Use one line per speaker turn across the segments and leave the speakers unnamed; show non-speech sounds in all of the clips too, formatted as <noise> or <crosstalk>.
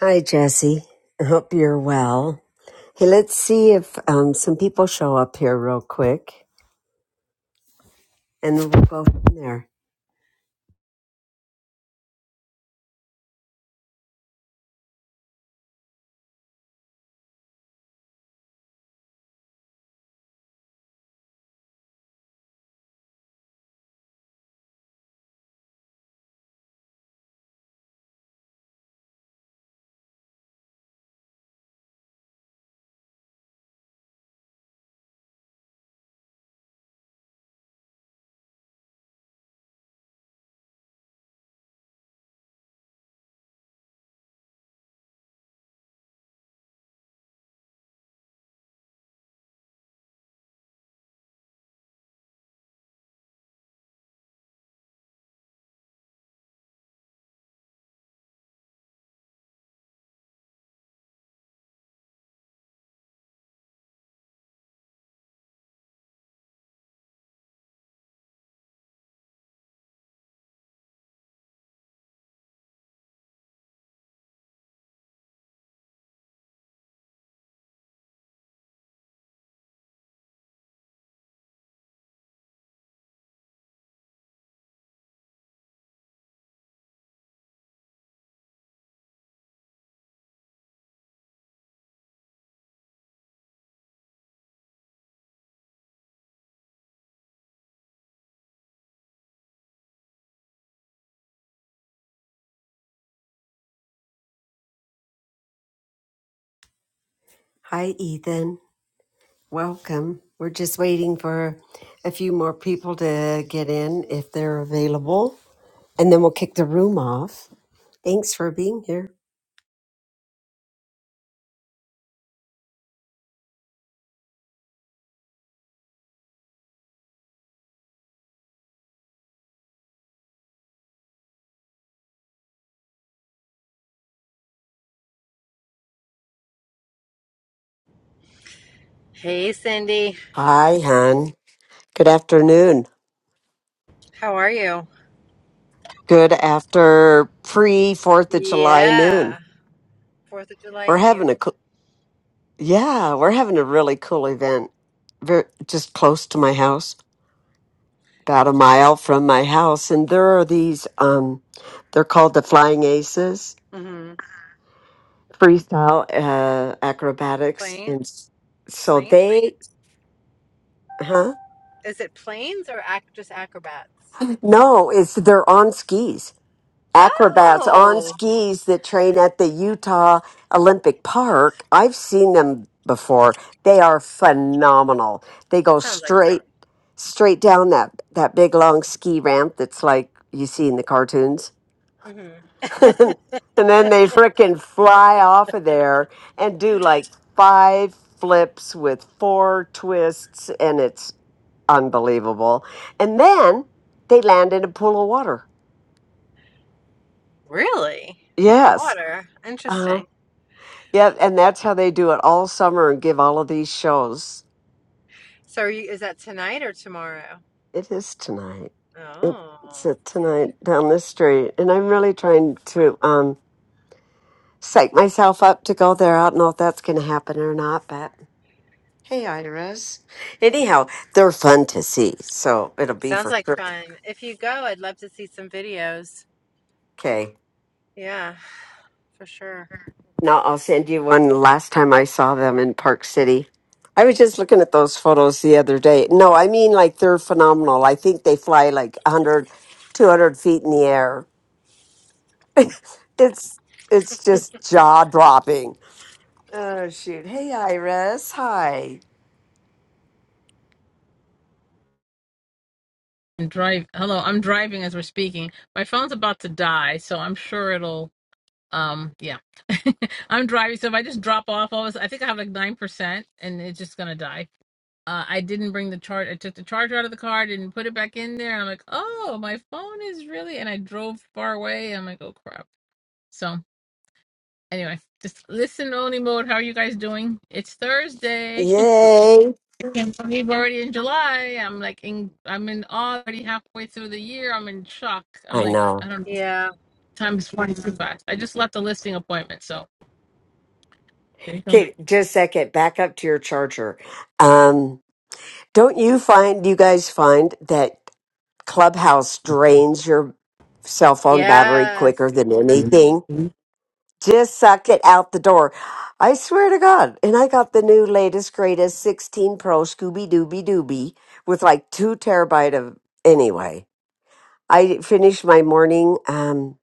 Hi, Jesse. I hope you're well. Hey, let's see if um, some people show up here real quick and then we'll go from there. Hi, Ethan. Welcome. We're just waiting for a few more people to get in if they're available, and then we'll kick the room off. Thanks for being here.
Hey, Cindy.
Hi, hon. Good afternoon.
How are you?
Good after pre 4th of July noon.
Yeah. Fourth of July
We're
Eve.
having a Yeah, we're having a really cool event very, just close to my house, about a mile from my house. And there are these, um, they're called the Flying Aces
Mm-hmm.
freestyle uh, acrobatics.
Plane?
And s- so
Planes?
they, huh?
Is it planes or ac- just acrobats?
No, it's they're on skis. acrobats on
Oh,
skis that train at the Utah Olympic Park. I've seen them before. They are phenomenal. They
that
go
sounds like
straight
fun.
straight down that that big long ski ramp that's like you see in the cartoons.
hmm
<laughs> and then they frickin' fly off of there and do like five flips with four twists and it's unbelievable. And then they land in a pool of water.
Really?
Yes.
Water.
Uh huh.
Interesting.
Yeah, and that's how they do it all summer and give all of these shows.
So, are you, is that tonight or tomorrow?
It is tonight. It- It's
Oh,
a tonight down the street, and I'm really trying to um psych myself up to go there. I don't know if that's going to happen or not, but hey, Iris. Anyhow, they're fun to see, so it'll be
sounds
for
like
sure.
fun. If you go, I'd love to see some videos.
Okay.
Yeah, for sure.
No, I'll send you one last time I saw them in Park City. I was just looking at those photos the other day. No, I mean, like, they're phenomenal. I think they fly like 100, 200 feet in the air. <laughs> it's it's just jaw dropping. Oh, shoot. Hey, Iris. Hi.
I'm drive. Hello, I'm driving as we're speaking. My phone's about to die, so I'm sure it'll. Um, yeah, <laughs> I'm driving, so if I just drop off, all of a sudden- I think I have like nine percent, and it's just gonna die. Uh, I didn't bring the charge. I took the charger out of the car, didn't put it back in there. And I'm like, oh, my phone is really. And I drove far away. And I'm like, oh crap. So anyway, just listen only mode. How are you guys doing? It's Thursday.
Yay.
Can't believe we're already in July. I'm like in I'm in awe already halfway through the year. I'm in shock. I'm
I
like, I
know.
don't know.
Yeah.
Time is flying too fast. I just left a listing appointment, so there you go.
Okay, just a second. Back up to your charger. Um, don't you find, do you guys find that? Clubhouse drains your cell phone battery
Yes.
quicker than anything. Just suck it out the door. I swear to God. And I got the new latest, greatest 16 Pro Scooby Dooby Dooby with like two terabyte of. Anyway, I finished my morning um,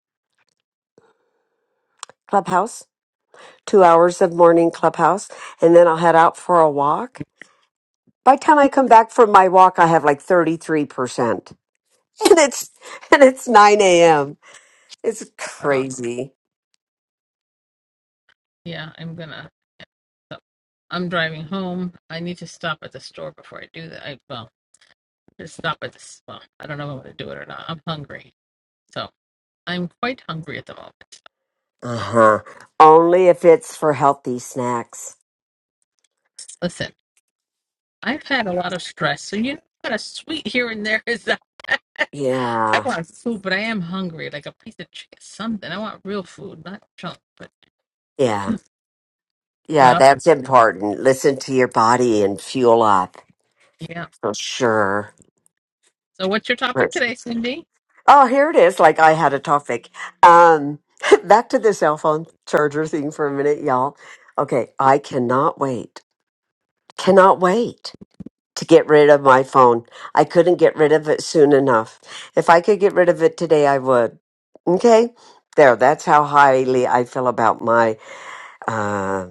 clubhouse, two hours of morning clubhouse, and then I'll head out for a walk. By the time I come back from my walk, I have like 33%. <laughs> And it's, and it's 9 a.m. It's
Oh
crazy.
yeah, I'm gonna so I'm driving home. I need to stop at the store before I do that. I well just stop at this well, I don't know if I'm gonna do it or not. I'm hungry. So I'm quite hungry at the moment.
Uh huh. Only if it's for healthy snacks.
Listen. I've had a lot of stress, so you know what a sweet here and there is. <laughs> I
Yeah,
want food, but I am hungry, like a piece of chicken, something. I want real food, not junk. But
yeah,
but
yeah,
uh,
that's important. Listen to your body and fuel up
yeah.
for sure.
So what's your topic
Right.
today, Cindy?
Oh, here it is. Like I had a topic. Um, <laughs> back to the cell phone charger thing for a minute, y'all. Okay, I cannot wait, cannot wait to get rid of my phone. I couldn't get rid of it soon enough. If I could get rid of it today, I would. Okay, there, that's how highly I feel about my. uh,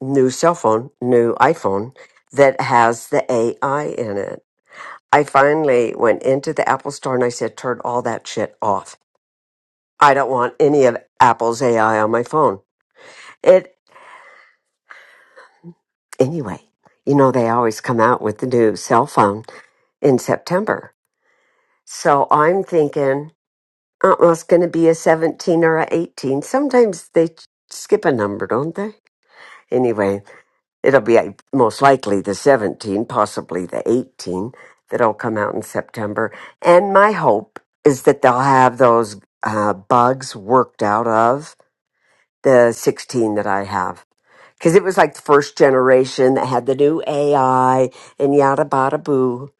new cell phone, new iPhone that has the AI in it. I finally went into the Apple store and I said, turn all that shit off. I don't want any of Apple's AI on my phone. It, anyway, you know, they always come out with the new cell phone in September. So I'm thinking, oh, well, it's going to be a 17 or a 18. Sometimes they skip a number, don't they? Anyway, It'll be uh, most likely the 17, possibly the 18 that'll come out in September. And my hope is that they'll have those uh, bugs worked out of the 16 that I have. Because it was like the first generation that had the new AI and yada bada boo.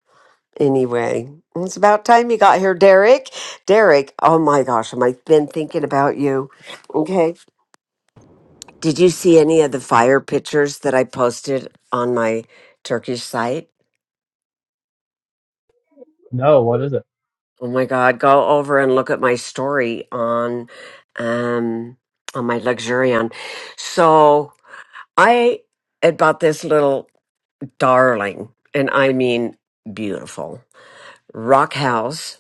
Anyway, it's about time you got here, Derek. Derek, oh my gosh, am I been thinking about you? Okay. Did you see any of the fire pictures that I posted on my Turkish site?
No, what is it?
Oh my God, go over and look at my story on um on my Luxurion. So I about this little darling, and I mean beautiful rock house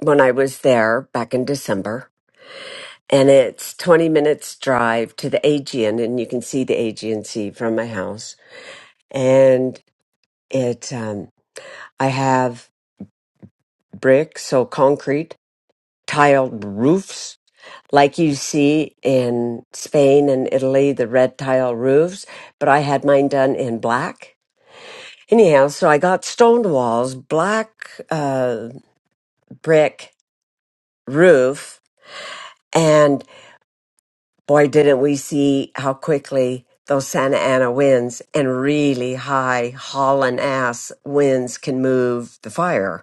when I was there back in December. And it's 20 minutes drive to the Aegean, and you can see the Aegean Sea from my house. And it, um, I have brick, so concrete, tiled roofs, like you see in Spain and Italy, the red tile roofs. But I had mine done in black. Anyhow, so I got stone walls, black uh, brick roof, and boy, didn't we see how quickly those Santa Ana winds and really high hauling ass winds can move the fire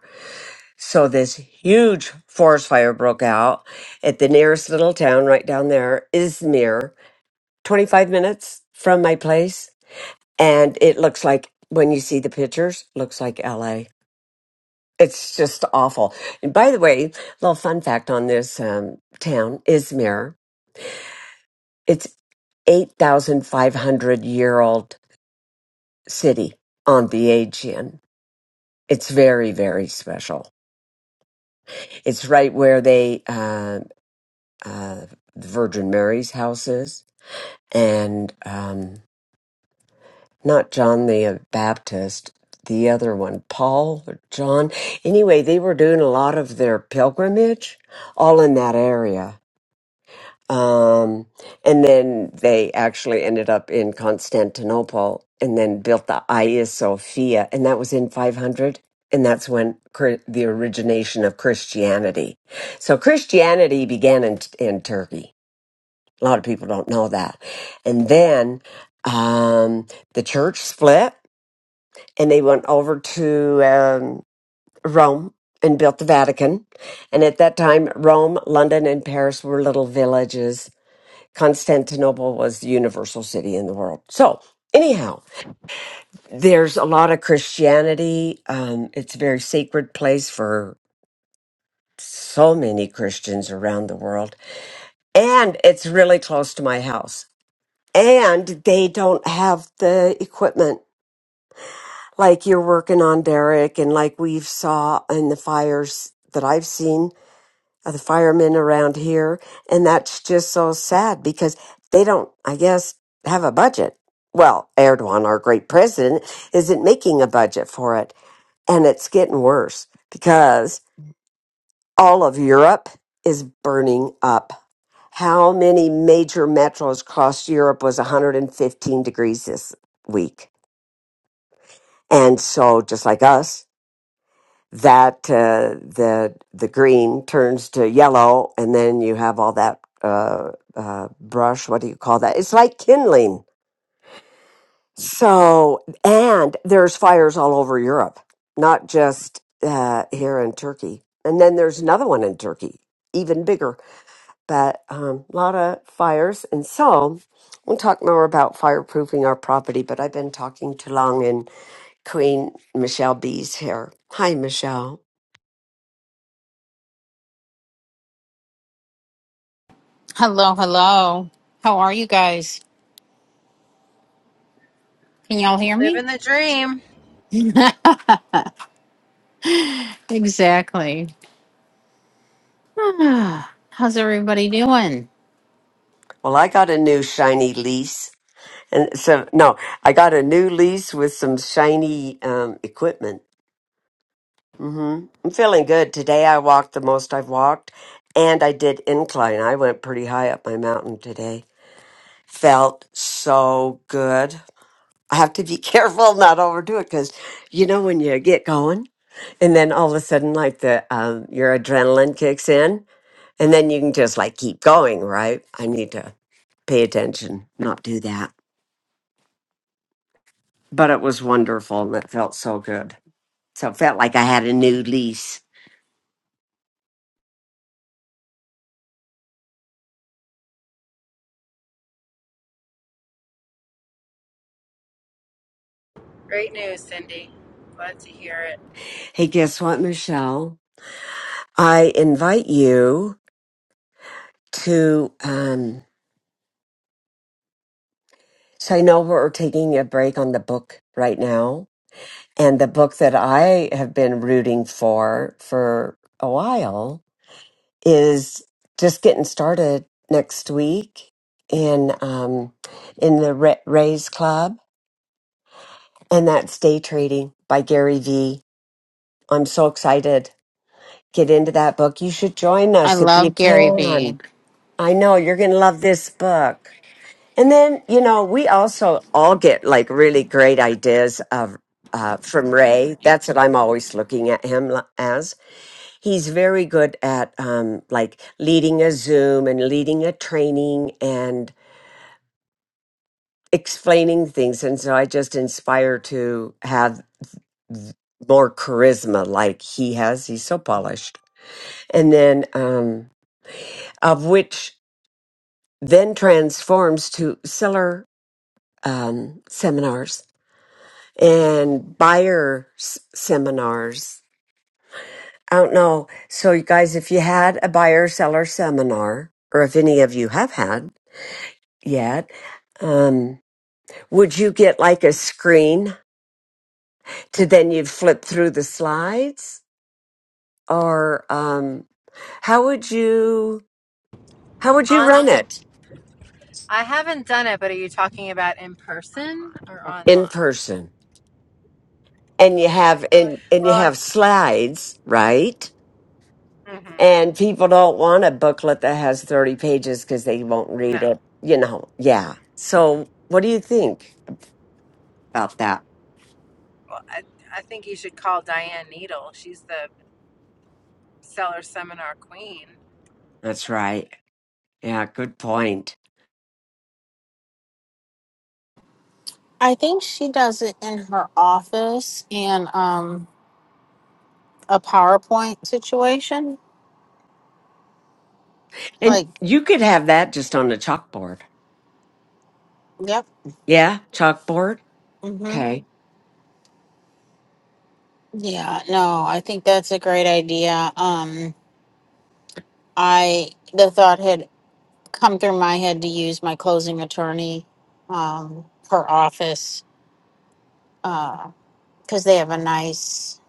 So this huge forest fire broke out at the nearest little town right down there, Izmir, 25 minutes from my place. And it looks like, when you see the pictures, looks like LA. It's just awful. And by the way, little fun fact on this um, town, Izmir, it's 8,500 year old city on the Aegean. It's very, very special. It's right where they uh, uh, the Virgin Mary's houses, and um, not John the Baptist, the other one, Paul or John. Anyway, they were doing a lot of their pilgrimage all in that area. Um, and then they actually ended up in Constantinople and then built the Hagia Sophia, and that was in 500. And that's when Chri- the origination of Christianity. So Christianity began in, in Turkey A lot of people don't know that. And then um, the church split and they went over to um, Rome and built the Vatican. And at that time, Rome, London, and Paris were little villages. Constantinople was the universal city in the world. So, anyhow, there's a lot of Christianity. Um, it's a very sacred place for so many Christians around the world. And it's really close to my house. and they don't have the equipment like you're working on derek and like we've saw in the fires that i've seen of the firemen around here and that's just so sad because they don't i guess have a budget well erdogan our great president isn't making a budget for it and it's getting worse because all of europe is burning up how many major metros across europe was 115 degrees this week And so, just like us, that uh, the the green turns to yellow, and then you have all that uh, uh, brush. What do you call that? It's like kindling. So, and there's fires all over Europe, not just uh, here in Turkey. And then there's another one in Turkey, even bigger, but um, a lot of fires. And so, we'll talk more about fireproofing our property. But I've been talking too long, and. Queen Michelle B's here. Hi, Michelle.
Hello, hello. How are you guys? Can y'all hear me?
Living the dream.
<laughs> exactly. <sighs> Ah, How's everybody doing?
Well, I got a new shiny lease. And so, no, I got a new lease with some shiny um, equipment. hmm I'm feeling good. Today I walked the most I've walked, and I did incline. I went pretty high up my mountain today. Felt so good. I have to be <laughs> careful not overdo it because you know when you get going, and then all of a sudden, like the um, your adrenaline kicks in. And then you can just like keep going, right? I need to pay attention, not do that. But it was wonderful and it felt so good. So it felt like I had a new lease.
Great news, Cindy. Glad to hear it.
Hey, guess what, Michelle? I invite you to, um, so I know we're taking a break on the book right now. And the book that I have been rooting for for a while is just getting started next week in um, in the Ra- Rays Club, and that's Day Trading by Gary V. I'm so excited. Get into that book. You should join
I
us if you
love Gary
can.
Vee.
I know you're going to love this book. And then you know we also all get like really great ideas of uh, from Ray. That's what I'm always looking at him li- as. He's very good at um, like leading a Zoom and leading a training and explaining things. And so I just inspire to have th- more charisma like he has. He's so polished. And then, um, of which then transforms to seller um, seminars and buyer s- seminars. I don't know. So, you guys, if you had a buyer seller seminar, or if any of you have had, yet. Um, would you get like a screen to then you'd flip through the slides, or um, how would you how would you
On
run it
I haven't done it, but are you talking about in person or
in
online?
person? And you have
Okay.
and and you
Well, I,
have slides, right?
hmm
And people don't want a booklet that has thirty pages because they won't read
no.
it. You know, yeah. So what do you think about that?
Well, I, I think you should call Diane Needle. She's the seller seminar queen.
That's right. Yeah, good point.
I think she does it in her office in um a PowerPoint situation.
And
Like,
you could have that just on a chalkboard.
yep.
Yeah, chalkboard.
Mhm.
Okay.
Yeah, no, I think that's a great idea. Um I the thought had come through my head to use my closing attorney um her office uh, because they have a nice,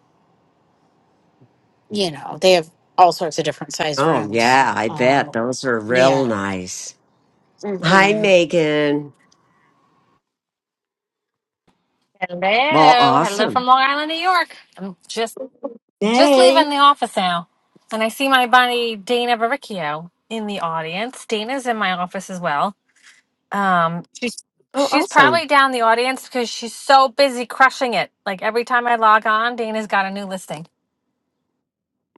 you know, they have all sorts of different size
Oh,
rooms.
yeah, I bet
Um,
those are
yeah.
real nice. Hi,
hmm
Megan. Well,
Hello, hello from
awesome.
Long Island, New York. I'm just just
Hey.
leaving the office now, and I see my buddy Dana Baricchio in the audience. Dana's in my office as well. Um, she's
Oh,
she's
awesome.
probably down the audience because she's so busy crushing it. Like every time I log on, Dana's got a new listing.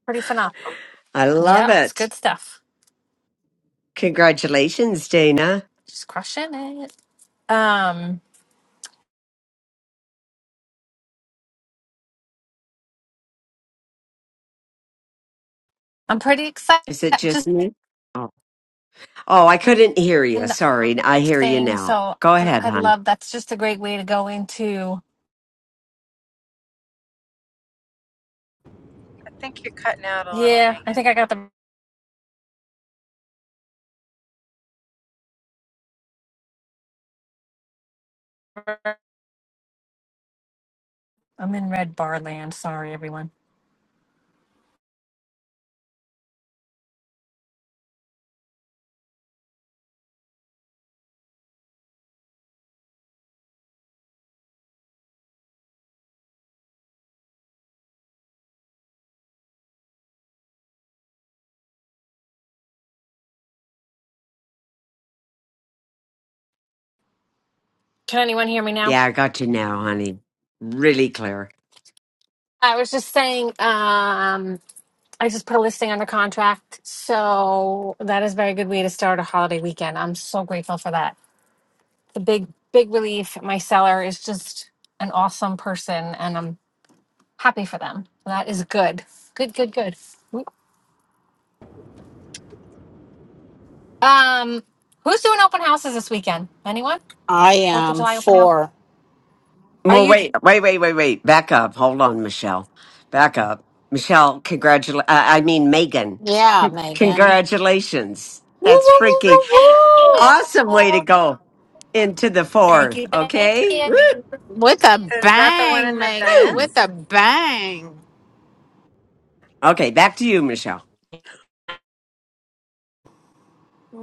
Pretty phenomenal.
I love
Yep, it's
it.
good stuff.
Congratulations, Dana.
She's crushing it. Um, I'm pretty excited.
Is it just
Just
me? Oh, oh I couldn't hear you.
and
Sorry. I hear you
thing.
now.
So
Go
uh,
ahead,
I
hon.
love that's just a great way to go into.
I think you're cutting out a little,
Yeah, I
Megan.
think I got the. I'm in red bar land. Sorry, everyone. Can anyone hear me now?
Yeah, I got you now, honey. Really clear.
I was just saying, um, I just put a listing under contract. So that is a very good way to start a holiday weekend. I'm so grateful for that. The big, big relief. My seller is just an awesome person and I'm happy for them. That is good. Good, good, good. Um, who's doing open houses this weekend? Anyone?
I
Fourth of
am
July open house?
for,
Are
Well,
you?
wait, wait, wait, wait, wait. Back up. Hold on, Michelle. Back up. Michelle, congratulations. Uh, I mean, Megan.
yeah, Megan.
Congratulations.
Woo,
That's
woo, woo,
freaking
Thank you.
woo, woo.
awesome way to go into the
Thank
fourth.
you. Thank
Okay.
you.
With a
Is that the one in
bang,
the
Megan. With
Woo!
Venice?
a bang.
Okay. Back to you, Michelle.
<sighs>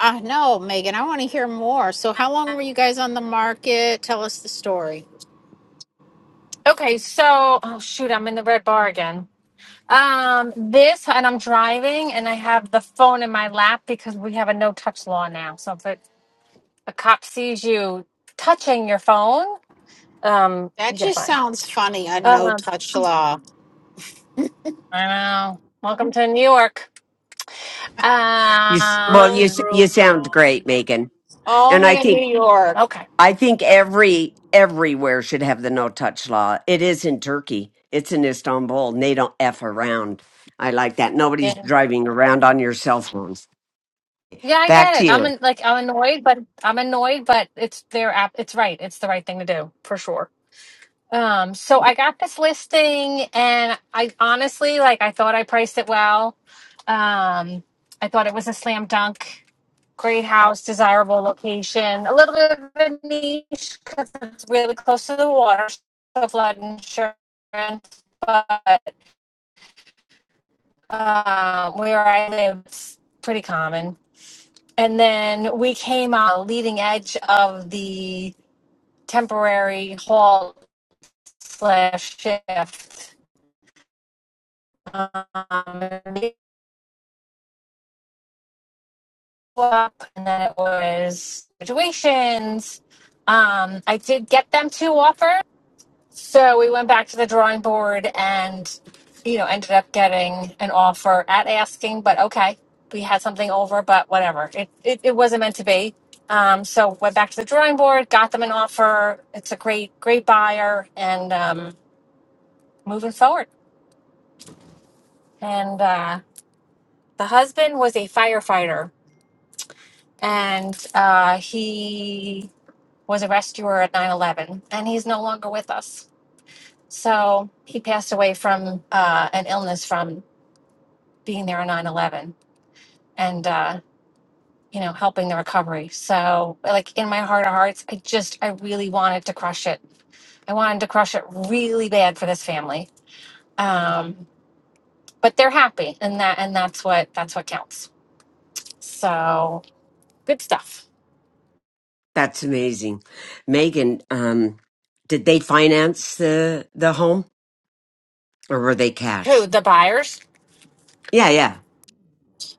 I know, Megan. I want to hear more. So, how long were you guys on the market? Tell us the story.
Okay, so oh shoot, I'm in the red bar again. Um, this and I'm driving and I have the phone in my lap because we have a no touch law now. So if it, a cop sees you touching your phone, um,
That
you get
just
fined.
sounds funny. A no
Um,
touch law.
I know. Welcome to New York.
You, s- well, you,
Rules,
s-
Um,
you
rules,
sound
rules.
great, Megan. And I
Only in
think,
New York.
okay.
I think every, everywhere should have the no touch law. It is in Turkey. It's in Istanbul and they don't F around. I like that. Nobody's
Yeah.
driving around on your cell phones.
Yeah, I
Back
get
to
it. I'm
you.
in, like I'm annoyed, but I'm annoyed, but it's their app. It's right. It's the right thing to do for sure. Um, so I got this listing and I honestly like I thought I priced it well. Um, I thought it was a slam dunk. Great house, desirable location, a little bit of a niche because it's really close to the water, so flood insurance. But uh, where I live, it's pretty common. And then we came on the leading edge of the temporary halt slash shift um, and then it was graduations. Um, I did get them two offers, so we went back to the drawing board and, you know, ended up getting an offer at asking. But okay, we had something over, but whatever. It it, it wasn't meant to be. Um, so went back to the drawing board, got them an offer. It's a great great buyer, and um, moving forward. And uh, the husband was a firefighter and uh, he was a rescuer at nine eleven, and he's no longer with us so he passed away from uh, an illness from being there on nine eleven, and uh, you know helping the recovery so like in my heart of hearts i just i really wanted to crush it i wanted to crush it really bad for this family um, but they're happy and that and that's what that's what counts so good stuff
That's amazing. Megan, um, did they finance the, the home? Or were they
who
cash?
the buyers
Yeah, yeah.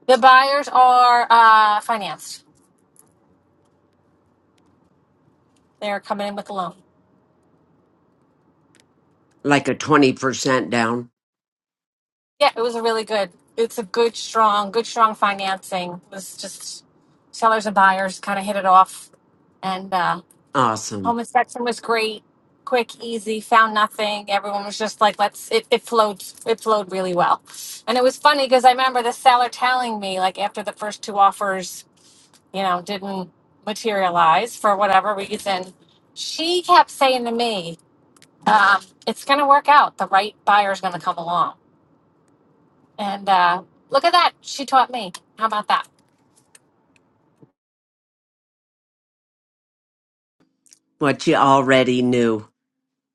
the buyers are uh, financed They're coming in with a loan.
Like a 20% down.
Yeah, it was a really good. It's a good, strong, good, strong financing. It was just sellers and buyers kind of hit it off, and uh,
Awesome.
home inspection was great, quick, easy. Found nothing. Everyone was just like, "Let's." It, it flowed. It flowed really well, and it was funny because I remember the seller telling me, like, after the first two offers, you know, didn't materialize for whatever reason, she kept saying to me, um, "It's going to work out. The right buyer's going to come along." And uh, look at that. She taught me. How about that?
What you already knew.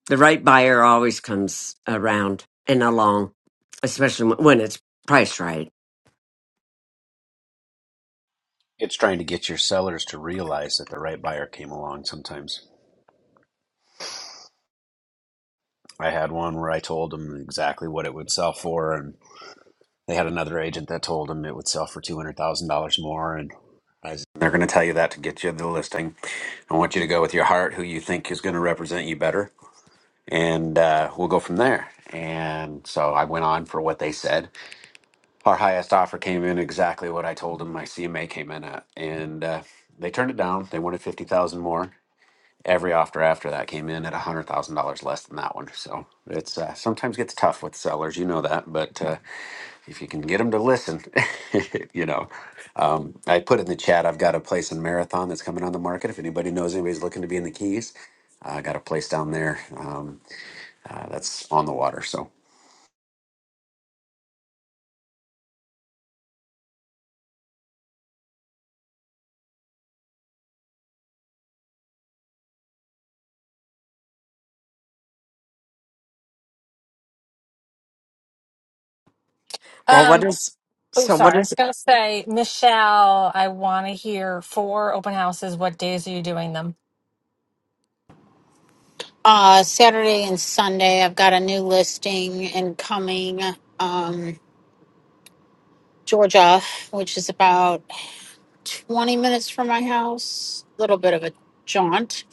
The right buyer always comes around and along, especially when when it's priced right.
It's trying to get your sellers to realize that the right buyer came along sometimes. I had one where I told them exactly what it would sell for, and they had another agent that told them it would sell for $200,000 more. And I said, they're going to tell you that to get you the listing. I want you to go with your heart, who you think is going to represent you better, and uh, we'll go from there. And so I went on for what they said. Our highest offer came in exactly what I told them my CMA came in at, and uh, they turned it down. They wanted fifty thousand more, every offer after that came in at $100,000 less than that one. So it's uh, sometimes gets tough with sellers, you know that, but uh, if you can get them to listen, <laughs> you know. Um, I put in the chat, I've got a place in Marathon that's coming on the market. If anybody knows anybody's looking to be in the Keys, I got a place down there um, uh, that's on the water. So
Well, what
Um,
is,
oh,
so what
sorry. I
is,
was going to say, Michelle, I want to hear four open houses. What days are you doing them?
Uh, Saturday and Sunday, I've got a new listing incoming, um, Georgia, which is about 20 minutes from my house, a little bit of a jaunt.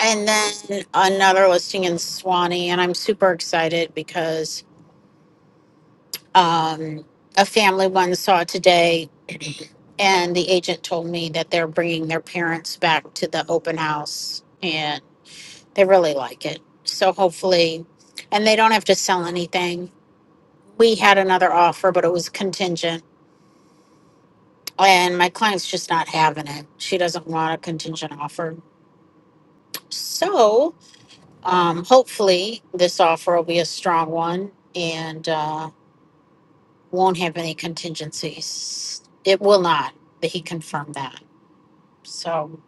And then another listing in Swanee, and I'm super excited because um, a family one saw it today, and the agent told me that they're bringing their parents back to the open house, and they really like it. So hopefully, and they don't have to sell anything we had another offer, but it was contingent. And my client's just not having it. She doesn't want a contingent offer. So um, hopefully, this offer will be a strong one and uh, won't have any contingencies. It will not. But he confirmed that. So,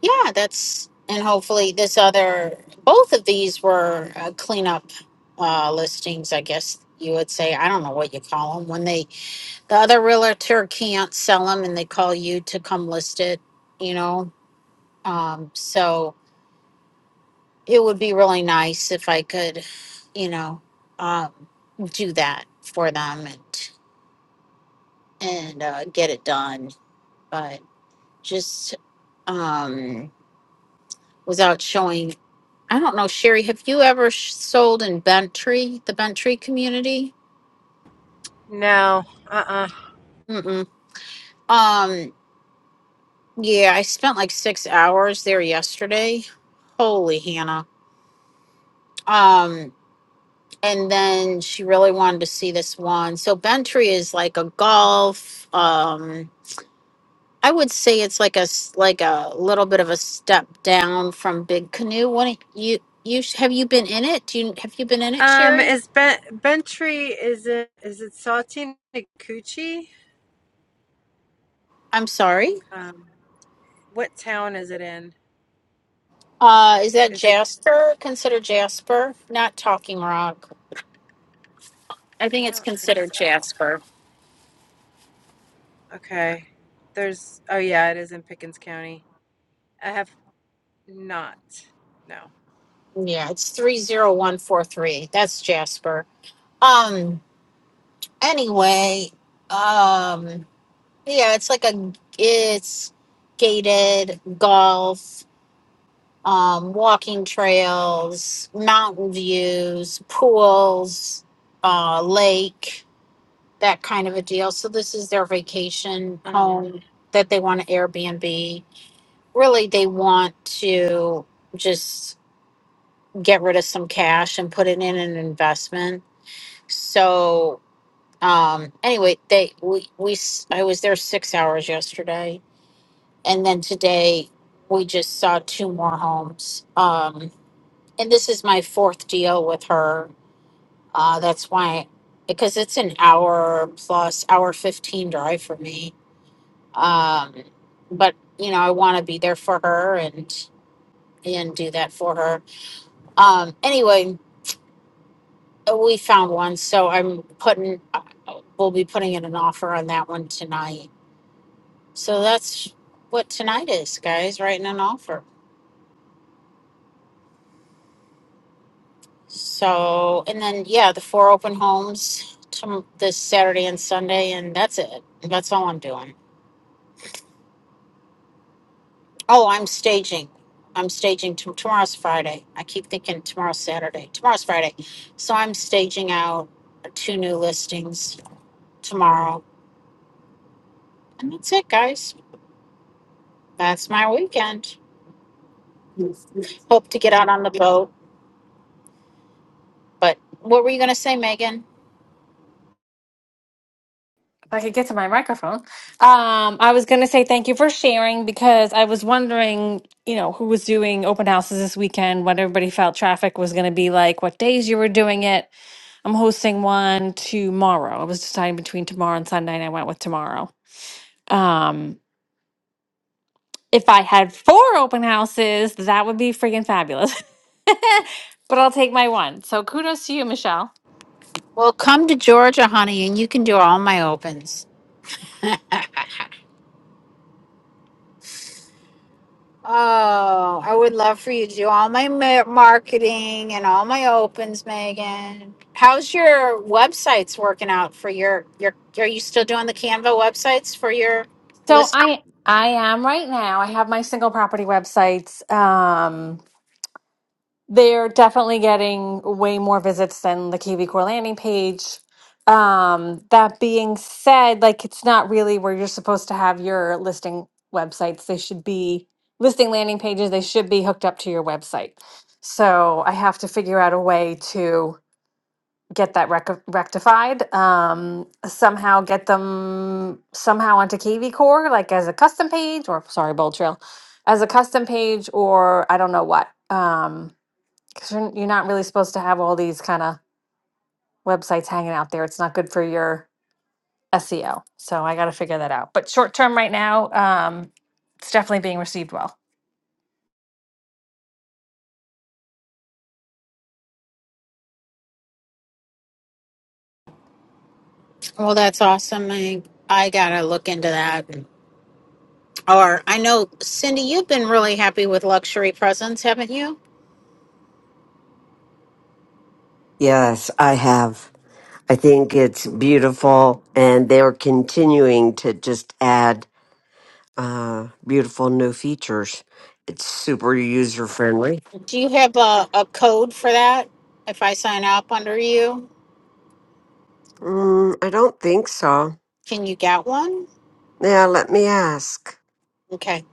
yeah, that's, and hopefully, this other, both of these were uh, cleanup uh, listings, I guess you would say. I don't know what you call them when they The other realtor can't sell them and they call you to come list it, you know? Um, so it would be really nice if I could, you know, um, do that for them and, and, uh, get it done. But just, um, without showing, I don't know, Sherry, have you ever sh- sold in Bentry, the Bentry community?
No. Uh-uh.
Mm-mm. Um, yeah, I spent like six hours there yesterday. Holy Hannah. Um, and then she really wanted to see this one. So Bentry is like a golf. Um, I would say it's like a s- like a little bit of a step down from Big Canoe. What you you have you been in it? Do you have you been in it,
Um,
Sherry?
is ben- Bentry, is it, is it Saltine Cucci?
I'm sorry.
Um, what town is it in?
Uh, is that
Is it?
Jasper? Considered Jasper? Not Talking Rock. I
I
think it's
don't think
considered
so.
Jasper.
Okay. There's, oh yeah, it is in Pickens County. I have not. No.
Yeah, it's three zero one four three. That's Jasper. Um. Anyway. Um Yeah, it's like a it's gated golf, um, walking trails, mountain views, pools, uh, lake, that kind of a deal. So this is their vacation
hmm
home that they want to Airbnb. Really, they want to just get rid of some cash and put it in an investment. So um anyway, they we we s- I was there 6 hours yesterday and then today we just saw two more homes. Um, and this is my fourth deal with her. Uh, that's why, because it's an hour plus hour fifteen drive for me. Um, but you know, I want to be there for her and and do that for her. Um, anyway, we found one, so I'm putting. uh, We'll be putting in an offer on that one tonight. So that's what tonight is, guys. Writing an offer. So, and then, yeah, the four open homes tom this Saturday and Sunday, and that's it. That's all I'm doing. Oh, I'm staging. I'm staging t- tomorrow's Friday. I keep thinking tomorrow's Saturday. Tomorrow's Friday. So I'm staging out two new listings tomorrow. And that's it, guys. That's my weekend. Hope to get out on the boat. But what were you going to say, Megan?
If I could get to my microphone. Um, I was going to say thank you for sharing because I was wondering, you know, who was doing open houses this weekend, what everybody felt traffic was going to be like, what days you were doing it. I'm hosting one tomorrow. I was deciding between tomorrow and Sunday, and I went with tomorrow. Um, If I had four open houses, that would be freaking fabulous. <laughs> but I'll take my one. So kudos to you, Michelle.
Well, come to Georgia, honey, and you can do all my opens. <laughs> Oh, I would love for you to do all my ma- marketing and all my opens, Megan. How's your websites working out for your your? Are you still doing the Canva websites for your
So
list?
I I am right now. I have my single property websites. Um, they're definitely getting way more visits than the KV Core landing page. Um, that being said, like it's not really where you're supposed to have your listing websites. They should be listing landing pages. They should be hooked up to your website. So I have to figure out a way to get that rec- rectified um somehow get them somehow onto kv core like as a custom page or sorry bold trail as a custom page or i don't know what um because you're, you're not really supposed to have all these kind of websites hanging out there it's not good for your SEO. So I got to figure that out. But short term right now, um, it's definitely being received well.
Well, that's awesome. I I gotta look into that. Or I know Cindy, you've been really happy with luxury presents, haven't you?
yes, I have. I think it's beautiful and they're continuing to just add uh, beautiful new features. It's super user friendly.
Do you have a, a code for that? If I sign up under you,
Mm, I don't think so.
can you get one?
Yeah, let me ask.
Okay.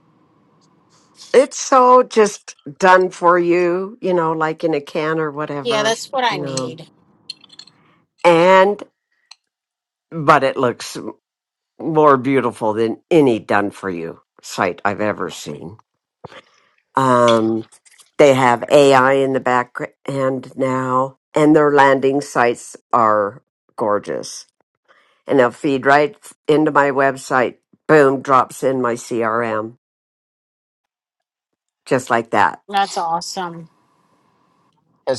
it's so just done for you, you know, like in a can or
Yeah,
whatever,
that's what
you
I
know.
need.
And but it looks more beautiful than any done for you site I've ever seen. Um they have AI in the background now and their landing sites are gorgeous. And they'll feed right into my website. Boom, drops in my CRM just like that.
That's awesome.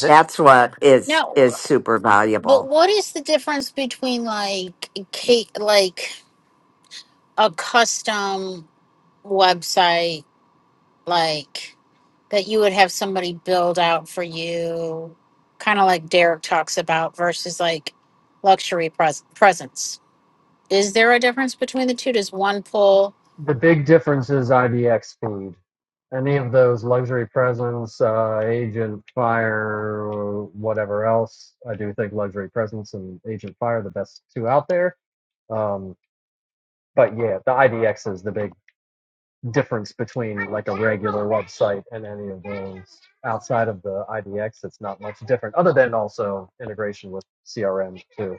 That's what is
No,
is super
but
valuable
what is the difference between like cake, like a custom website, like that you would have somebody build out for you, kind of like Derek talks about, versus like luxury pres- presence? Is there a difference between the two? Does one pull?
The big difference is IDX food. Any of those luxury presence, uh, Agent Fire, whatever else. I do think luxury presence and Agent Fire are the best two out there. Um, but yeah, the IDX is the big difference between like a regular website and any of those. Outside of the IDX, it's not much different, other than also integration with CRM too.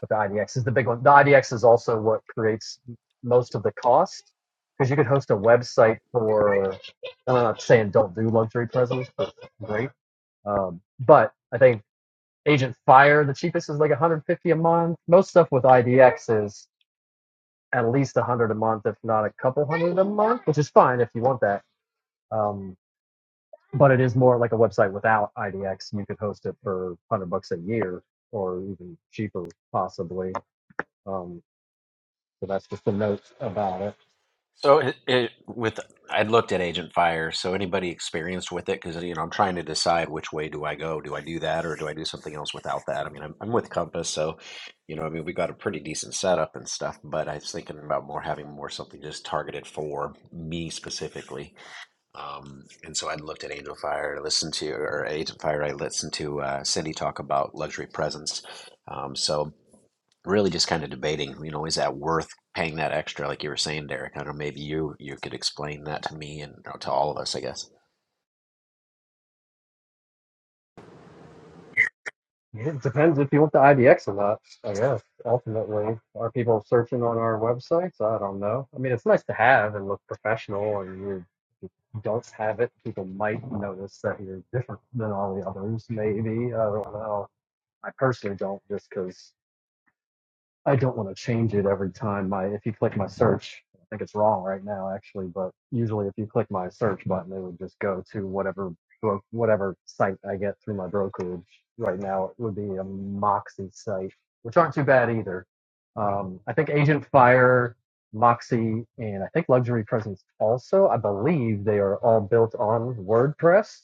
But the IDX is the big one. The IDX is also what creates most of the cost because you could host a website for. I'm not saying don't do luxury presents, but great. Um, but I think Agent Fire, the cheapest is like 150 a month. Most stuff with IDX is at least 100 a month, if not a couple hundred a month, which is fine if you want that. Um, but it is more like a website without IDX. You could host it for 100 bucks a year or even cheaper, possibly. Um, So that's just the notes about it.
So it, it with I'd looked at Agent Fire. So anybody experienced with it? Because you know I'm trying to decide which way do I go? Do I do that or do I do something else without that? I mean I'm I'm with Compass, so you know I mean we got a pretty decent setup and stuff. But I was thinking about more having more something just targeted for me specifically. Um, and so I looked at Angel Fire, listened to or Agent Fire. I listened to uh, Cindy talk about luxury presence. Um, so really just kind of debating, you know, is that worth paying that extra, like you were saying, Derek? I don't know, maybe you you could explain that to me and or to all of us, I guess.
It depends if you want the IDX or not, I guess. Ultimately, are people searching on our websites? I don't know. I mean, it's nice to have and look professional, and you, if you don't have it, people might notice that you're different than all the others, maybe. I don't know. I personally don't, just just because. I don't want to change it every time. My if you click my search, I think it's wrong right now actually, but usually if you click my search button, it would just go to whatever bro- whatever site I get through my brokerage. Right now, it would be a Moxie site, which aren't too bad either. Um, I think Agent Fire, Moxie, and I think Luxury Presence also. I believe they are all built on WordPress.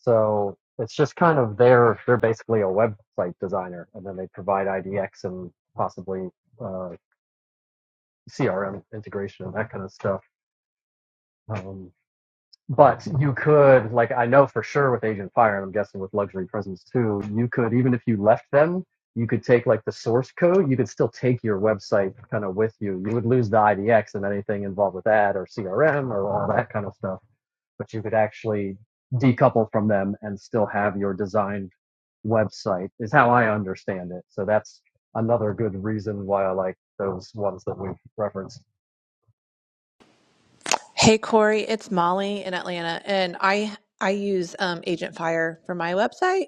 So it's just kind of they're they're basically a website designer, and then they provide IDX and possibly uh, CRM integration and that kind of stuff. Um, but you could, like I know for sure with Agent Fire, and I'm guessing with Luxury Presence too, you could even if you left them, you could take like the source code. You could still take your website kind of with you. You would lose the IDX and anything involved with that or CRM or all that kind of stuff but you could actually decouple from them and still have your designed website is how I understand it. So that's another good reason why I like those ones that we've referenced.
Hey Corey, it's Molly in Atlanta, and I I use um, Agent Fire for my website.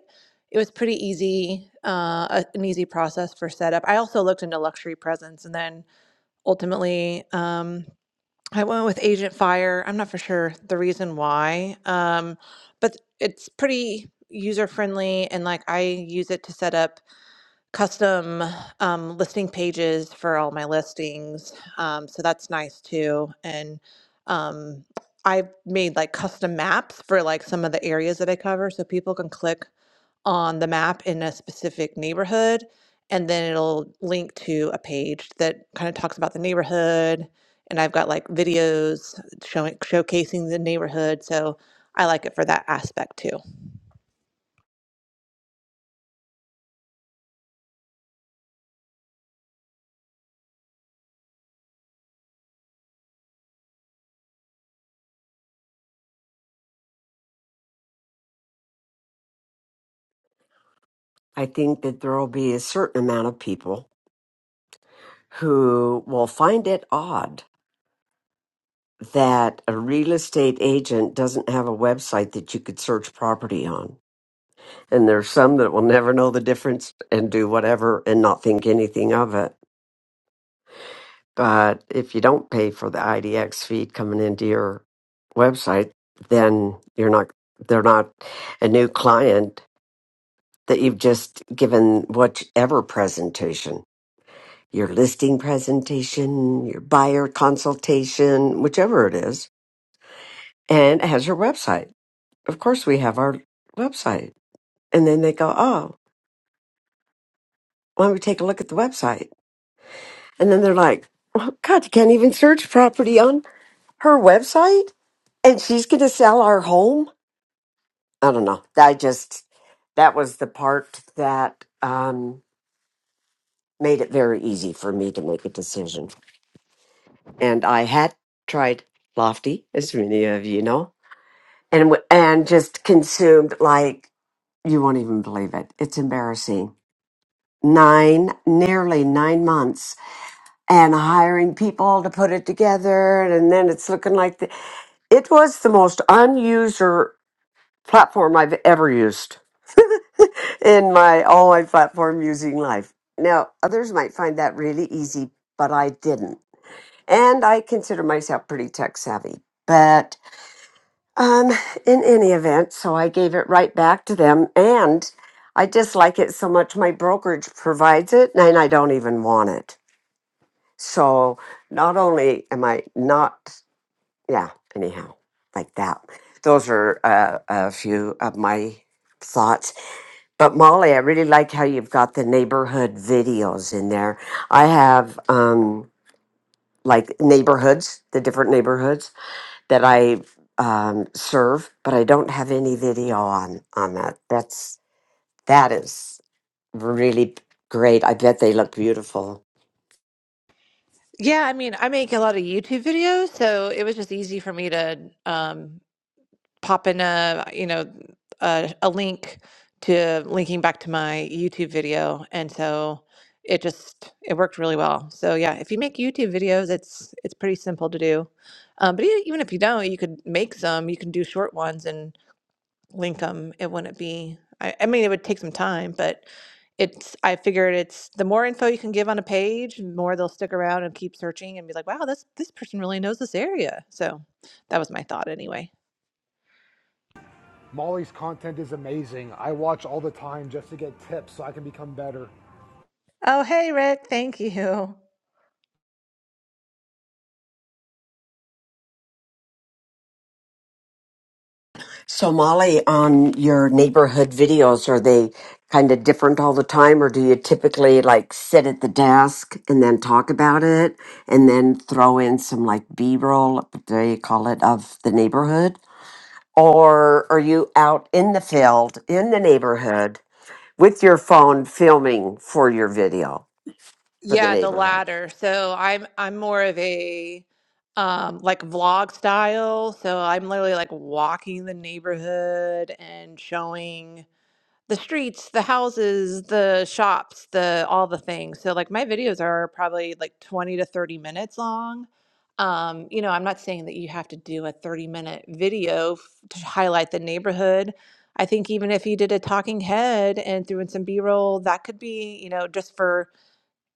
It was pretty easy, uh, a- an easy process for setup. I also looked into luxury presence, and then ultimately um, I went with Agent Fire. I'm not for sure the reason why, um, but it's pretty user friendly, and like I use it to set up custom um, listing pages for all my listings. Um, so that's nice too. And um, I've made like custom maps for like some of the areas that I cover so people can click on the map in a specific neighborhood and then it'll link to a page that kind of talks about the neighborhood and I've got like videos showing showcasing the neighborhood. So I like it for that aspect too.
I think that there will be a certain amount of people who will find it odd that a real estate agent doesn't have a website that you could search property on. And there's some that will never know the difference and do whatever and not think anything of it. But if you don't pay for the IDX feed coming into your website, then you're not, they're not a new client that you've just given whichever presentation. your listing presentation, your buyer consultation, whichever it is, and it has your website. Of course, we have our website. And then they go, oh, why don't we take a look at the website? And then they're like, oh, God, you can't even search property on her website? And she's going to sell our home? I don't know. I just, that was the part that um, made it very easy for me to make a decision. And I had tried Lofty, as many of you know and w- and just consumed like you won't even believe it. It's embarrassing. Nine, nearly nine months, and hiring people to put it together, and then it's looking like the, it was the most unuser platform I've ever used <laughs> in my all my platform using life. Now, others might find that really easy, but I didn't, and I consider myself pretty tech savvy, but Um, in any event, so I gave it right back to them, and I dislike it so much my brokerage provides it, and I don't even want it. So not only am I not, yeah, anyhow, like that. Those are uh, a few of my thoughts. But Molly, I really like how you've got the neighborhood videos in there. I have um, like neighborhoods, the different neighborhoods that I um, serve, but I don't have any video on on that. That's that is really great. I bet they look beautiful.
Yeah, I mean, I make a lot of YouTube videos, so it was just easy for me to um, pop in a you know a, a link to linking back to my YouTube video, and so it just it worked really well. So yeah, if you make YouTube videos, it's it's pretty simple to do. Um, but e- even if you don't, you could make some. You can do short ones and link them. It wouldn't be. I, I mean, it would take some time, but it's. I figured it's the more info you can give on a page, the more they'll stick around and keep searching and be like, "Wow, this this person really knows this area." So that was my thought anyway.
Molly's content is amazing. I watch all the time just to get tips so I can become better.
Oh, hey, Rick. Thank you.
So Molly, on your neighborhood videos, are they kind of different all the time, or do you typically like sit at the desk and then talk about it, and then throw in some like B roll, they call it, of the neighborhood? Or are you out in the field in the neighborhood with your phone filming for your video for the
Yeah, the
neighborhood.
latter. So I'm I'm more of a um like vlog style. So I'm literally like walking the neighborhood and showing. the streets, the houses, the shops, the all the things. So like my videos are probably like 20 to 30 minutes long. Um, you know, I'm not saying that you have to do a 30 minute video f- to highlight the neighborhood. I think even if you did a talking head and threw in some B-roll, that could be, you know, just for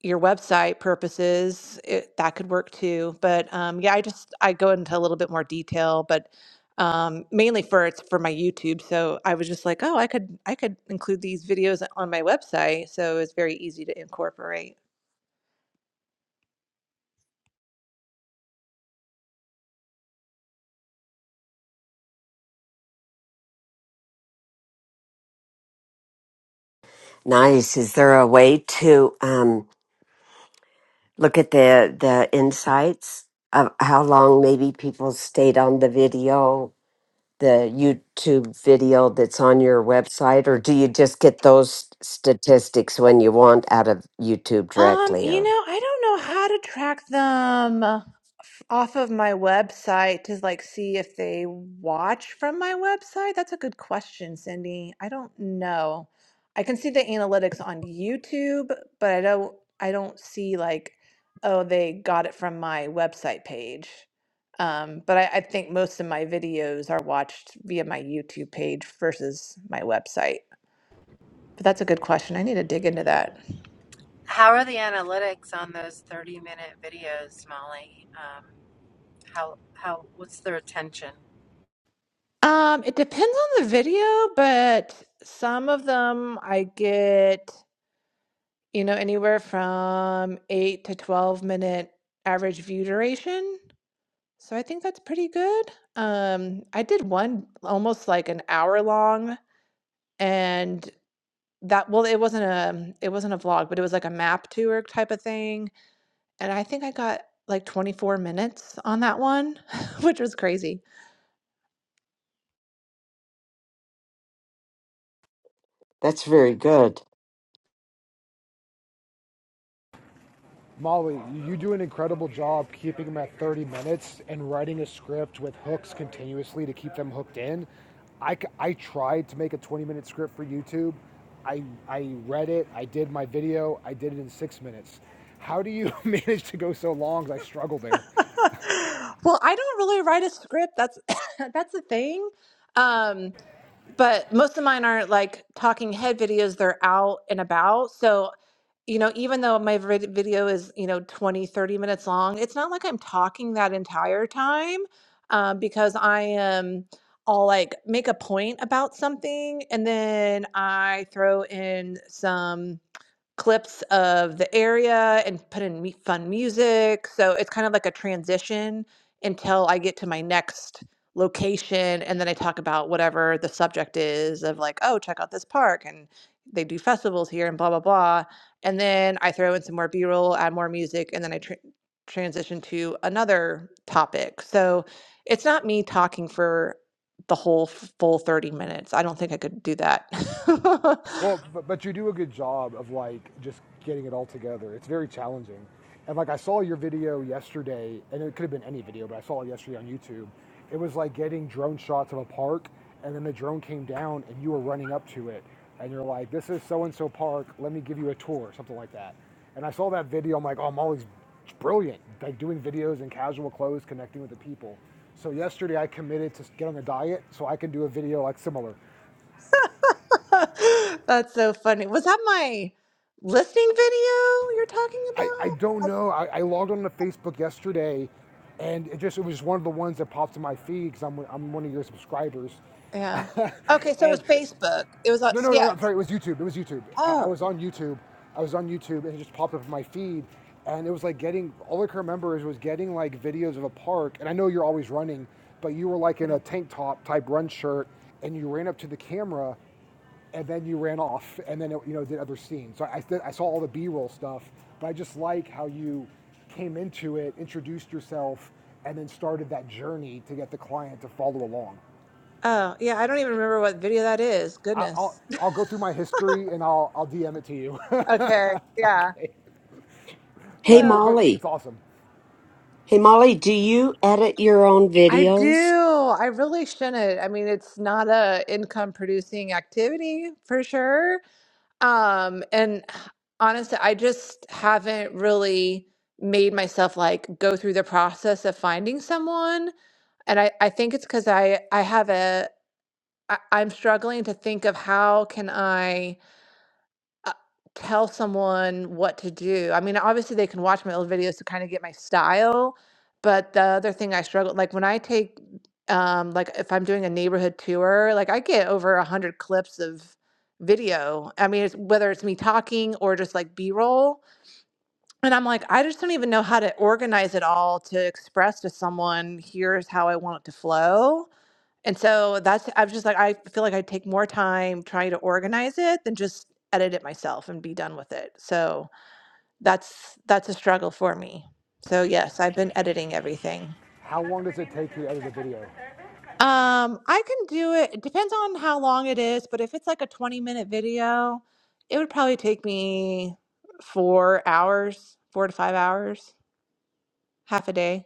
your website purposes, it, that could work too. But um, yeah, I just I go into a little bit more detail, but um, mainly for it's for my YouTube. So I was just like, oh, I could I could include these videos on my website, so it's very easy to incorporate.
Nice. Is there a way to um, look at the the insights of how long maybe people stayed on the video, the YouTube video that's on your website, or do you just get those statistics when you want out of YouTube
Um,
directly?
you know,
Or
I don't know how to track them uh, f- off of my website to like see if they watch from my website. That's a good question, Cindy. I don't know. I can see the analytics on YouTube, but I don't I don't see like, oh, they got it from my website page. Um, but I, I think most of my videos are watched via my YouTube page versus my website. But that's a good question. I need to dig into that.
How are the analytics on those 30 minute videos, Molly? Um, how, how, what's the retention?
Um, it depends on the video, but some of them I get, you know, anywhere from eight to 12 minute average view duration. So I think that's pretty good. Um, I did one almost like an hour long and that, well, it wasn't a, it wasn't a vlog, but it was like a map tour type of thing. And I think I got like 24 minutes on that one, <laughs> which was crazy.
that's very good.
Molly, you do an incredible job keeping them at 30 minutes and writing a script with hooks continuously to keep them hooked in. I I tried to make a 20 minute script for YouTube. I, I read it, I did my video, I did it in six minutes. How do you <laughs> manage to go so long? I struggle there.
<laughs> well, I don't really write a script. That's <coughs> that's the thing. Um, but most of mine aren't like talking head videos. They're out and about. So you know, even though my vid- video is, you know, 20, 30 minutes long, it's not like I'm talking that entire time uh, because I am, I'll like make a point about something and then I throw in some clips of the area and put in mu- fun music. So it's kind of like a transition until I get to my next location. And then I talk about whatever the subject is of like, oh, check out this park and they do festivals here and blah, blah, blah. And then I throw in some more B roll, add more music, and then I tr transition to another topic. So it's not me talking for the whole f- full 30 minutes. I don't think I could do that. <laughs>
Well, but, but you do a good job of like just getting it all together. It's very challenging. And like I saw your video yesterday, and it could have been any video, but I saw it yesterday on YouTube. It was like getting drone shots of a park, and then the drone came down, and you were running up to it, and you're like, "This is so and so park. Let me give you a tour," something like that. And I saw that video. I'm like, "Oh, Molly's brilliant, like doing videos in casual clothes, connecting with the people." So yesterday I committed to get on a diet so I can do a video like similar.
<laughs> That's so funny. Was that my listening video you're talking
I, I don't
about?
know. I, I logged on to Facebook yesterday, and it just it was just one of the ones that popped in my feed because I'm I'm one of your subscribers,
I- Yeah.
<laughs>
Okay, so it was
and
Facebook. It was on,
no, no, no,
yeah.
no, I'm sorry. It was YouTube. It was YouTube. I, I
Oh,
was on YouTube. I was on YouTube, and it just popped up in my feed. And it was like getting all I can remember is was getting like videos of a park. And I know you're always running, but you were like in
yeah.
a tank top type run shirt, and you ran up to the camera, and then you ran off, and then it, you know did other scenes. So I, I saw all the B-roll stuff, but I just like how you came into it, introduced yourself, and then started that journey to get the client to follow along.
Oh, yeah. I don't even remember what video that is.
I- will
Goodness.
I'll go through my history and I'll I'll DM it to you. <laughs>
Okay. Yeah.
okay.
Hey
But
Oh.
but
Molly.
it's awesome.
Hey Molly, do you edit your own
I
videos?
do. I really shouldn't. I mean, it's not a income producing activity for sure. Um, and honestly, I just haven't really made myself like go through the process of finding someone. And I, I think it's because I, I have a, I, I'm struggling to think of how can I uh, tell someone what to do. I mean, obviously they can watch my old videos to kind of get my style, but the other thing I struggle, like when I take, um, like if I'm doing a neighborhood tour, like I get over a hundred clips of video. I mean, it's whether it's me talking or just like B-roll. And I'm like, I just don't even know how to organize it all to express to someone, here's how I want it to flow and so that's, I was just like, I feel like I take more time trying to organize it than just edit it myself and be done with it. So that's, that's a struggle for me. So yes, I've been editing everything.
How long does it take to edit a video?
Um, I can do it. It depends on how long it is, but if it's like a 20 minute video, it would probably take me four hours, four to five hours, half a day.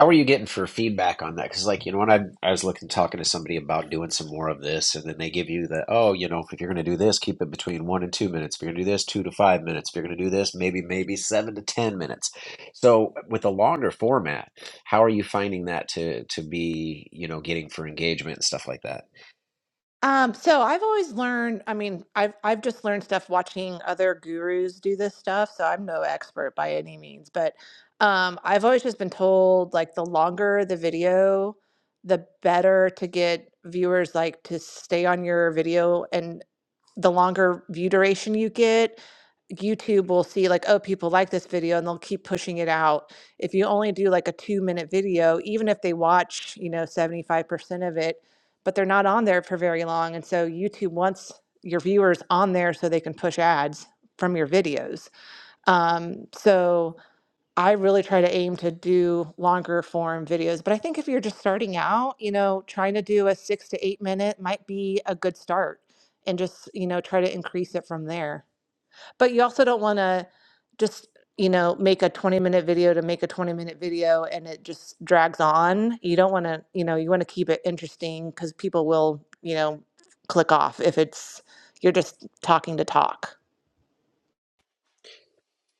How are you getting for feedback on that? Because, like, you know, when I, I was looking, talking to somebody about doing some more of this, and then they give you the, oh, you know, if you're going to do this, keep it between one and two minutes. If you're going to do this, two to five minutes. If you're going to do this, maybe, maybe seven to 10 minutes. So with a longer format, how are you finding that to to be, you know, getting for engagement and stuff like that?
Um, so I've always learned, I mean, I've I've just learned stuff watching other gurus do this stuff, so I'm no expert by any means, but um I've always just been told like the longer the video, the better to get viewers like to stay on your video and the longer view duration you get, YouTube will see like, oh, people like this video and they'll keep pushing it out. If you only do like a two minute video, even if they watch, you know, 75% of it, but they're not on there for very long. And so YouTube wants your viewers on there so they can push ads from your videos. Um, so, I really try to aim to do longer form videos. But I think if you're just starting out, you know, trying to do a six to eight minute might be a good start and just, you know, try to increase it from there. But you also don't want to just, you know, make a 20 minute video to make a 20 minute video and it just drags on. You don't want to, you know, you want to keep it interesting because people will, you know, click off if it's, you're just talking to talk.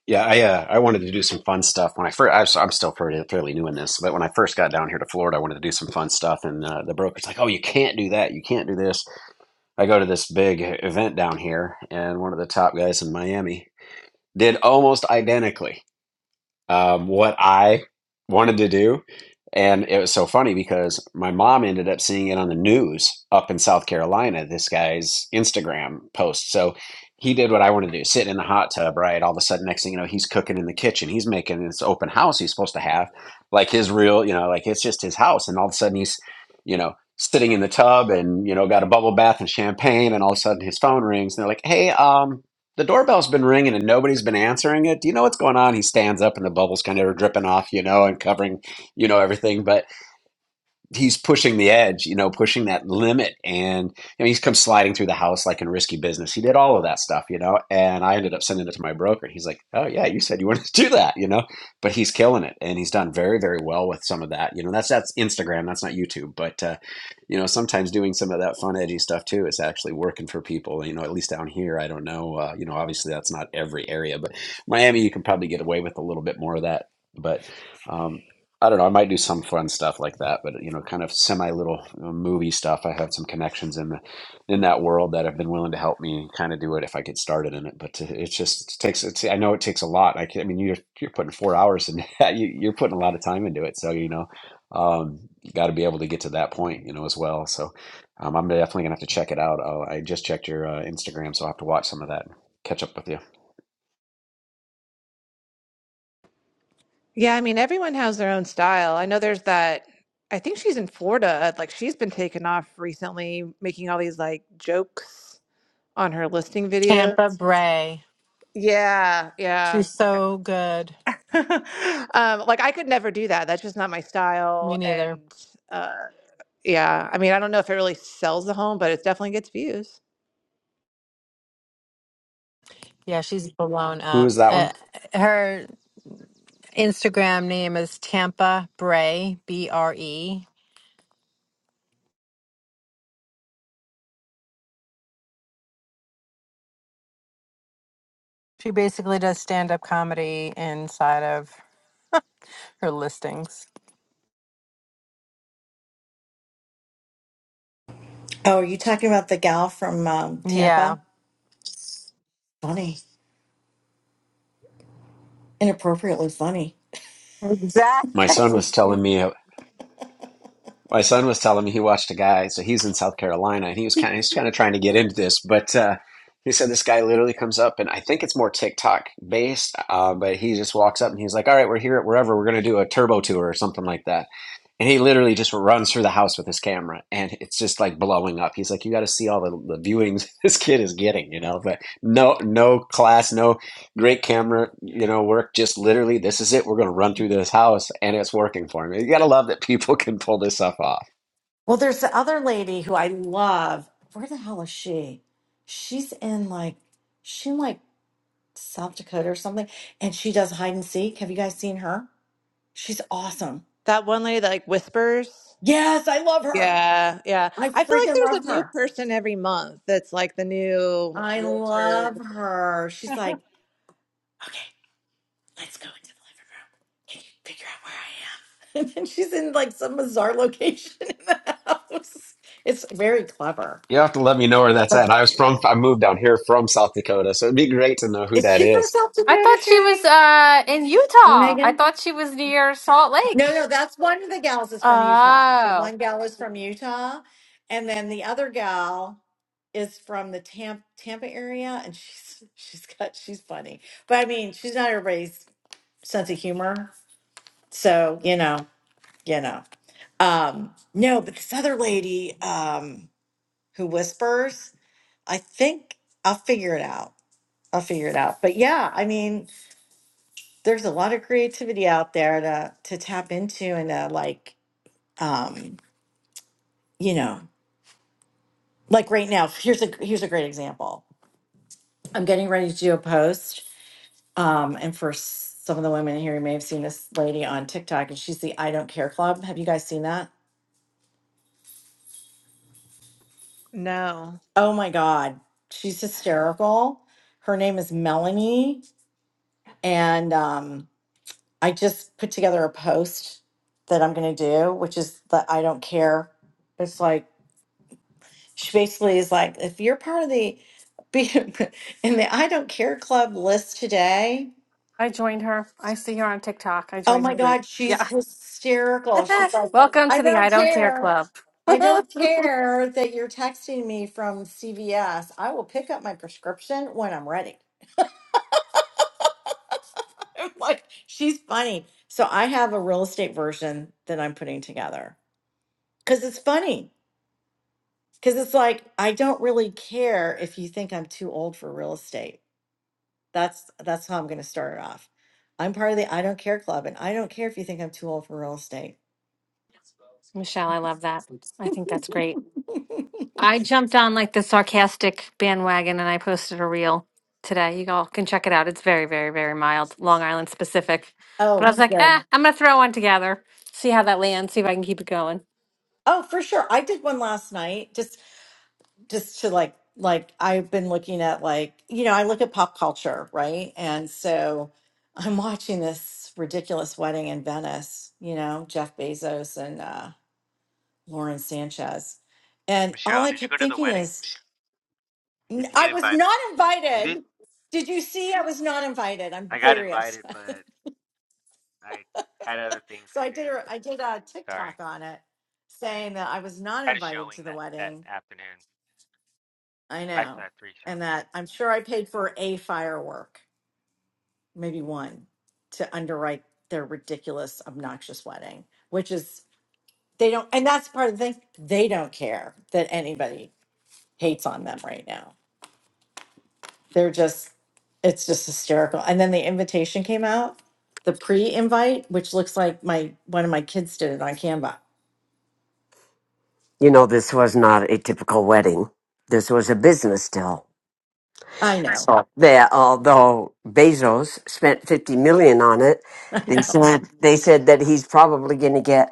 Yeah, I uh, I wanted to do some fun stuff when I first. I'm still fairly, fairly new in this, but when I first got down here to Florida, I wanted to do some fun stuff, and uh, the broker's like, "Oh, you can't do that. You can't do this." I go to this big event down here, and one of the top guys in Miami did almost identically um, what I wanted to do. And it was so funny because my mom ended up seeing it on the news up in South Carolina, this guy's Instagram post. So he did what I wanted to do, sitting in the hot tub, right? All of a sudden, next thing you know, he's cooking in the kitchen. He's making this open house he's supposed to have, like his real, you know, like it's just his house. And all of a sudden, he's, you know, sitting in the tub and, you know, got a bubble bath and champagne. And all of a sudden, his phone rings and they're like, hey, um, the doorbell's been ringing and nobody's been answering it. Do you know what's going on? He stands up and the bubbles kind of are dripping off, you know, and covering, you know, everything. But he's pushing the edge, you know, pushing that limit. And you know, he's come sliding through the house like in risky business. He did all of that stuff, you know, and I ended up sending it to my broker. And he's like, Oh yeah, you said you wanted to do that, you know, but he's killing it. And he's done very, very well with some of that, you know, that's, that's Instagram. That's not YouTube, but, uh, you know, sometimes doing some of that fun, edgy stuff too, is actually working for people, you know, at least down here, I don't know, uh, you know, obviously that's not every area, but Miami, you can probably get away with a little bit more of that, but, um, I don't know. I might do some fun stuff like that, but you know, kind of semi little movie stuff. I have some connections in the in that world that have been willing to help me kind of do it if I get started in it. But it just it takes. It's, I know it takes a lot. I, can, I mean, you're you're putting four hours in <laughs> that. You, you're putting a lot of time into it. So you know, um, you got to be able to get to that point, you know, as well. So um, I'm definitely gonna have to check it out. i I just checked your uh, Instagram, so I will have to watch some of that. and Catch up with you.
Yeah, I mean, everyone has their own style. I know there's that. I think she's in Florida. Like, she's been taken off recently, making all these like jokes on her listing
Tampa
videos.
Bray.
Yeah, yeah.
She's
Like,
so good.
<laughs> Um, like I could never do that. That's just not my style.
Me neither.
And uh, yeah, I mean, I don't know if it really sells the home, but it definitely gets views.
Yeah, she's blown
Who
up.
is that
Uh,
one?
her Instagram name is Tampa Bray, B R E. She basically does stand up comedy inside of her listings.
Oh, are you talking about the gal from um,
Yeah,
Tampa? Funny, inappropriately funny.
My
exactly.
son was telling
<laughs>
me. My son was telling me he watched a guy. So he's in South Carolina, and he was kind of he's kind of trying to get into this, but uh, he said this guy literally comes up, and I think it's more TikTok based. Uh, but he just walks up and he's like, "All right, we're here at wherever. We're going to do a turbo tour or something like that." And he literally just runs through the house with his camera and it's just like blowing up. He's like, you got to see all the, the viewings <laughs> this kid is getting, you know, but no, no class, no great camera, you know, work. Just literally, this is it. We're going to run through this house and it's working for me. You got to love that people <laughs> can pull this stuff off.
Well, there's the other lady who I love. Where the hell is she? She's in like, she in like South Dakota or something, and she does hide and seek. Have you guys seen her? She's awesome.
That one lady that like whispers.
Yes, I love her.
Yeah, yeah.
I
I feel like
freaking
there's
love
a new
her.
person every month that's like the new
I love
realtor.
her. She's like, okay. let's go into the living room. Can you figure out where I am? <laughs> And then she's in like some bizarre location <laughs> in the house. It's very clever.
You have to let me know where that's
But
at. I was from, I moved down here from South Dakota. So it'd be great to know who
is
that
she from
is.
South
I
Dakota,
thought she was
Sherry?
uh, in
Or
Utah. I
Megan?
thought she was near Salt Lake.
No, no, that's one of the gals is from Utah. The
Oh,
one gal is from Utah. And then the other gal is from the Tampa, Tampa area. And she's she's got she's funny. But I mean, she's not everybody's sense of humor. So, you know, you know. Um, no, but this other lady um, who whispers, I think I'll figure it out. I'll figure it out. But yeah, I mean, there's a lot of creativity out there to to tap into and to like, um, you know, like right now. Here's a here's a great example. I'm getting ready to do a post, um, and for s- some of the women here, you may have seen this lady on TikTok, and she's the I Don't Care Club. Have you guys seen that?
No.
Oh my God, she's hysterical. Her name is Melanie And um, I just put together a post that I'm going to do, which is that I don't care. It's like, she basically is like, if you're part of the, be <laughs> in the I don't care club list today,
I joined her. I see her on TikTok. I
oh
joined her
my
group.
God, she's
Yeah.
hysterical.
<laughs>
She's like,
Welcome
I
to the I
don't
Don't Care
care.
Club.
I
<laughs>
don't care that you're texting me from CVS. I will pick up my prescription when I'm ready. <laughs> I'm like, she's funny. So I have a real estate version that I'm putting together Because it's funny. Because it's like I don't really care if you think I'm too old for real estate. That's that's how I'm going to start it off. I'm part of the I don't care club, and I don't care if you think I'm too old for real estate.
Michelle, I love that. I think that's
<laughs>
great. I jumped on like the sarcastic bandwagon and I posted a reel today. You all can check it out. It's very, very, very mild, Long Island specific. But I
oh,
was like, eh,
good.
I'm going to throw one together, see how that lands, see if I can keep it going.
Oh, for sure. I did one last night. Just just to like like I've been looking at like you know I look at pop culture right, and so I'm watching this ridiculous wedding in Venice. You know Jeff Bezos and. uh Lauren Sanchez. And all
Michelle,
I
did you go
kept
to the
thinking
wedding?
is,
Did
"N-
you
I
get
was
invited?
not
Y- You did. not
invited. Did you see? I was not invited. I'm
I got
very
invited,
upset. <laughs>
but I had other things
So
to
I
do.
did a, I did a
Sorry.
TikTok on it saying that I was not
Had a
invited
showing
to the
that that
wedding.
afternoon.
I
Actually,
know.
had three
And
showings.
that I'm sure I paid for a firework, maybe one, to underwrite their ridiculous, obnoxious wedding, which is, they don't, and that's part of the thing. They don't care that anybody hates on them right now they're just it's just hysterical and then the invitation came out the pre-invite which looks like my one of my kids did it on canva
You know, this was not a typical wedding. This was a business deal.
i know
So there, although Bezos spent fifty million on it,
<laughs> i
they
know
said they said that he's probably going to get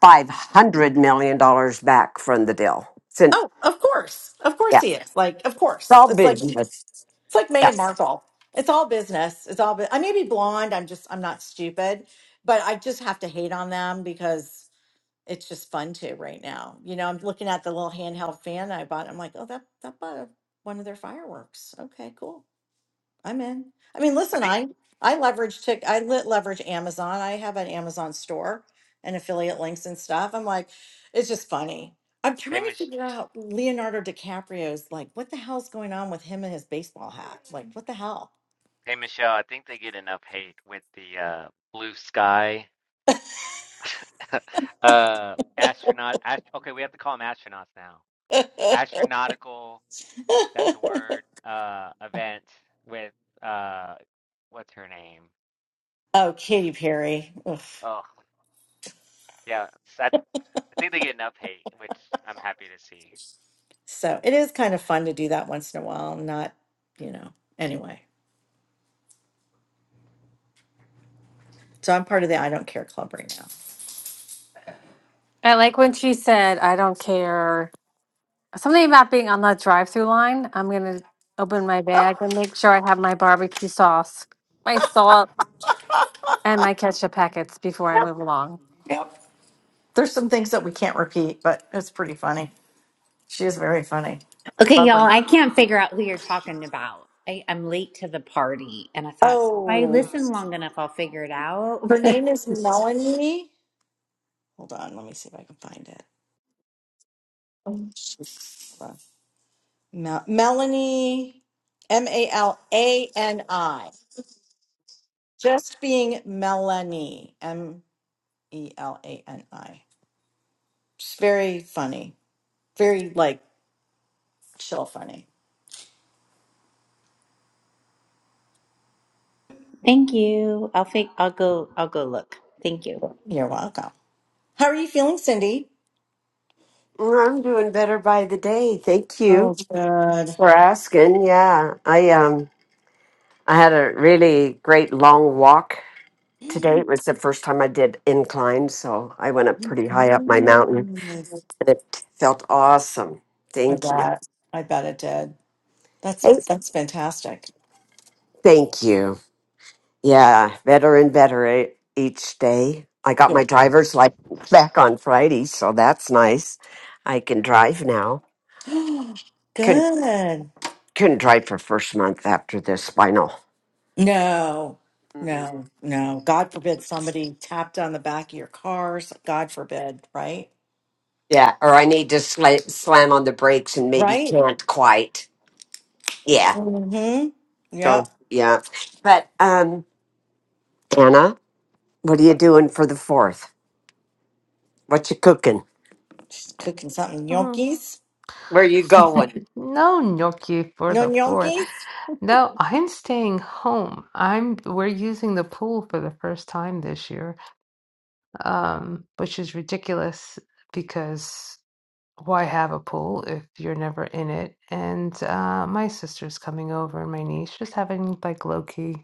five hundred million dollars back from the deal. So,
oh
yeah.
of course of course he is like of
It's
course
all
it's like
business.
it's like Meghan
Yes.
markle it's all business it's all bu- i may be blonde i'm just i'm not stupid but i just have to hate on them because it's just fun to right now you know i'm looking at the little handheld fan i bought i'm like oh that that bought a, one of their fireworks okay cool I'm in. I mean,
I
listen,
think.
I I leverage tick I lit leverage Amazon. I have an Amazon store and affiliate links and stuff. I'm like, it's just funny. I'm
Hey,
trying to
Mich
figure out Leonardo DiCaprio's like, what the hell's going on with him and his baseball hat? Like, what the hell?
hey, Michelle. I think they get enough hate with the uh, blue sky <laughs> uh, astronaut. Ast okay, we have to call them astronauts now.
<laughs>
Astronautical. That's the word. Uh, event with uh, what's her name?
oh, Katy Perry. Oof.
Oh, yeah. I think they get enough hate, which I'm happy to see.
So it is kind of fun to do that once in a while. Not, you know, anyway. So I'm part of the I Don't Care Club right now.
I like when she said, I don't care. Something about being on the drive through line. I'm going to open my bag
Oh,
and make sure I have my barbecue sauce, my salt, and my ketchup packets before I move along.
yep. There's some things that we can't repeat, but it's pretty funny. She is very funny. It's
Okay, y'all,
clever.
I can't figure out who you're talking about. I, I'm late to the party, and I thought if I
Oh,
listen long enough, I'll figure it out.
her name is Melanie. Hold on, let me see if I can find it. Hold on. Mel- Melanie, M A L A N I. Just being Melanie, M E L A N I. She's very funny, very like chill funny.
<laughs> Thank you. I'll fig- I'll go. I'll go look. Thank you.
You're welcome. How are you feeling, Cindy?
I'm doing better by the day. Thank you
Oh, good.
for asking. Yeah, I um I had a really great long walk today.
<gasps>
It was the first time I did incline, so I went up pretty high up my mountain
Goodness.
and it felt awesome.
I
Thank you.
bet. I bet it did. That's
Hey,
that's fantastic.
thank you. Yeah, better and better e- each day. I got my
Good.
driver's license back on Friday, so that's nice. I can drive now.
<gasps> Good.
couldn't drive for first month after the spinal.
No,
Mm-mm.
no, no. God forbid somebody tapped on the back of your cars. God forbid, right?
Yeah, or I need to sla- slam on the brakes and maybe
Right?
can't quite. Yeah.
Mm-hmm.
So
Yep.
yeah, but um, Anna, what are you doing for the fourth? What you cooking?
She's cooking something.
Mhm.
Gnocchis?
Where you going?
<laughs> No gnocchi for
No
the fourth.
gnocchis?
No, I'm staying home. I'm we're using the pool for the first time this year, um, which is ridiculous because why have a pool if you're never in it? And uh, my sister's coming over and my niece, just having like low key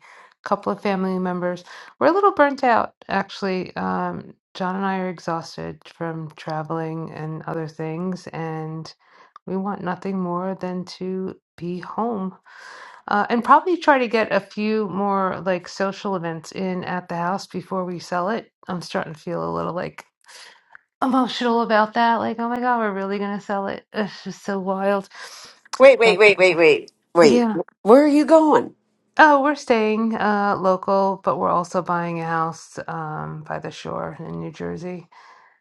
couple of family members. We're a little burnt out, actually. Um, John and I are exhausted from traveling and other things, and we want nothing more than to be home uh, and probably try to get a few more like social events in at the house before we sell it. I'm starting to feel a little like emotional about that. Like, oh my God, we're really gonna sell it. It's just so wild.
Wait, wait,
That's
wait,
it.
wait, wait, wait.
Yeah.
Where are you going?
Oh, we're staying uh local, but we're also buying a house um by the shore in New Jersey.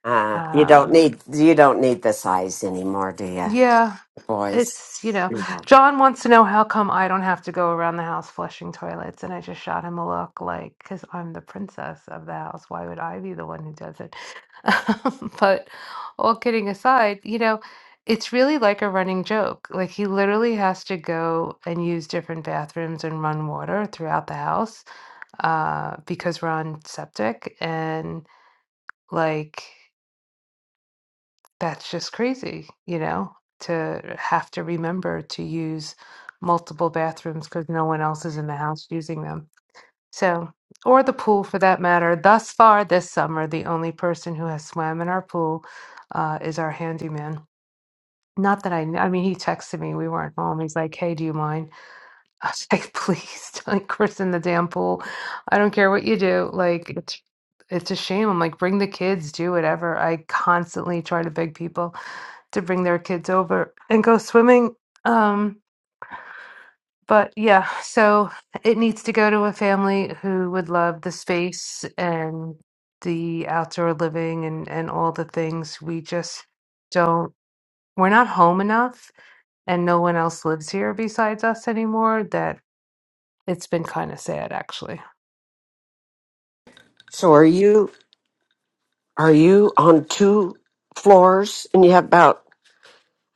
Uh, you don't
Um
need you don't need the size anymore, do you,
Yeah,
boys?
it's, you know,
Yeah.
John wants to know how come I don't have to go around the house flushing toilets. And I just shot him a look like, because I'm the princess of the house. Why would I be the one who does it? <laughs> But all kidding aside, you know, it's really like a running joke. Like he literally has to go and use different bathrooms and run water throughout the house uh, because we're on septic. And like, that's just crazy, you know, to have to remember to use multiple bathrooms because no one else is in the house using them. So, or the pool for that matter. Thus far this summer, the only person who has swam in our pool uh, is our handyman. Not that I, kn- I mean, he texted me. We weren't home. He's like, "Hey, do you mind?" <laughs> I was like, "Please <laughs> don't christen the damn pool. I don't care what you do. Like, it's it's a shame. I'm like, bring the kids, do whatever. I constantly try to beg people." to bring their kids over and go swimming. Um, but yeah, so it needs to go to a family who would love the space and the outdoor living and, and all the things. We just don't, we're not home enough, and no one else lives here besides us anymore. That it's been kind of sad, actually.
So are you are you on two floors and you have about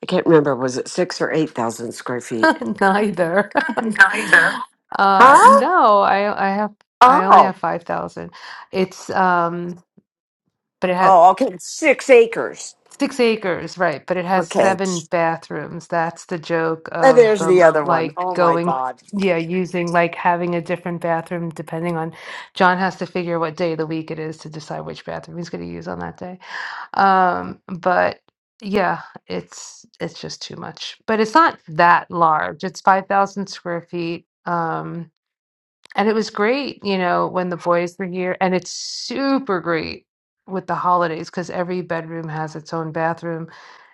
I can't remember. Was it six or eight thousand square feet?
<laughs> Neither.
<laughs>
<laughs>
Neither.
uh,
Huh?
no, I I have I only
Oh,
have five thousand. It's um, but it had
oh, okay. Six acres.
Six acres, right, but it has
Okay.
seven bathrooms. That's the joke
And
of
there's the
the
other one.
like
Oh my
going,
God.
yeah, using like having a different bathroom depending on John has to figure what day of the week it is to decide which bathroom he's going to use on that day. Um, but yeah, it's it's just too much. But it's not that large. It's 5,000 square feet. Um, and it was great, you know, when the boys were here. And it's super great with the holidays because every bedroom has its own bathroom.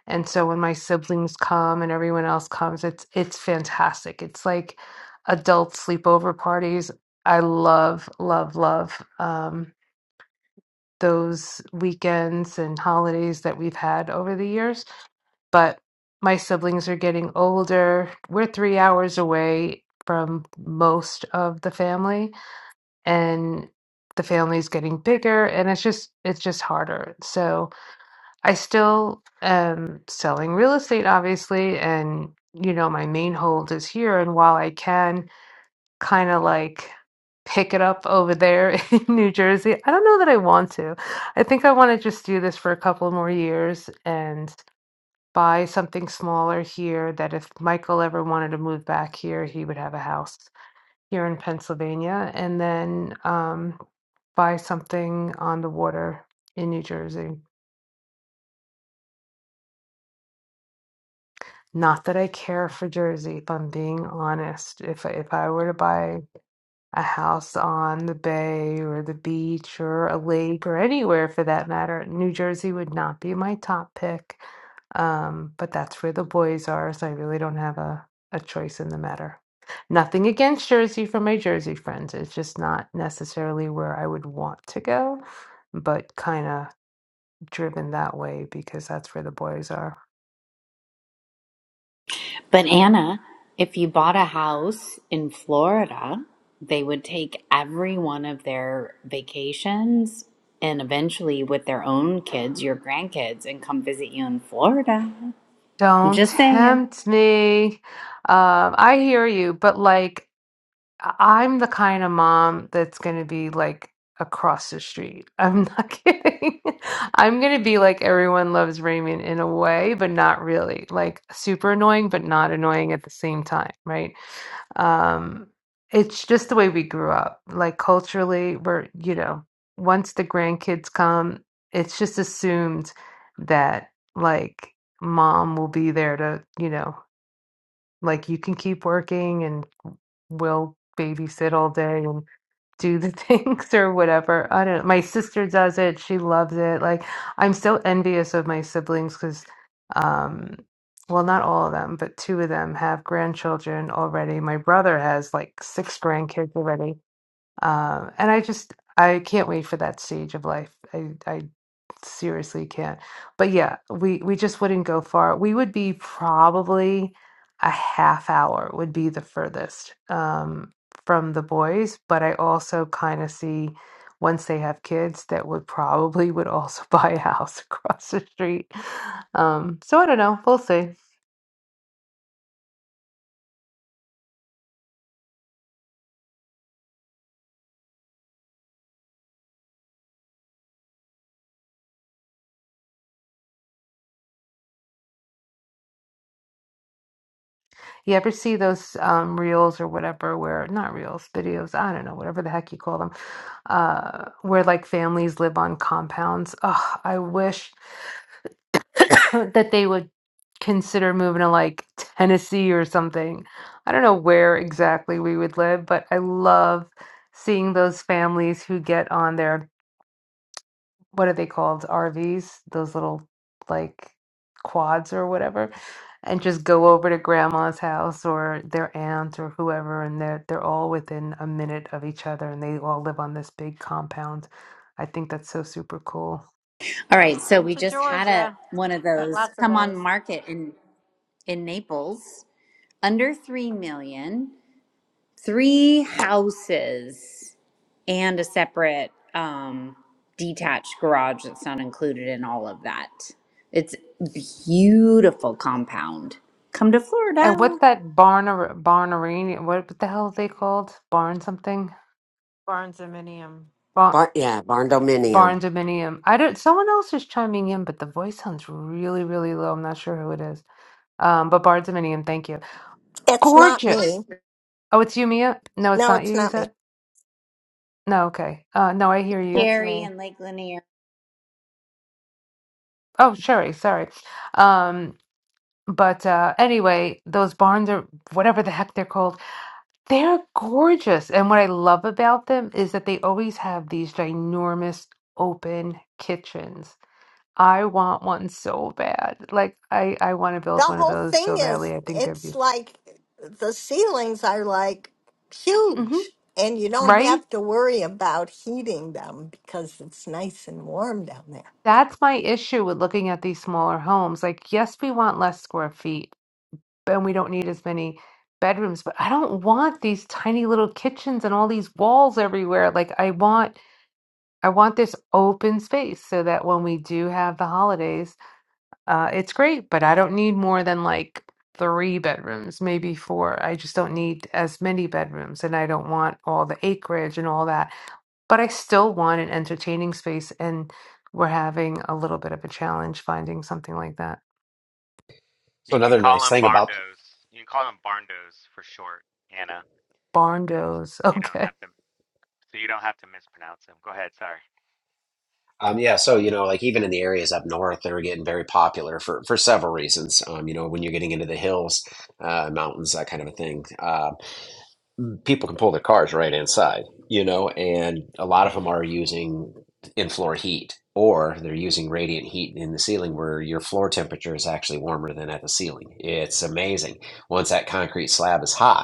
And so when my siblings come and everyone else comes, it's it's fantastic. It's like adult sleepover parties. I love, love, love um, those weekends and holidays that we've had over the years. But my siblings are getting older. We're three hours away from most of the family and the family's getting bigger and it's just it's just harder so i still am selling real estate obviously and you know my main hold is here and while i can kind of like pick it up over there <laughs> in new jersey i don't know that i want to i think i want to just do this for a couple more years and buy something smaller here that if michael ever wanted to move back here he would have a house here in Pennsylvania, and then um, buy something on the water in New Jersey. Not that I care for Jersey, if I'm being honest. If I- if I were to buy a house on the bay or the beach or a lake or anywhere for that matter. New Jersey would not be my top pick, um, but that's where the boys are, so I really don't have a, a choice in the matter. Nothing against Jersey for my Jersey friends. It's just not necessarily where I would want to go, but kind of driven that way because that's where the boys are.
But Anna, if you bought a house in Florida, they would take every one of their vacations, and eventually, with their own kids, your grandkids, and come visit you in Florida. I'm
Don't
just saying.
tempt me. Um, I hear you, but like I- I'm the kind of mom that's going to be like across the street. I'm not <laughs> kidding. I'm going to be like everyone loves Raymond in a way, but not really. Like super annoying, but not annoying at the same time, right? Um, it's just the way we grew up. Like culturally, we're, you know, once the grandkids come, it's just assumed that like mom will be there to, you know. Like you can keep working and we'll babysit all day and do the <laughs> things or whatever. I don't know. My sister does it. She loves it. Like I'm so envious of my siblings because, um, well, not all of them, but two of them have grandchildren already. My brother has like six grandkids already. Um, and I just I can't wait for that stage of life. I I seriously can't. But yeah, we we just wouldn't go far. We would be probably a half hour would be the furthest um, from the boys. But I also kind of see once they have kids that would probably would also <laughs> buy a house across the street. Um, so I don't know. We'll see. You ever see those um, reels or whatever, where not reels, videos, I don't know, whatever the heck you call them, uh, where like families live on compounds? Oh, I wish <coughs> that they would consider moving to like Tennessee or something. I don't know where exactly we would live, but I love seeing those families who get on there what are they called? RVs, those little like quads or whatever, and just go over to grandma's house or their aunt or whoever, and they're they're all within a minute of each other, and they all live on this big compound. I think that's so super cool.
All right, so
Come
we
to
just had a
Georgia.
one of
Got
those
lots of
come on
those.
market and in Naples, under 3 million, three houses, and a separate um, detached garage that's not included in all of that. It's beautiful compound. Come to
And
Florida,
what's that barn ar- barn arena? What, what the hell are they called? Barn something?
Barnes and Minium.
Barn
Bar- yeah, barn dominium.
barn dominium. I don't. Someone else is chiming in, but the voice sounds really really low. I'm not sure who it is. Um, but barn dominium. Thank you
It's not me.
gorgeous. Oh, it's you, Mia? No, it's
No,
not you,
it's
you
not me.
said? No, okay. Uh, no, I hear you.
That's
Jerry
me.
and Lake Lanier.
Oh, Sherry, sorry. Um, but uh, anyway, those barns are whatever the heck they're called. They're gorgeous. And what I love about them is that they always have these ginormous open kitchens. I want one so bad. Like I I want to
The
build one of
whole
those so
thing is,
badly. I think they're
it's
beautiful.
like the ceilings are like
hmm
huge, and you don't
Right?
have to worry about heating them because it's nice and warm down there.
That's my issue with looking at these smaller homes. Like, yes, we want less square feet and we don't need as many bedrooms, but I don't want these tiny little kitchens and all these walls everywhere. Like I want I want this open space so that when we do have the holidays, uh it's great, but I don't need more than like three bedrooms, maybe four. I just don't need as many bedrooms and I don't want all the acreage and all that. But I still want an entertaining space and we're having a little bit of a challenge finding something like that.
So
You can
another
call
nice
them
thing about
Barndos. You can call them Barndos for short, Anna.
Barndos. <laughs>
You don't
Okay.
have to, so you don't have to mispronounce them. Go ahead. Sorry.
Um, yeah, so you know, like even in the areas up north, they were getting very popular for for several reasons. Um, you know, when you're getting into the hills, uh, mountains, that kind of a thing, uh, people can pull their cars right inside. You know, and a lot of them are using in-floor heat, or they're using radiant heat in the ceiling, where your floor temperature is actually warmer than at the ceiling. It's amazing. Once that concrete slab is hot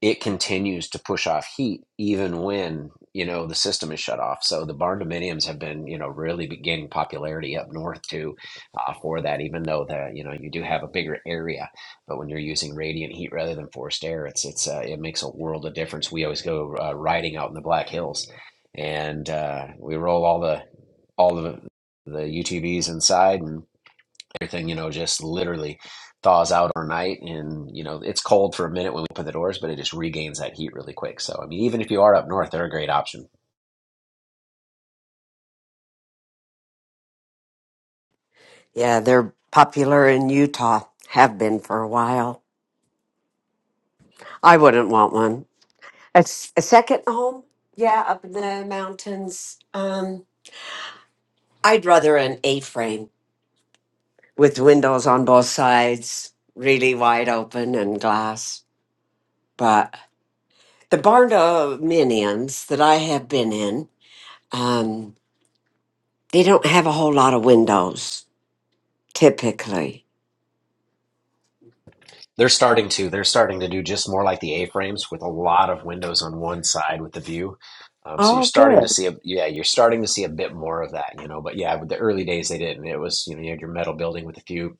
it continues to push off heat even when you know the system is shut off. So the barn dominiums have been you know really gaining popularity up north too uh, for that. Even though the you know you do have a bigger area, but when you're using radiant heat rather than forced air, it's it's uh, it makes a world of difference. We always go uh, riding out in the Black Hills, and uh, we roll all the all the the UTVs inside and everything, you know, just literally thaws out overnight. And, you know, it's cold for a minute when we open the doors, but it just regains that heat really quick. So, I mean, even if you are up north, they're a great option.
Yeah, they're popular in Utah. Have been for a while. I wouldn't want one. A, s- a second home? Yeah, up in the mountains. Um, I'd rather an A-frame with windows on both sides, really wide open and glass. But the barn dog minions that I have been in, um, they don't have a whole lot of windows typically.
They're starting to. They're starting to do just more like the A-frames with a lot of windows on one side with the view. Um, so you're
Oh,
starting to
good.
see a yeah, you're starting to see a bit more of that, you know. But yeah, with the early days they didn't. It was you know you had your metal building with a few.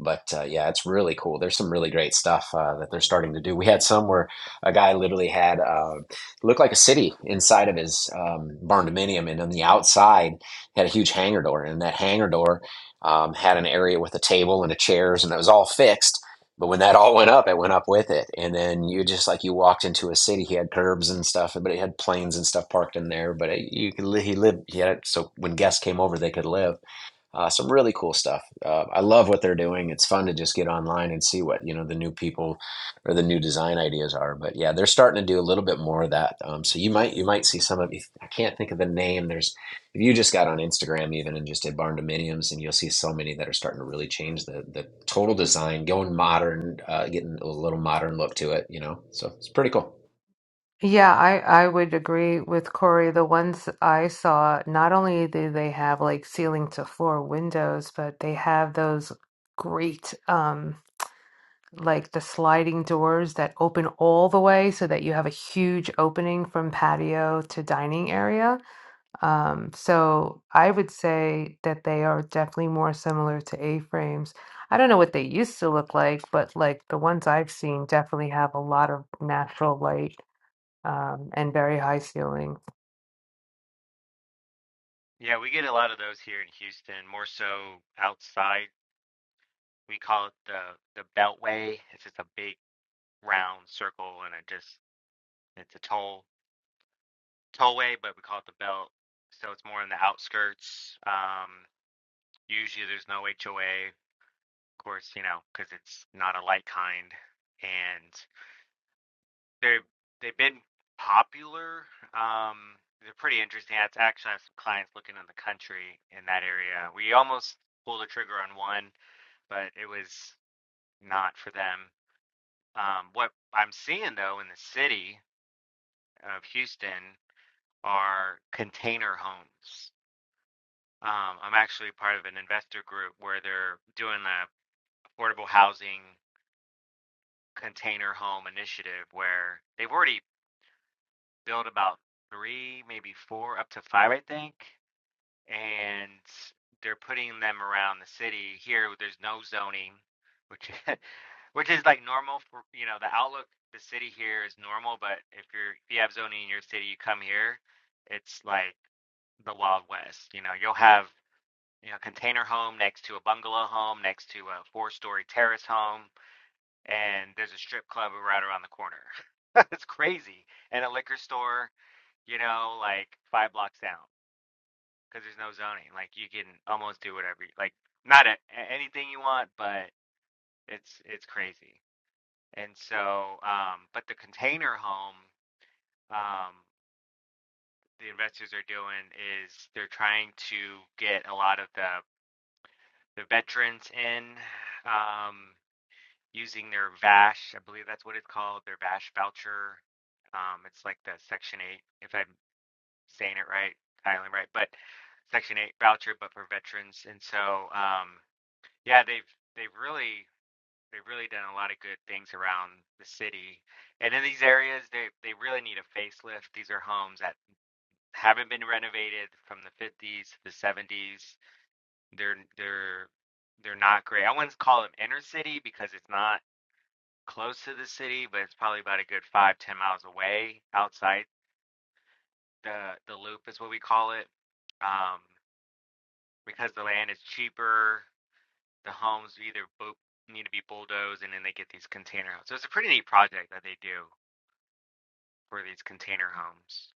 But uh, yeah, it's really cool. There's some really great stuff uh, that they're starting to do. We had some where a guy literally had uh, looked like a city inside of his um, barn dominium, and on the outside had a huge hangar door, and that hangar door um, had an area with a table and a chairs, and it was all fixed but when that all went up, it went up with it. And then you just like you walked into a city. He had curbs and stuff, but he had planes and stuff parked in there. But it, you could li- he lived. He had it so when guests came over, they could live uh, some really cool stuff. Uh, I love what they're doing. It's fun to just get online and see what you know the new people or the new design ideas are. But yeah, they're starting to do a little bit more of that. Um, so you might you might see some of. I can't think of the name. There's if you just got on Instagram even and just did barn dominiums, and you'll see so many that are starting to really change the the total design, going modern, uh, getting a little modern look to it. You know, so it's pretty cool.
Yeah, I, I would agree with Corey. The ones I saw, not only do they have like ceiling to floor windows, but they have those great um like the sliding doors that open all the way so that you have a huge opening from patio to dining area. Um, so I would say that they are definitely more similar to A-frames. I don't know what they used to look like, but like the ones I've seen definitely have a lot of natural light um, and very high ceiling.
Yeah, we get a lot of those here in Houston, more so outside. We call it the the Beltway. It's just a big round circle, and it just it's a toll tollway, but we call it the Belt. So it's more in the outskirts. Um, usually, there's no HOA, of course, you know, because it's not a light kind, and they're they've been popular. Um, they're pretty interesting. I actually have some clients looking in the country in that area. We almost pulled the trigger on one, but it was not for them. Um, what I'm seeing though in the city of Houston are container homes. Um, I'm actually part of an investor group where they're doing a affordable housing container home initiative where they've already built about three, maybe four, up to five, I think. and they're putting them around the city. Here, there's no zoning, which <laughs> which is like normal for you know the outlook. The city here is normal, but if you're if you have zoning in your city, you come here, it's like the Wild West. You know, you'll have you know container home next to a bungalow home next to a four story terrace home, and there's a strip club right around the corner. <laughs> it's crazy, and a liquor store. You know, like five blocks down because there's no zoning. Like you can almost do whatever, you, like not a, a- anything you want, but it's it's crazy. And so, um, but the container home, um, the investors are doing is they're trying to get a lot of the the veterans in, um, using their VASH. I believe that's what it's called, their VASH voucher. Um, it's like the Section 8, if I'm saying it right, Kylan, right? But Section 8 voucher, but for veterans. And so, um, Yeah, they've they've really they've really done a lot of good things around the city. And in these areas they they really need a facelift. These are homes that haven't been renovated from the 50s to the 70s. They're they're they're not great. I wouldn't call them inner city because it's not close to the city, but it's probably about a good five, ten miles away outside the the loop is what we call it. Um, because the land is cheaper. the homes either bo need to be bulldozed and then they get these container homes. So it's a pretty neat project that they do for these container homes.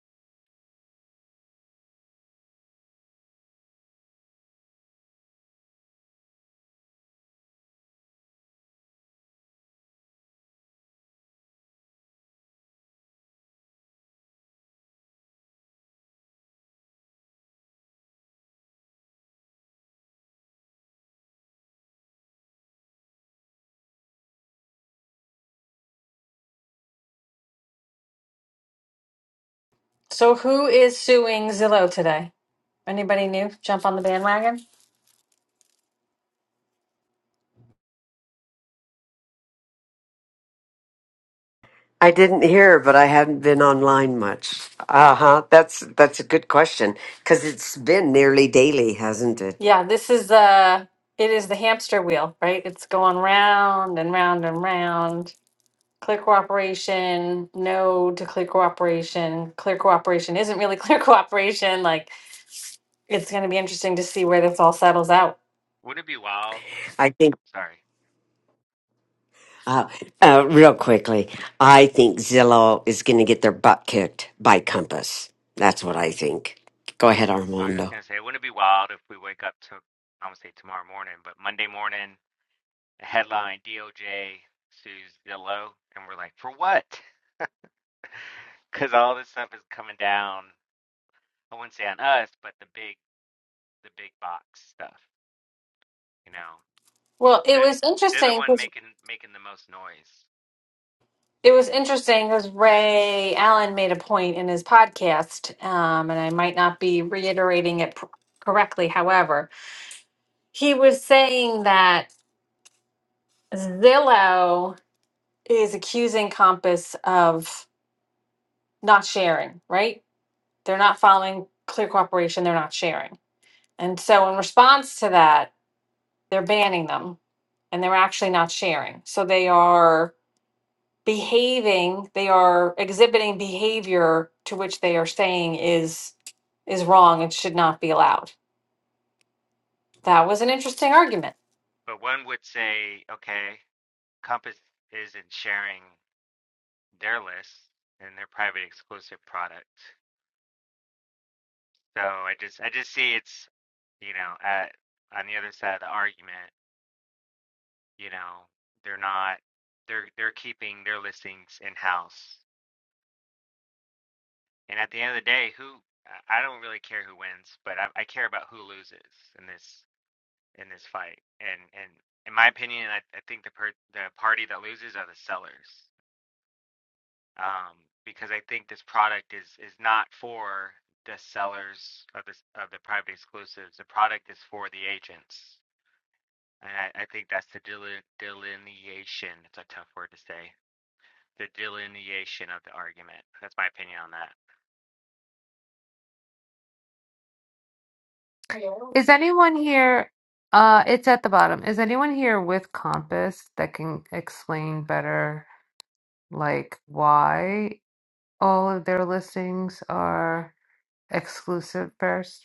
So who is suing Zillow today? Anybody new? Jump on the bandwagon?
I didn't hear, but I haven't been online much. Uh huh. That's that's a good question because it's been nearly daily, hasn't it?
Yeah, this is the it is the hamster wheel, right? It's going round and round and round. Clear cooperation, no to clear cooperation. Clear cooperation isn't really <laughs> clear cooperation. Like it's going to be interesting to see where this all settles out.
Wouldn't it be wild?
I think.
Sorry,
Uh, uh, real quickly, I think Zillow is going to get their butt kicked by Compass. That's what I think. Go ahead,
I was just
Armando.
gonna say, wouldn't it be wild if we wake up to, I'm gonna say tomorrow morning, but Monday morning, a headline DOJ sues Zillow, and we're like, for what? Because all this stuff is coming down. I wouldn't say on us, but the big, the big box stuff. You know,
Well, it
they're
was
they're the
interesting
one
because
making making the most noise.
it was interesting because Ray Allen made a point in his podcast, um, and I might not be reiterating it pr- correctly. However, he was saying that Zillow is accusing Compass of not sharing. Right? They're not following Clear Cooperation. They're not sharing, and so in response to that, they're banning them, and they're actually not sharing. So they are behaving they are exhibiting behavior to which they are saying is is wrong and should not be allowed that was an interesting argument
But one would say, okay. Compass isn't sharing their list and their private exclusive product. So I just I just see it's you know at on the other side of the argument, you know, they're not they're they're keeping their listings in house. And at the end of the day, who I I don't really care who wins, but I, I care about who loses in this in this fight. And and in my opinion, I, I think the per, the party that loses are the sellers. um, because I think this product is is not for the sellers of this of the private exclusives. The product is for the agents, and I, I think that's the deli- delineation. It's a tough word to say. The delineation of the argument. That's my opinion on that.
Is anyone here? Uh, it's at the bottom. Is anyone here with Compass that can explain better, like why all of their listings are exclusive first?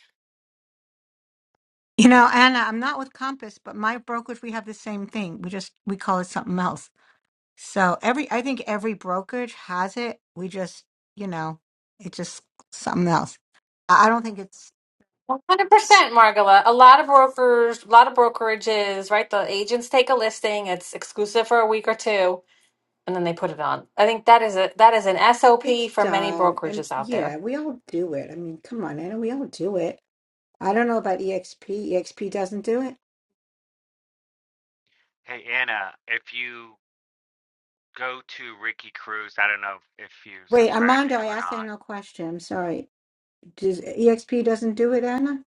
You know, Anna, I'm not with Compass, but my brokerage, we have the same thing. We just we call it something else. So every I think every brokerage has it. We just, you know, it's just something else. I I don't think it's
100% margola a lot of brokers a lot of brokerages right the agents take a listing it's exclusive for a week or two and then they put it on. I think that is a that is an SOP
it's
for many
done. And
brokerages out
yeah,
there.
we all do it. I mean, come on, Anna, we all do it. I don't know about EXP. EXP doesn't do it.
Hey Anna, if you go to Ricky Cruz, I don't know if you
Wait,
subscribe to
Armando, I
him or
asked
not.
Anna a question. I'm sorry. Does EXP doesn't do it, Anna?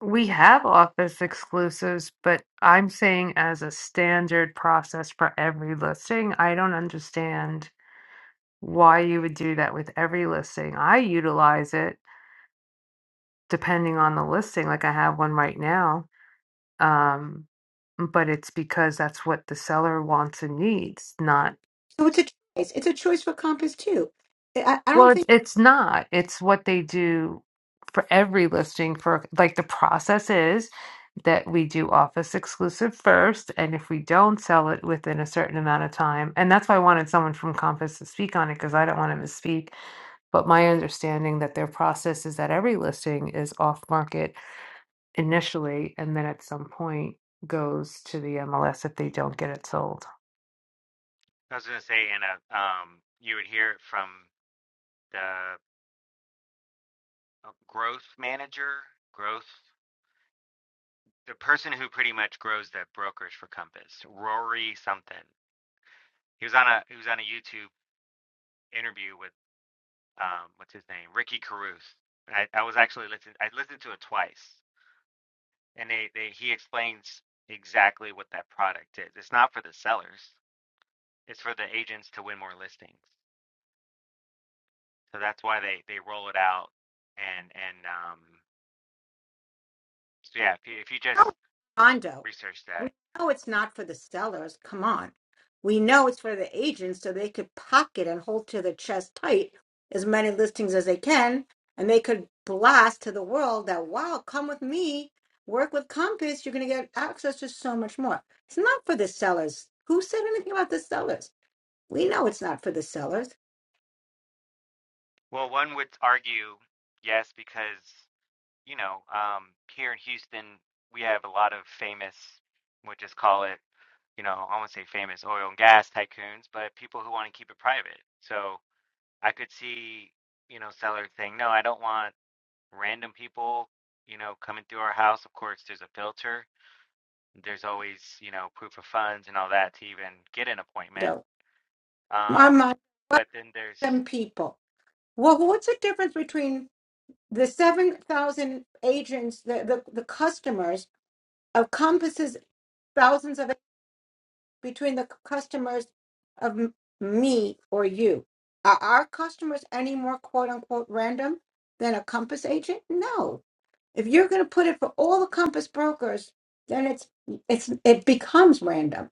We have office exclusives, but I'm saying as a standard process for every listing, I don't understand why you would do that with every listing. I utilize it depending on the listing, like I have one right now Um, but it's because that's what the seller wants and needs, not,
So it's a choice. It's a choice for Compass too. I, I
well,
don't
it's, it's not. It's what they do for every listing for like the process is that we do office exclusive first. And if we don't sell it within a certain amount of time, and that's why I wanted someone from Compass to speak on it because I don't want to misspeak. But my understanding that their process is that every listing is off market initially and then at some point goes to the MLS if they don't get it sold.
I was gonna say Anna, um, you would hear it from the uh, growth manager, growth. the person who pretty much grows the brokerage for Compass, Rory something. He was on a he was on a YouTube interview with um what's his name Ricky Caruth. I, I was actually listening. I listened to it twice, and they, they he explains exactly what that product is. It's not for the sellers. It's for the agents to win more listings. So that's why they they roll it out and and um so yeah. If you, if you
know
just
it's condo.
research that,
We know it's not for the sellers. Come on. We know it's for the agents so they could pocket and hold to their chest tight as many listings as they can. And they could blast to the world that, wow, come with me, work with Compass. You're going to get access to so much more. It's not for the sellers. Who said anything about the sellers? We know it's not for the sellers.
well, one would argue yes because you know, um, here in Houston, we have a lot of famous, we'll just call it, you know, I won't say famous oil and gas tycoons, but people who want to keep it private. So I could see, you know, seller saying, no, I don't want random people, you know, coming through our house. Of course, there's a filter. There's always, you know, proof of funds and all that to even get an appointment.
No. My
Um,
mind, what
but then there's,
them people? Well, what's the difference between the 7,000 agents, the, the, the customers encompasses thousands of between the customers of m- me or you. Are our customers any more quote unquote random than a Compass agent? No. If you're going to put it for all the Compass brokers, then it's it's it becomes random.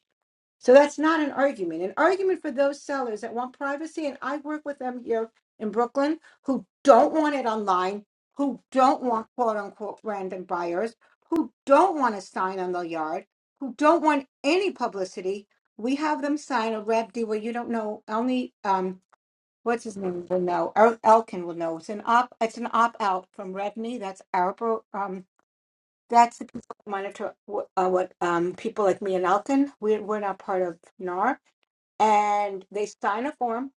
So that's not an argument. An argument for those sellers that want privacy, and I work with them here in Brooklyn who don't want it online, who don't want quote unquote random buyers, who don't want a sign on the yard, who don't want any publicity. We have them sign a Reb D where you don't know only um what's his name will know or Elkin will know. It's an op it's an opt out from Rebney. That's our bro- um that's the people that monitor wh- uh, what um people like me and Elkin. We're we're not part of NAR and they sign a form.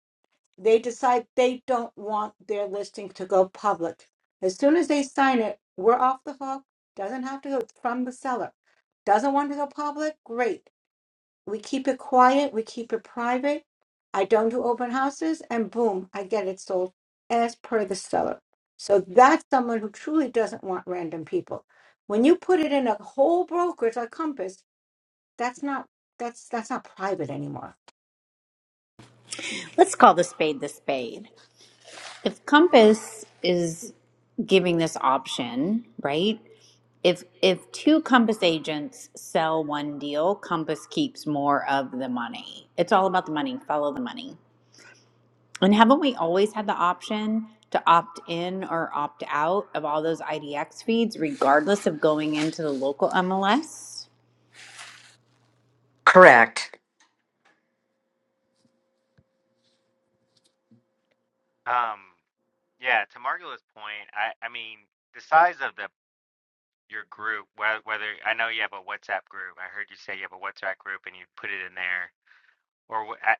They decide they don't want their listing to go public. As soon as they sign it, we're off the hook. Doesn't have to go it's from the seller. Doesn't want to go public? Great. We keep it quiet. We keep it private. I don't do open houses, and boom, I get it sold as per the seller. So that's someone who truly doesn't want random people. When you put it in a whole brokerage like Compass, that's not that's that's not private anymore.
Let's call the spade the spade. If Compass is giving this option, right? If if two Compass agents sell one deal, Compass keeps more of the money. It's all about the money, follow the money. And haven't we always had the option to opt in or opt out of all those IDX feeds regardless of going into the local MLS?
Correct.
um, yeah, to Margola's point, I, I mean, the size of the your group, whe- whether I know you have a WhatsApp group. I heard you say you have a WhatsApp group and you put it in there. Or wh- I,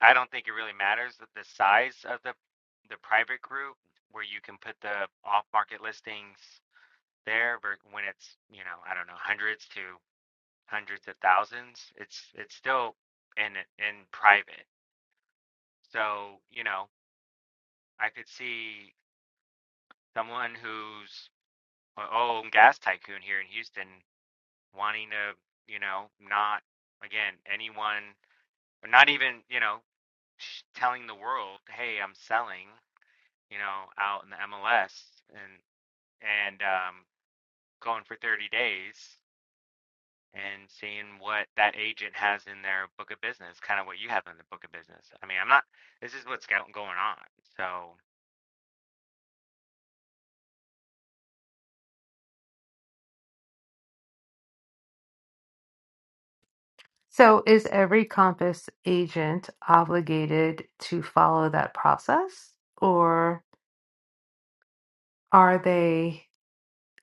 I don't think it really matters that the size of the the private group where you can put the off market listings there ver- when it's, you know, I don't know, hundreds to hundreds of thousands. It's it's still in in private. So, you know, I could see someone who's a- oh, I'm gas tycoon here in Houston. wanting to, you know, not again anyone, or not even you know, telling the world, hey, I'm selling, you know, out in the MLS and and um, going for 30 days and seeing what that agent has in their book of business, kind of what you have in the book of business. I mean, I'm not. This is what's going on. So,
So is every Compass agent obligated to follow that process, or are they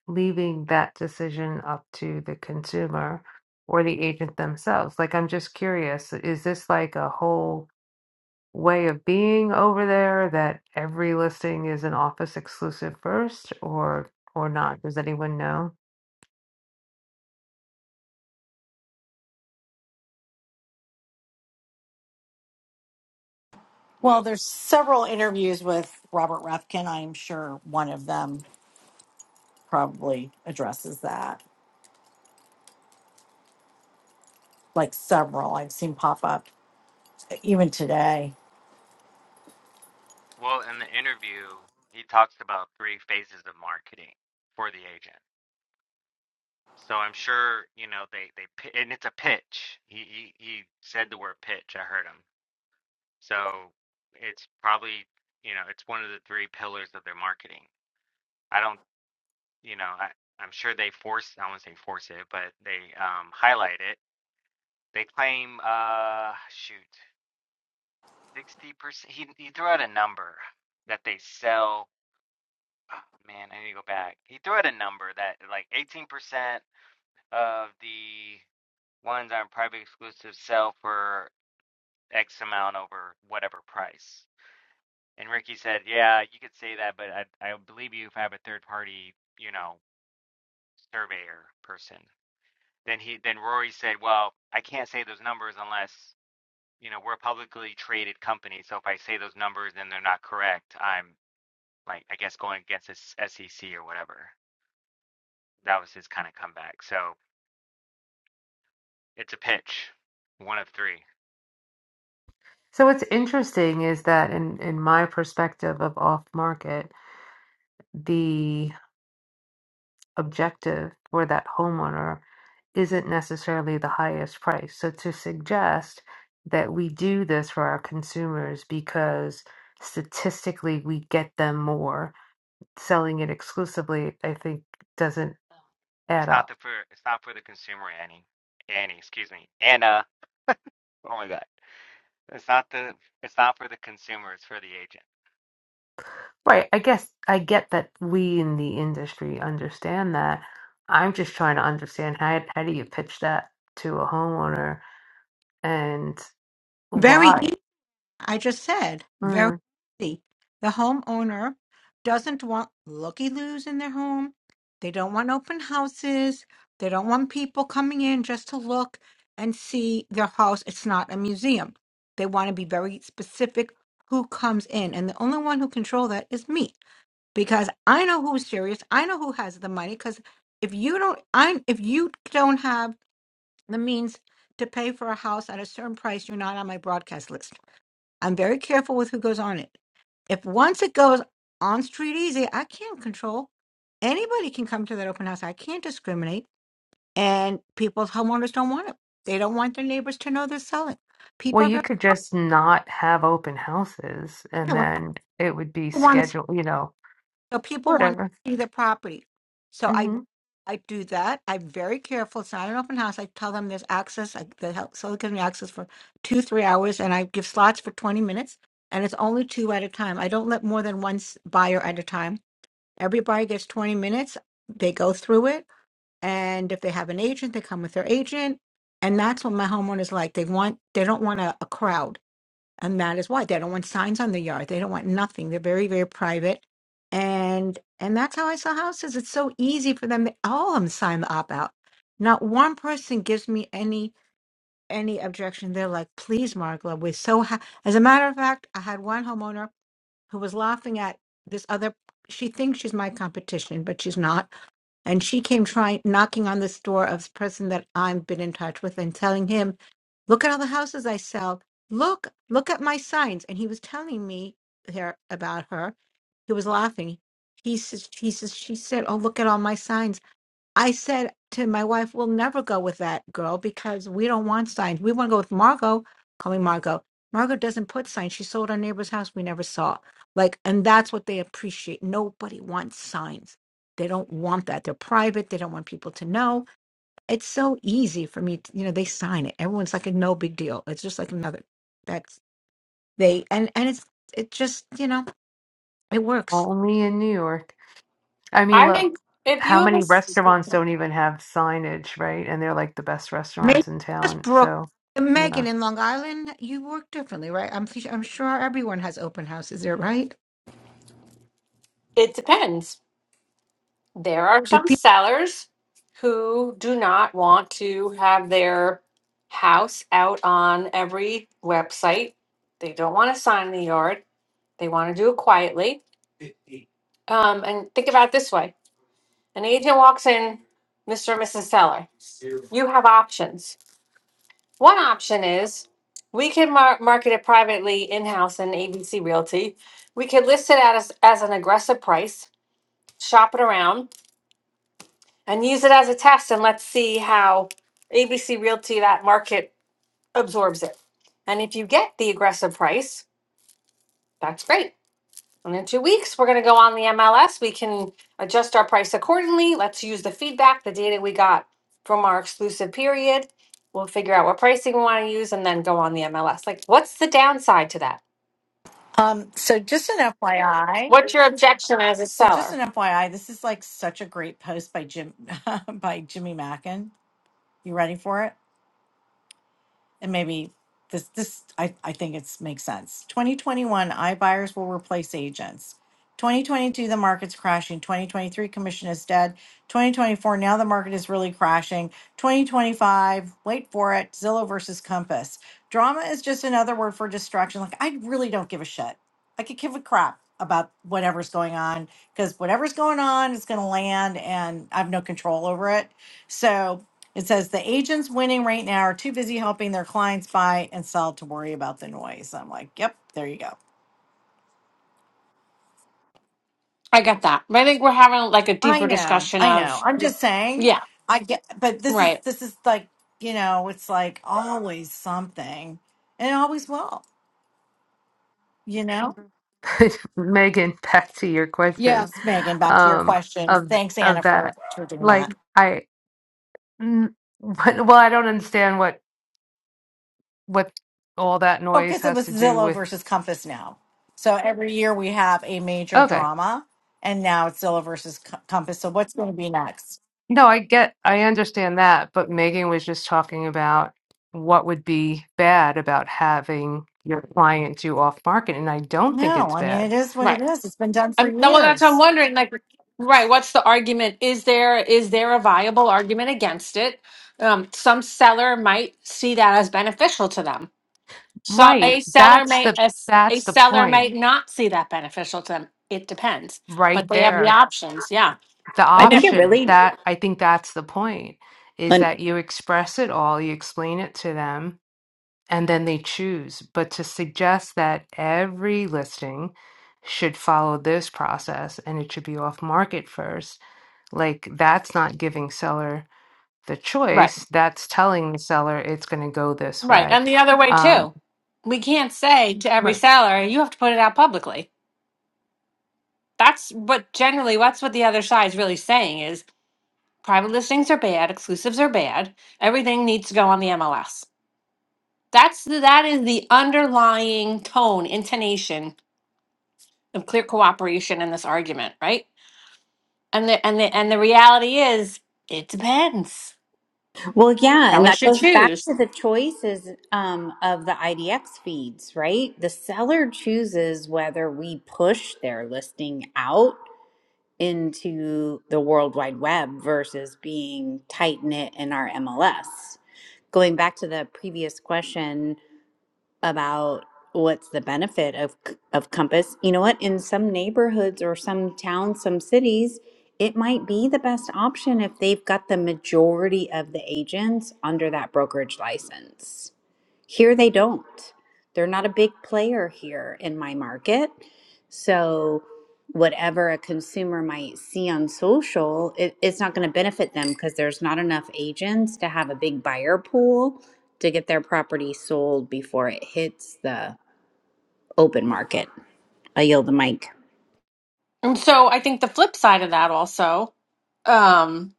leaving that decision up to the consumer or the agent themselves? Like, I'm just curious, is this like a whole way of being over there that every listing is an office exclusive first or or not? Does anyone know?
Well,
well,
there's several interviews with Robert Refkin. I'm sure one of them probably addresses that. Like several I've seen pop up even today.
well, in the interview, he talks about three phases of marketing for the agent So I'm sure you know they they pi- and it's a pitch. He he, he said the word pitch. I heard him. So it's probably you know it's one of the three pillars of their marketing. I don't you know I I'm sure they force I won't say force it, but they um highlight it. They claim uh shoot sixty percent. He he threw out a number that they sell. Oh, man, I need to go back. He threw out a number that like eighteen percent of the ones on private exclusive sell for X amount over whatever price. And Ricky said, Yeah, you could say that, but I I believe you if I have a third party, you know, surveyor person. Then he then Rory said, Well, I can't say those numbers unless, you know, we're a publicly traded company. So if I say those numbers and they're not correct, I'm like I guess going against this SEC or whatever. That was his kind of comeback. So it's a pitch. One of three.
So what's interesting is that in in my perspective of off market, the objective for that homeowner isn't necessarily the highest price. So to suggest that we do this for our consumers because statistically we get them more selling it exclusively, I think doesn't
Oh.
add
It's not
up.
the for it's not for the consumer, Annie. Annie, excuse me. Anna. Oh my God. It's not the it's not for the consumer, it's for the agent.
Right. I guess I get that we in the industry understand that. I'm just trying to understand how how do you pitch that to a homeowner and
Very
why?
I just said,
Hmm.
very easy. The homeowner doesn't want looky loos in their home. They don't want open houses. They don't want people coming in just to look and see their house. It's not a museum. They want to be very specific who comes in. And the only one who control that is me because I know who's serious. I know who has the money because if you don't I if you don't have the means to pay for a house at a certain price, you're not on my broadcast list. I'm very careful with who goes on it. If once it goes on Street Easy, I can't control. Anybody can come to that open house. I can't discriminate. And people's homeowners don't want it. They don't want their neighbors to know they're selling.
Well,
People
you
have-
could just not have open houses and
you know,
then it would be
want to,
scheduled, you know,
so people want
whatever.
to see their property. So I,
hmm
I do that. I'm very careful. It's not an open house. I tell them there's access. I, the help, so it gives me access for two, three hours, and I give slots for 20 minutes, and it's only two at a time. I don't let more than one s- buyer at a time Everybody gets 20 minutes. They go through it. And if they have an agent, they come with their agent. And that's what my homeowners like. They want, they don't want a, a crowd. And that is why they don't want signs on the yard. They don't want nothing. They're very, very private. And, and that's how I sell houses. It's so easy for them. They, all of them sign the opt out. Not one person gives me any, any objection. They're like, please, Margola, we're so, ha-. as a matter of fact, I had one homeowner who was laughing at this other she thinks she's my competition but she's not and she came trying knocking on this door of the person that i've been in touch with and telling him look at all the houses i sell look look at my signs and he was telling me here about her he was laughing he says he says she said oh look at all my signs I said to my wife, we'll never go with that girl because we don't want signs. We want to go with Margot. Call me Margot. Margot doesn't put signs. She sold our neighbor's house. We never saw. Like, and that's what they appreciate. Nobody wants signs. They don't want that. They're private. They don't want people to know. It's so easy for me. To, you know, they sign it. Everyone's like a no big deal. It's just like another. That's they and and it's it just you know it works.
Only in New York. I mean,
I
look,
think if
how
you have a,
many
s-
restaurants don't even have signage, right? And they're like the best
Maybe
restaurants
it's
in
just
town.
Brooklyn.
So, yeah,
Megan in Long Island, you work differently, right? I'm fe- I'm sure everyone has open houses there, right?
it depends. There are
Do
some
people?
sellers who do not want to have their house out on every website. They don't want to sign in the yard. They want to do it quietly. Um, and think about it this way an agent walks in, Mr. and Mrs. Seller. You have options. One option is we can mar- market it privately in house in ABC Realty. We could list it as, as an aggressive price, shop it around and use it as a test and let's see how ABC Realty, that market absorbs it. And if you get the aggressive price, that's great. And in two weeks, we're going to go on the MLS. We can adjust our price accordingly. Let's use the feedback, the data we got from our exclusive period. We'll figure out what pricing we want to use and then go on the MLS. Like, what's the downside to that?
Um, so just an FYI.
What's your objection as a
So just
seller?
an FYI, this is like such a great post by Jim <laughs> by Jimmy Mackin. You ready for it? and maybe this this I, I think it's makes sense. 2021 iBuyers will replace agents. 2022 the market's crashing. 2023 commission is dead. 2024 now the market is really crashing. 2025 wait for it Zillow versus Compass. Drama is just another word for distraction. Like I really don't give a shit. I could give a crap about whatever's going on because whatever's going on is going to land and I have no control over it. So it says the agents winning right now are too busy helping their clients buy and sell to worry about the noise. I'm like, yep, there you go.
I get that. But I think we're having like a
I
deeper
know,
discussion
I know.
of,
I'm just saying.
yeah,
I get, but this is
right,
this is like you know, it's like always something, and it always will. You know.
<laughs> Megan, back to your question
Yes, Megan. Back to your
um,
question.
of
Thanks,
of
Anna, for
that.
for doing that.
Like, I, n- but- <laughs> well, I don't understand what what all that
Oh,
noise
because it
has
was
to do
Zillow
with.
versus Compass now. So every year we have a major
Okay.
drama, and now it's Zillow versus Co- Compass. So what's going to be next?
No, I get, I understand that, but Megan was just talking about what would be bad about having your client do off market, and I don't think
No,
it's
I mean, it
bad.
is what it
right.
is. It's been done for
I'm, no, well, that's I'm
years.
wondering. Like, right, what's the argument? Is there is there a viable argument against it? Um, some seller might see that as beneficial to them. So
Right.
a seller
That's
may
the
a, s- a
that's the
seller
point
may not see that beneficial to them. It depends,
right
but they have the
there.
options. Yeah,
The
I
and
think
if,
it
option
really
that I think that's the point is
And
that you express it all, you explain it to them, and then they choose. But to suggest that every listing should follow this process and it should be off market first Like that's not giving seller the
right,
choice. That's telling the seller it's going to go this
right,
way.
and the other way
Um,
too. We can't say to every seller, "You have to put it out publicly." That's but generally that's what the other side's really saying is private listings are bad, exclusives are bad, everything needs to go on the MLS. That's the, that is the underlying tone, intonation of clear cooperation in this argument, right? And the and the and the reality is it depends.
Well, yeah, and
Sellers
that
should
goes back
choose.
to the choices um, of the IDX feeds, right? The seller chooses whether we push their listing out into the World Wide Web versus being tight knit in our MLS. Going back to the previous question, about what's the benefit of c- of compass you know what in some neighborhoods or some towns some cities it might be the best option if they've got the majority of the agents under that brokerage license here they don't. They're not a big player here in my market. So, whatever a consumer might see on social, it, it's not going to benefit them because there's not enough agents to have a big buyer pool to get their property sold before it hits the open market. I yield the mic.
And so I think the flip side of that also um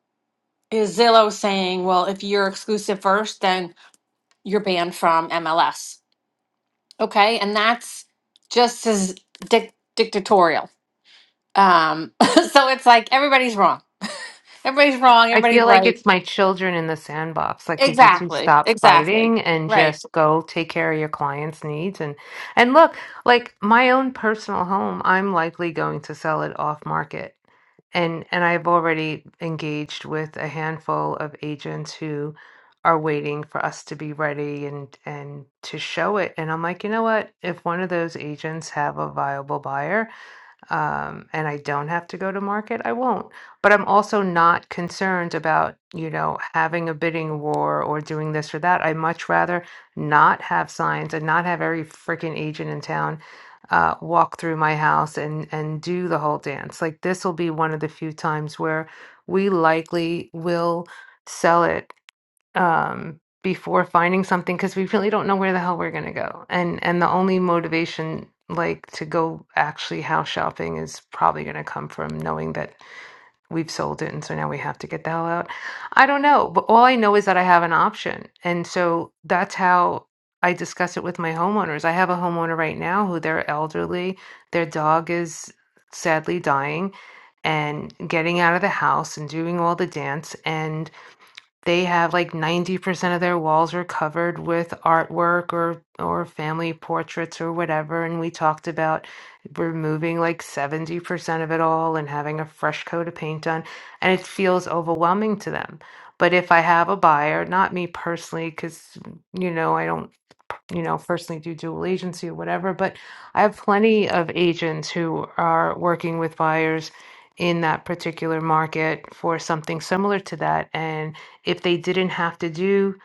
is Zillow saying, well, if you're exclusive first, then you're banned from MLS Okay. And that's just as dic- dictatorial. Um, <laughs> so it's like everybody's wrong. <laughs> Everybody's wrong.
I
Everybody's
feel like
right.
it's my children in the sandbox. Like, could you please
Exactly.
stop
Exactly.
fighting and
Right.
just go take care of your clients' needs? And and look, like my own personal home, I'm likely going to sell it off market. And and I've already engaged with a handful of agents who are waiting for us to be ready and and to show it. And I'm like, you know what? If one of those agents have a viable buyer, um, and I don't have to go to market, I won't. But I'm also not concerned about, you know, having a bidding war or doing this or that. I much rather not have signs and not have every freaking agent in town uh, walk through my house and and do the whole dance. Like this will be one of the few times where we likely will sell it um, before finding something because we really don't know where the hell we're gonna go. And and the only motivation like to go actually house shopping is probably gonna come from knowing that we've sold it and so now we have to get the hell out. I don't know, but all I know is that I have an option. And so that's how I discuss it with my homeowners. I have a homeowner right now who they're elderly, their dog is sadly dying and getting out of the house and doing all the dance and they have like 90% of their walls are covered with artwork or or family portraits or whatever. And we talked about removing like 70% of it all and having a fresh coat of paint on. And it feels overwhelming to them. But if I have a buyer, not me personally, because you know, I don't you know, personally, do dual agency or whatever. But I have plenty of agents who are working with buyers in that particular market for something similar to that. And if they didn't have to do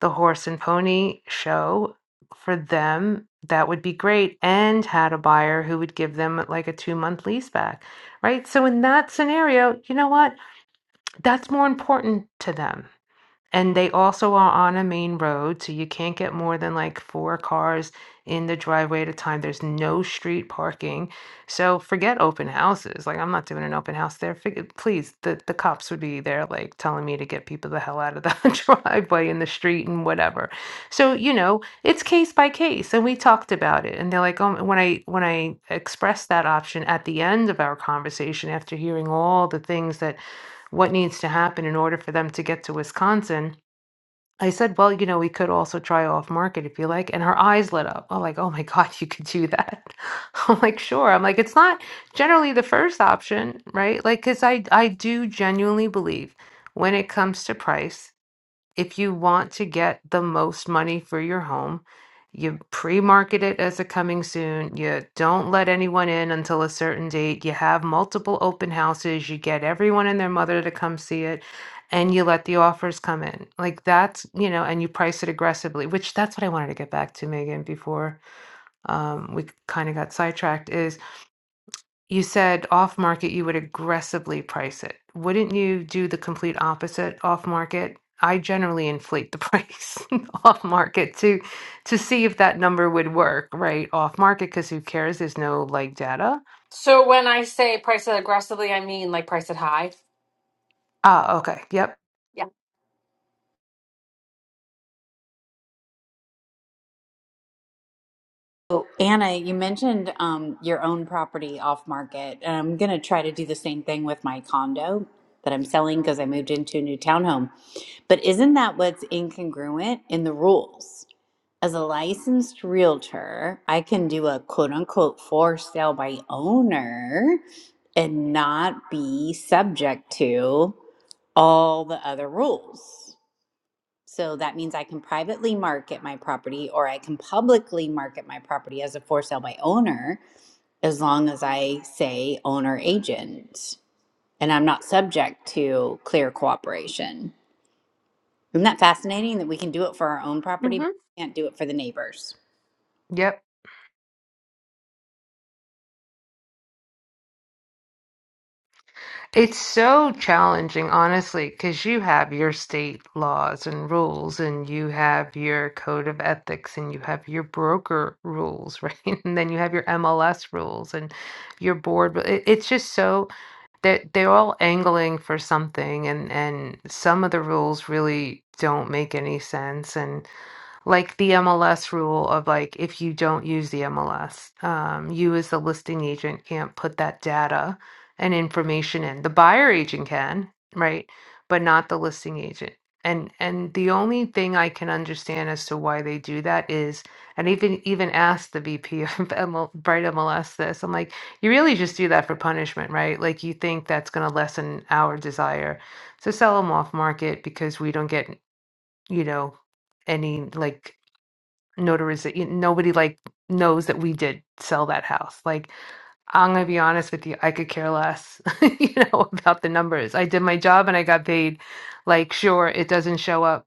the horse and pony show for them, that would be great. And had a buyer who would give them like a two month lease back, right? So in that scenario, you know what? That's more important to them and they also are on a main road, so you can't get more than like four cars in the driveway at a time. There's no street parking. So forget open houses. Like I'm not doing an open house there. Fig- Please, the, the cops would be there like telling me to get people the hell out of the <laughs> driveway and the street and whatever. So, you know, it's case by case. And we talked about it. And they're like, oh, when I when I expressed that option at the end of our conversation after hearing all the things that what needs to happen in order for them to get to Wisconsin I said, "Well, you know, we could also try off market if you like." And her eyes lit up. I'm like, "Oh my <laughs> God, you could do that." <laughs> I'm like, "Sure." I'm like, "It's not generally the first option, right?" Like, because I I do genuinely believe when it comes to price. If you want to get the most money for your home, you pre market it as a coming soon. You don't let anyone in until a certain date. You have multiple open houses. You get everyone and their mother to come see it and you let the offers come in. Like that's, you know, and you price it aggressively, which that's what I wanted to get back to, Megan, before um, we kind of got sidetracked. You said off market, you would aggressively price it. Wouldn't you do the complete opposite off market? I generally inflate the <laughs> price off market to to see if that number would work, right? Off market, because who cares? There's no like data.
So when I say price it aggressively, I mean like price it high.
Ah, okay. Yep.
Yeah.
Oh, Anna, you mentioned um, your own property off market. And I'm going to try to do the same thing with my condo that I'm selling because I moved into a new townhome. But isn't that what's incongruent in the rules? As a licensed realtor, I can do a quote unquote for sale by owner and not be subject to all the other rules. So that means I can privately market my property or I can publicly market my property as a for sale by owner as long as I say owner agent and I'm not subject to clear cooperation. Isn't that fascinating that we can do it for our own property, but
Mm-hmm.
we can't do it for the neighbors?
Yep. It's so challenging, honestly, because you have your state laws and rules, and you have your code of ethics, and you have your broker rules, <laughs> right? And then you have your MLS rules and your board. ru- it- It's just so that they're all angling for something, and, and some of the rules really don't make any sense like the MLS rule of like if you don't use the MLS, um, you as the listing agent can't put that data and information in. The buyer agent can, right? But not the listing agent. And and the only thing I can understand as to why they do that is, and even even asked the VP <laughs> of ML, Bright MLS this, I'm like, you really just do that for punishment, right? Like you think that's going to lessen our desire to sell them off market because we don't get, you know, any like notarization. Nobody like knows that we did sell that house. Like I'm gonna be honest with you, I could care less, <laughs> you know, about the numbers. I did my job and I got paid. Like sure, it doesn't show up,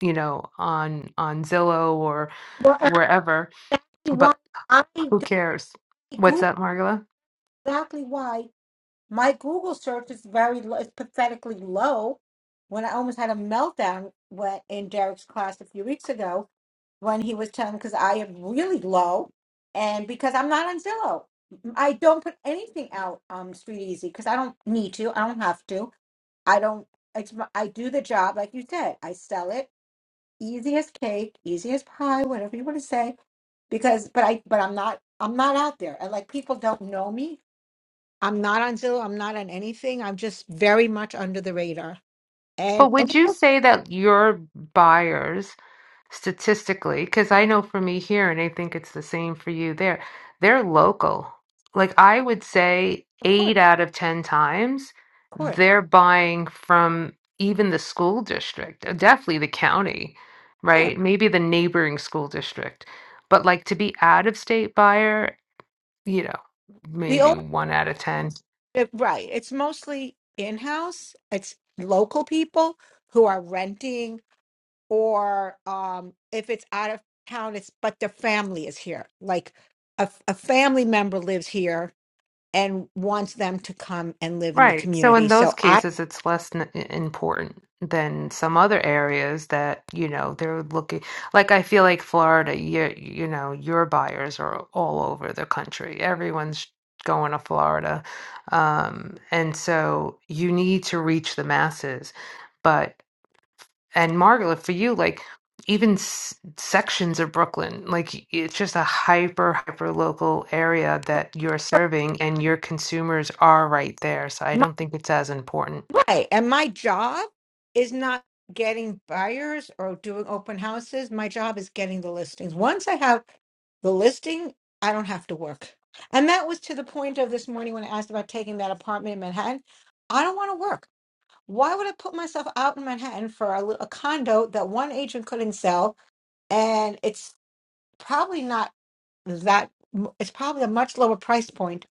you know, on on Zillow or
Well, and
wherever,
that's exactly why
but
I
who
don't
cares? What's
Google
that, Margola?
exactly why my Google search is very low, it's pathetically low. When I almost had a meltdown when, in Derek's class a few weeks ago, when he was telling because I am really low, and because I'm not on Zillow, I don't put anything out um Street Easy because I don't need to, I don't have to. I don't. It's my, I do the job like you said. I sell it easy as cake, easy as pie, whatever you want to say. Because, but I, but I'm not. I'm not out there, and like people don't know me. I'm not on Zillow. I'm not on anything. I'm just very much under the radar. And,
But
and
would
it's
you
okay,
say that your buyers? statistically because i know for me here and i think it's the same for you there they're local like i would say
of course,
eight out of ten times
of course,
they're buying from even the school district uh, definitely the county
yeah.
right maybe the neighboring school district but like to be out of state buyer you know
The
maybe
only
one out of ten
it- right. It's mostly in house. It's local people who are renting or um, if it's out of town, it's but the family is here. Like a, a family member lives here and wants them to come and live in the
Right. So
community.
in those
So I
cases, it's less n- i- important than some other areas that, you know, they're looking like I feel like Florida, you you know, your buyers are all over the country. Everyone's going to Florida. Um, and so you need to reach the masses. but. And Margola, for you, like even s sections of Brooklyn, like it's just a hyper, hyper local area that you're serving and your consumers are right there. So I
my
don't think it's as important.
right, and my job is not getting buyers or doing open houses. My job is getting the listings. Once I have the listing, I don't have to work. And that was to the point of this morning when I asked about taking that apartment in Manhattan. I don't want to work. Why would I put myself out in Manhattan for a, li- a condo that one agent couldn't sell? And it's probably not that, m- it's probably a much lower price point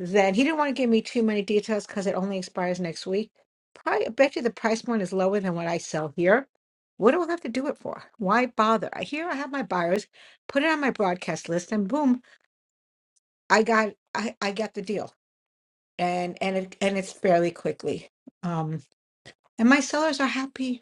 than he didn't want to give me too many details because it only expires next week. Probably, I bet you the price point is lower than what I sell here. What do I have to do it for? Why bother? I Here I have my buyers, put it on my broadcast list, and boom, I got I, I got the deal, and and it and it's fairly quickly. Um, and my sellers are happy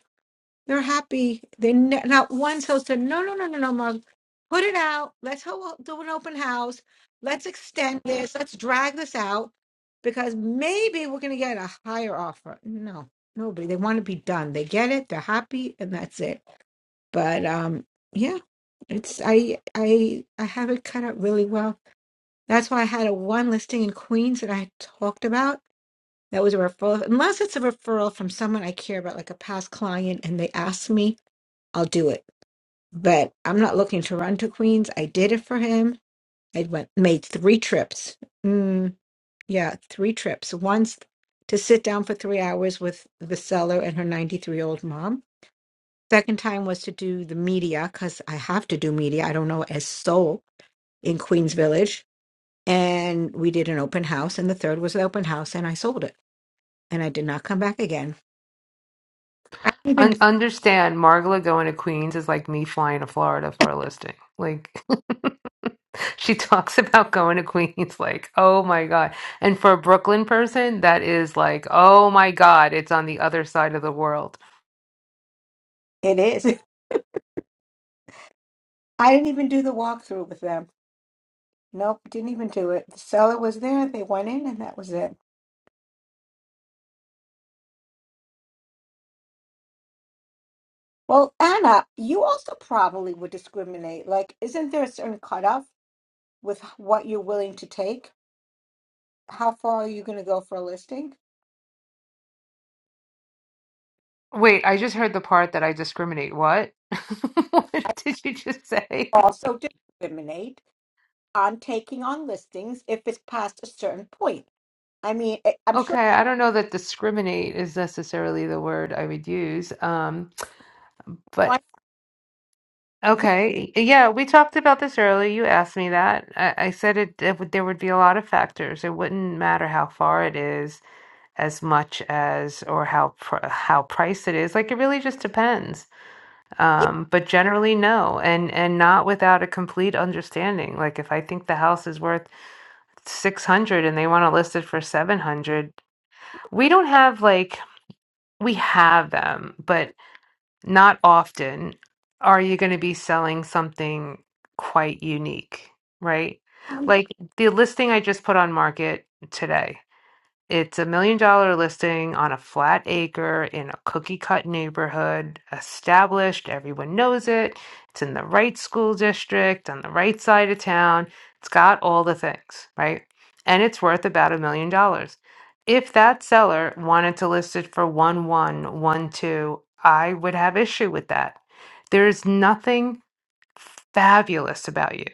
They're happy. They ne- not once host said, "No, no, no, no, no, Mom, Put it out. Let's ho- do an open house. Let's extend this. Let's drag this out because maybe we're going to get a higher offer." No, nobody. They want to be done. They get it. They're happy, and that's it. But um, yeah, it's I I I have it cut out really well. That's why I had a one listing in Queens that I talked about. That was a referral, unless it's a referral from someone I care about, like a past client, and they asked me. I'll do it. But I'm not looking to run to Queens. I did it for him. I went made three trips. Mm, yeah, three trips. Once to sit down for three hours with the seller and her 93 year old mom. Second time was to do the media because I have to do media. I don't know as soul in Queens Village, and we did an open house. And the third was the open house, and I sold it, and I did not come back again. I didn't even
Un understand, Margola going to Queens is like me flying to Florida for a listing. Like <laughs> she talks about going to Queens, like, oh my God. And for a Brooklyn person, that is like, oh my God, it's on the other side of the world.
it is. <laughs> I didn't even do the walkthrough with them. Nope, didn't even do it. The seller was there, they went in, and that was it. Well, Anna, you also probably would discriminate. Like, isn't there a certain cutoff with what you're willing to take? How far are you going to go for a listing?
Wait, I just heard the part that I discriminate. What? <laughs> What
I
did you just say?
also discriminate on taking on listings if it's past a certain point. I mean, I- I'm sure
Okay, I don't know that discriminate is necessarily the word I would use. Um, but
one,
okay, yeah, we talked about this earlier. You asked me that. I, I said it, it would, there would be a lot of factors. It wouldn't matter how far it is as much as or how pr how priced it is. Like it really just depends. Um, but generally, no, and and not without a complete understanding. Like if I think the house is worth 600 and they want to list it for 700 we don't have like we have them but not often are you going to be selling something quite unique right like the listing i just put on market today it's a million dollar listing on a flat acre in a cookie cut neighborhood, established, everyone knows it. It's in the right school district, on the right side of town. It's got all the things, right? And it's worth about a million dollars. If that seller wanted to list it for one one one two, I would have issue with that. There's nothing fabulous about you,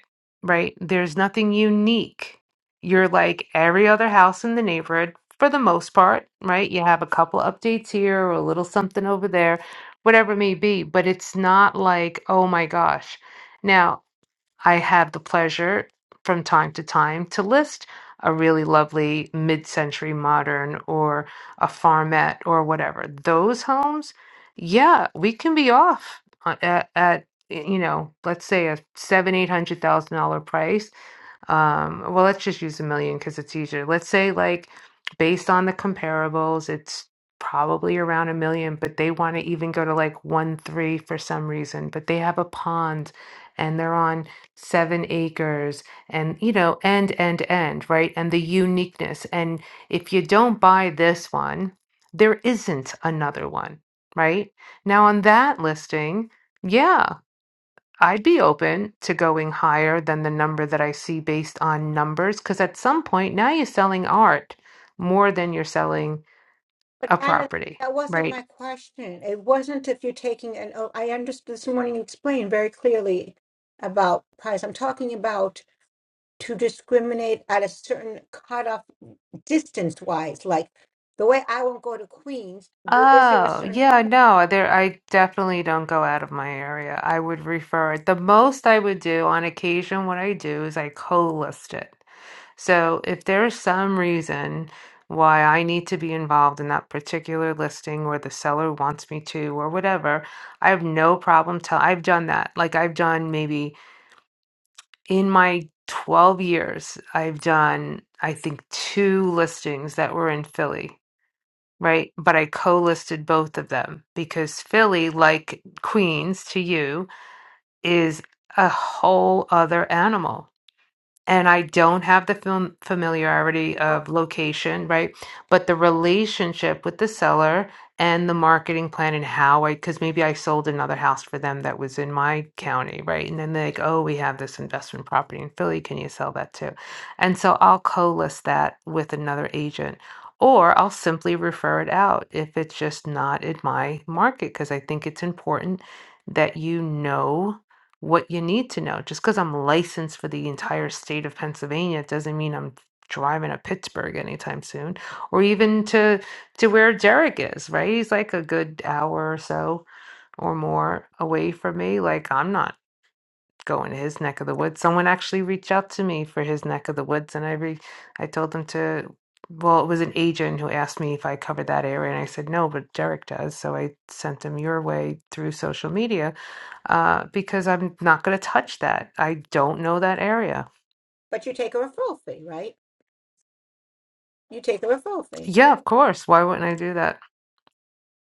right? There's nothing unique. You're like every other house in the neighborhood for the most part, right? You have a couple updates here or a little something over there, whatever it may be, but it's not like, oh my gosh. now. I have the pleasure from time to time to list a really lovely mid century modern or a farmette or whatever. Those homes, yeah, we can be off on- at, at you know, let's say a seven, eight hundred thousand dollar price um, well, let's just use a million because it's easier. Let's say, like, based on the comparables, it's probably around a million, but they want to even go to like one three for some reason. But they have a pond and they're on seven acres and, you know, end, end, end, right? And the uniqueness. And if you don't buy this one, there isn't another one, right? Now, on that listing, yeah. I'd be open to going higher than the number that I see based on numbers because at some point now you're selling art more than you're selling
but
a
Anna,
property,
that wasn't
right?
my question. It wasn't if you're taking an, oh, I understood this morning you explained very clearly about price. I'm talking about. to discriminate at a certain cutoff distance wise. Like the way I won't go to Queens, where is there a
Oh,
certain
yeah,
point?
no, there I definitely don't go out of my area. I would refer it. The most I would do on occasion, what I do is I co-list it. So if there is some reason why I need to be involved in that particular listing or the seller wants me to or whatever, I have no problem tell I've done that. Like I've done maybe in my 12 years, I've done I think two listings that were in Philly, right? But I co-listed both of them because Philly, like Queens to you, is a whole other animal and I don't have the film familiarity of location, right? But the relationship with the seller and the marketing plan and how I, because maybe I sold another house for them that was in my county, right? And then they're like, oh, we have this investment property in Philly. Can you sell that too? And so I'll co list that with another agent. Or I'll simply refer it out if it's just not in my market, because I think it's important that you know what you need to know. Just because I'm licensed for the entire state of Pennsylvania doesn't mean I'm driving to Pittsburgh anytime soon, or even to to where Derek is. Right? He's like a good hour or so or more away from me. Like I'm not go into his neck of the woods. Someone actually reached out to me for his neck of the woods, and I re- I told them to. Well, it was an agent who asked me if I covered that area, and I said no, but Derek does. So I sent them your way through social media uh, because I'm not going to touch that. I don't know that area.
But you take a referral fee, right? You take a referral fee.
Yeah, of course. Why wouldn't I do that?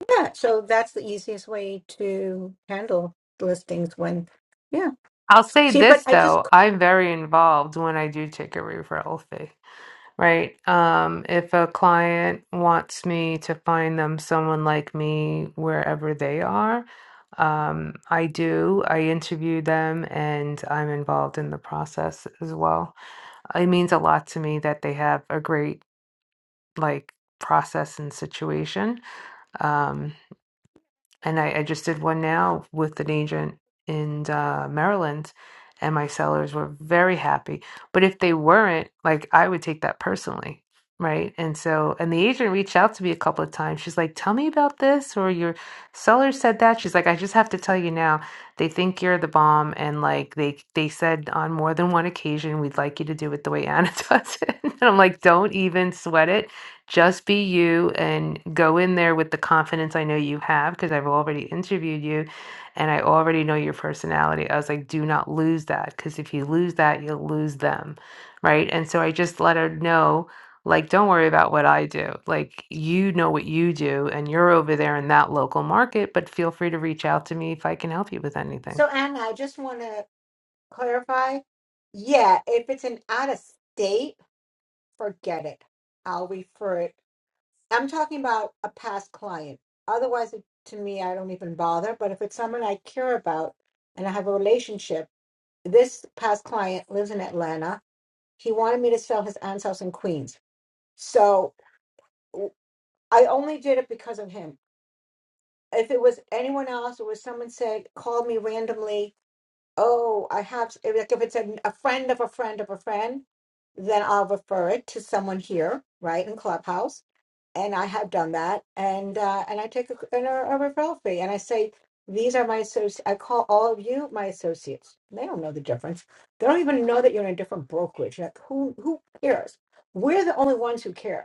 Yeah. So that's the easiest way to handle listings when, yeah.
I'll say
See, but
this
I just,
though: I'm very involved when I do take a referral fee. Right. Um, if a client wants me to find them someone like me wherever they are, um, I do. I interview them and I'm involved in the process as well. It means a lot to me that they have a great like process and situation. Um, and I, I just did one now with an agent in uh, Maryland, and my sellers were very happy. But if they weren't, like I would take that personally, right? And so, and the agent reached out to me a couple of times. She's like, "Tell me about this," or "Your seller said that." She's like, "I just have to tell you now. They think you're the bomb, and like they they said on more than one occasion, we'd like you to do it the way Anna <laughs> does it." and I'm like, "Don't even sweat it." Just be you and go in there with the confidence I know you have because I've already interviewed you and I already know your personality. I was like, do not lose that because if you lose that, you'll lose them. Right. And so I just let her know, like, don't worry about what I do. Like, you know what you do and you're over there in that local market, but feel free to reach out to me if I can help you with anything.
so Anna, I just want to clarify. Yeah. If it's an out of state, forget it. I'll refer it I'm talking about a past client. Otherwise, it, to me, I don't even bother. But if it's someone I care about and I have a relationship, this past client lives in Atlanta. He wanted me to sell his aunt's house in Queens. So w- I only did it because of him. If it was anyone else, or was someone said, called me randomly, oh, I have, s- if- like if it's a, a friend of a friend of a friend, then I'll refer it to someone here, right, in Clubhouse and I have done that, and uh, and I take a, and a referral fee, and I say these are my associates. I call all of you my associates. They don't know the difference. They don't even know that you're in a different brokerage. Like, who who cares? We're the only ones who care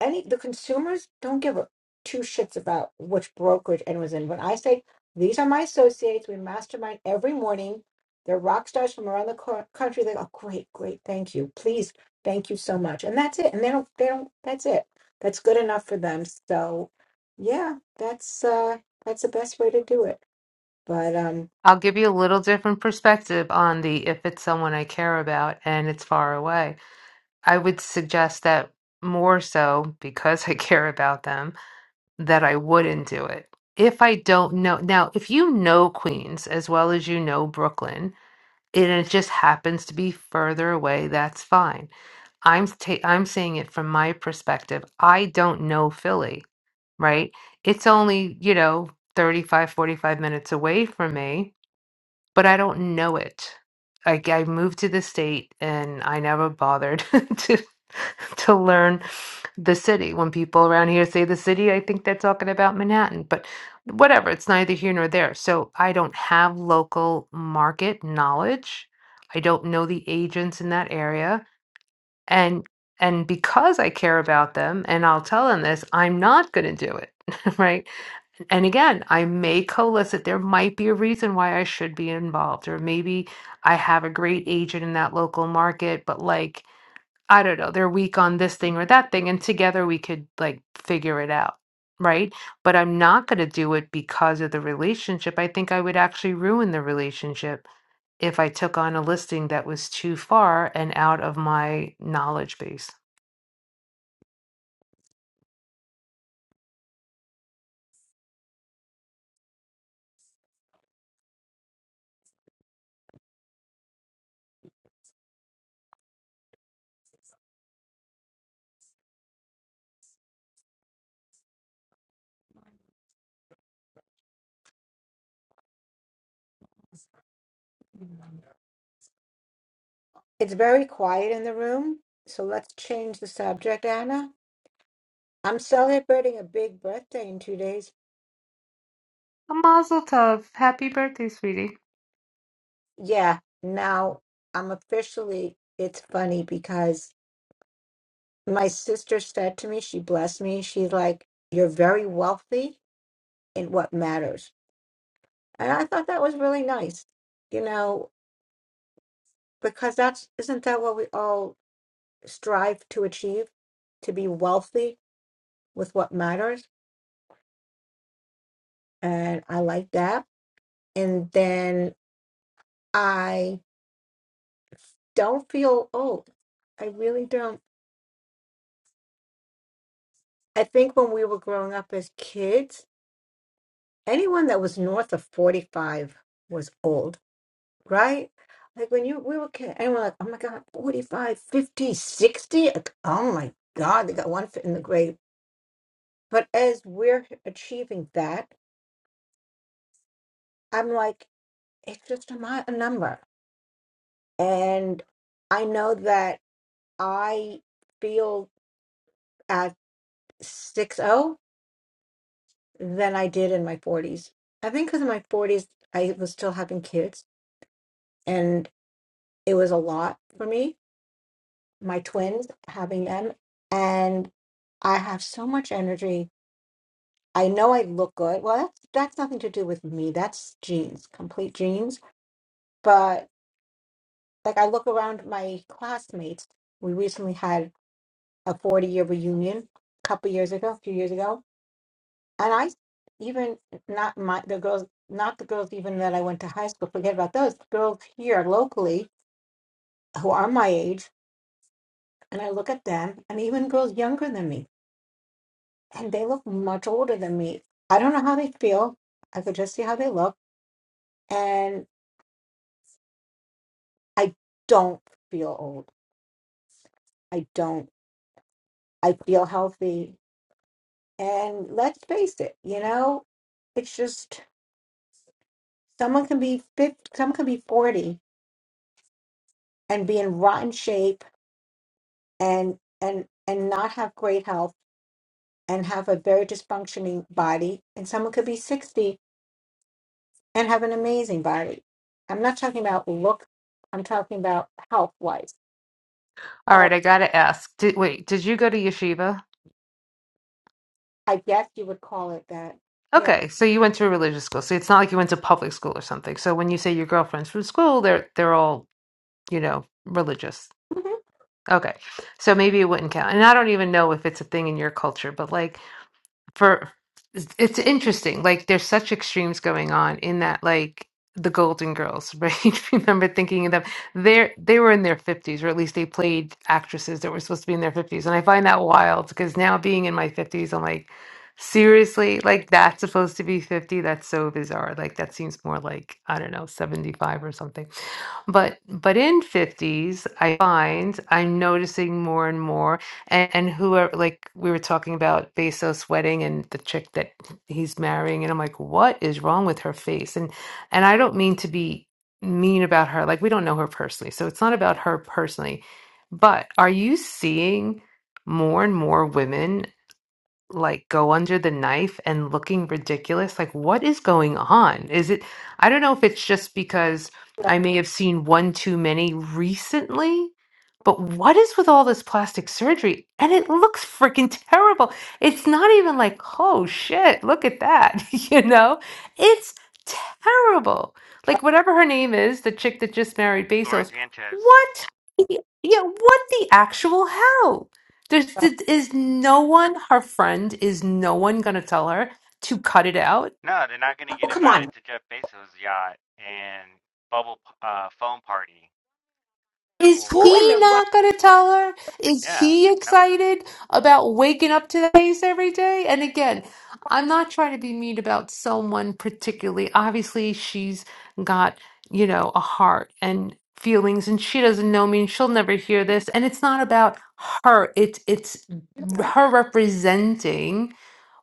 any the consumers don't give a two shits about which brokerage and was in. When I say these are my associates, we mastermind every morning. They're rock stars from around the co- country. They go, great, great, thank you, please, thank you so much, and that's it. And they don't, they don't. That's it. That's good enough for them. So, yeah, that's uh, that's the best way to do it. But um,
I'll give you a little different perspective on the if it's someone I care about and it's far away I would suggest that more so because <laughs> I care about them, that I wouldn't do it. If I don't know, now, if you know Queens as well as you know Brooklyn, and it just happens to be further away, that's fine. I'm ta- I'm saying it from my perspective. I don't know Philly, right? It's only, you know, 35, 45 minutes away from me, but I don't know it. I, I moved to the state and I never bothered <laughs> to to learn the city. When people around here say the city, I think they're talking about Manhattan, but whatever, it's neither here nor there. So I don't have local market knowledge. I don't know the agents in that area. And and because I care about them and I'll tell them this, I'm not going to do it. <laughs> Right. And again, I may solicit. There might be a reason why I should be involved, or maybe I have a great agent in that local market, but like I don't know, they're weak on this thing or that thing, and together we could like figure it out, right? But I'm not going to do it because of the relationship. I think I would actually ruin the relationship if I took on a listing that was too far and out of my knowledge base.
it's very quiet in the room, so let's change the subject, Anna. I'm celebrating a big birthday in two days.
A mazel tov. Happy birthday, sweetie.
Yeah. Now I'm officially, it's funny because my sister said to me, she blessed me. She's like, You're very wealthy in what matters. And I thought that was really nice, you know, because that's, isn't that what we all strive to achieve? To be wealthy with what matters. And I like that. And then I don't feel old. I really don't. I think when we were growing up as kids, anyone that was north of 45 was old, right? Like when you we were kids, and we're like, oh my God, 45, fifty, sixty. Like, oh my God, they got one foot in the grave. But as we're achieving that, I'm like, it's just a, mi- a number. And I know that I feel at 60 than I did in my 40s. I think because in my 40s, I was still having kids and it was a lot for me my twins, having them, and I have so much energy. I know I look good. Well, that's that's nothing to do with me. That's genes, complete genes. But like I look around my classmates, we recently had a 40 year reunion a couple years ago, a few years ago, and I even not my the girls, not the girls even that I went to high school. Forget about those girls here locally who are my age, and I look at them, and even girls younger than me and they look much older than me. I don't know how they feel. I could just see how they look. And I don't feel old. I don't. I feel healthy. And let's face it, you know, it's just someone can be 50, some can be 40 and be in rotten shape and and and not have great health and have a very dysfunctioning body and someone could be 60 and have an amazing body. I'm not talking about look, I'm talking about health wise
All right, I gotta ask. Did, wait, did you go to yeshiva?
I guess you would call it that. Yep.
Okay, so you went to a religious school. So it's not like you went to public school or something. So when you say your girlfriend's from school, they're they're all, you know, religious.
Mhm.
Okay. So maybe it wouldn't count. And I don't even know if it's a thing in your culture, but like for it's it's interesting. Like there's such extremes going on in that like the Golden Girls, right? <laughs> If you Remember thinking of them. They're they were in their fifties, or at least they played actresses that were supposed to be in their fifties. And I find that wild because now being in my fifties, I'm like, seriously? Like that's supposed to be fifty? That's so bizarre. Like that seems more like, I don't know, seventy five or something. But but in 50s, I find I'm noticing more and more and, and whoever like we were talking about Bezos' wedding and the chick that he's marrying, and I'm like, what is wrong with her face? And and I don't mean to be mean about her. Like we don't know her personally. So it's not about her personally. But are you seeing more and more women? like go under the knife and looking ridiculous. Like, what is going on? Is it, I don't know if it's just because
Yeah.
I may have seen one too many recently, but what is with all this plastic surgery? And it looks freaking terrible. It's not even like, oh shit, look at that. <laughs> You know, it's terrible. Like, whatever her name is, the chick that just married
Lauren
Bezos,
Sanchez.
what? the- Yeah, what the actual hell? There's, th- is no one, her friend, is no one going to tell her to cut it out?
No, they're not going to
Oh,
get
come
invited
on.
to Jeff Bezos' yacht and bubble p- uh phone party
Is
Who in
he
the
or
right?
not going to tell her? Is
yeah,
he
no.
excited about waking up to that face every day? And again, I'm not trying to be mean about someone particularly. Obviously, she's got, you know, a heart and feelings and she doesn't know me and she'll never hear this. And it's not about her. It's it's
You don't know.
her representing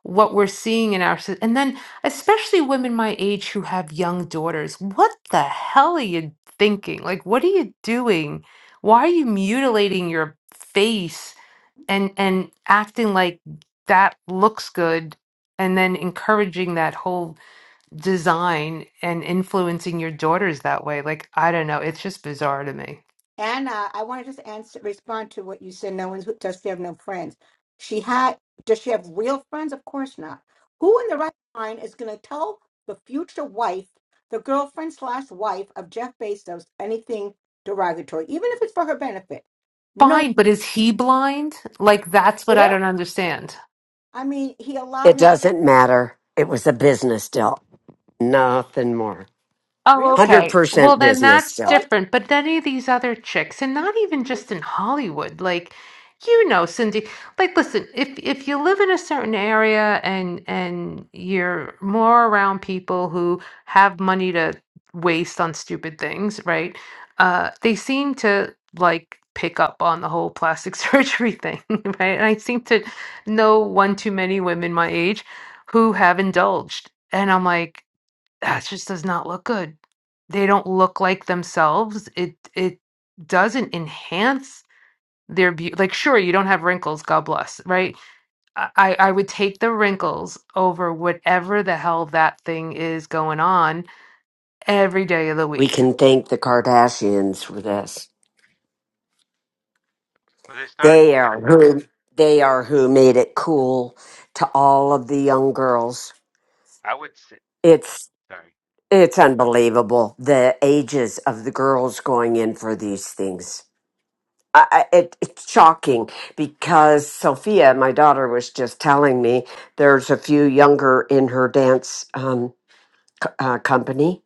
what we're seeing in our so- and then especially women my age who have young daughters. What the hell are you thinking? Like what are you doing? why are you mutilating your face and and acting like that looks good and then encouraging that whole design and influencing your daughters that way like i don't know it's just bizarre to me
Anna, I want to just answer, respond to what you said. No one's does she have no friends? She had. Does she have real friends? Of course not. Who in the right mind is going to tell the future wife, the girlfriend slash wife of Jeff Bezos, anything derogatory, even if it's for her benefit? No.
fine but is he blind like that's what i
Yeah.
don't understand
I mean, he
It
allowed his
doesn't matter. It was a business deal. Nothing more.
Oh,
Really?
okay. Well,
100%
then
business
that's
I
deal.
wasn't
different. But any of these other chicks, and not even just in Hollywood, like you know, Cindy, like listen, if if you live in a certain area and and you're more around people who have money to waste on stupid things, right? Uh, they seem to like pick up on the whole plastic <laughs> surgery thing, right? And I seem to know one too many women my age who have indulged. And I'm like, that just does not look good. They don't look like themselves. It it doesn't enhance their beauty. Like, sure, you don't have wrinkles, God bless, right? I I I would take the wrinkles over whatever the hell that thing is going on every day of the
We
week.
can thank the Kardashians for this.
Well, they start?
They are who they are who made it cool to all of the young girls.
I would say
It's
sorry.
it's unbelievable the ages of the girls going in for these things. I, I- it, it's shocking because Sophia, my daughter, was just telling me there's a few younger in her dance um, c- uh, company.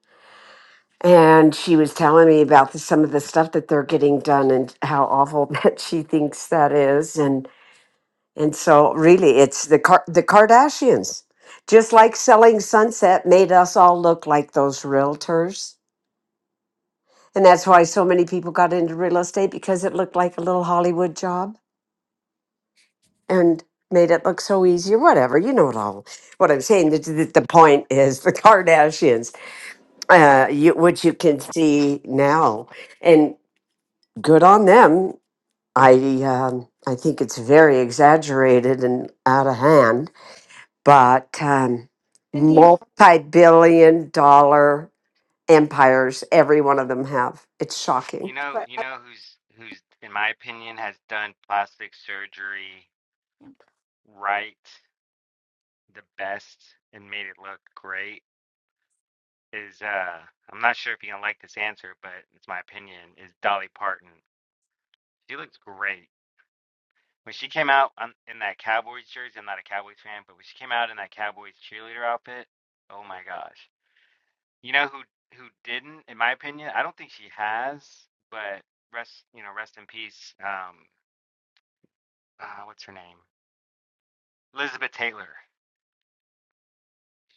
And she was telling me about the, some of the stuff that they're getting done and how awful <laughs> that she thinks that is. And, and so, really, it's the, Car- the Kardashians. Just like Selling Sunset made us all look like those realtors. And that's why so many people got into real estate because it looked like a little Hollywood job and made it look so easy or whatever. You know it all. What I'm saying, the, the, the point is <laughs> the Kardashians, uh, you, which you can see now, and good on them. I um, I think it's very exaggerated and out of hand, but um,
Indian,
multi-billion dollar empires, every one of them have. It's shocking.
You know,
but.
you know who's who's in my opinion has done plastic surgery right the best and made it look great is uh I'm not sure if you're gonna like this answer, but it's my opinion, is Dolly Parton. She looks great when she came out on, in that Cowboys jersey, I'm not a Cowboys fan, but when she came out in that Cowboys cheerleader outfit, oh my gosh. You know who who didn't, in my opinion? I don't think she has, but rest, you know, rest in peace. Um, uh, what's her name? Elizabeth Taylor.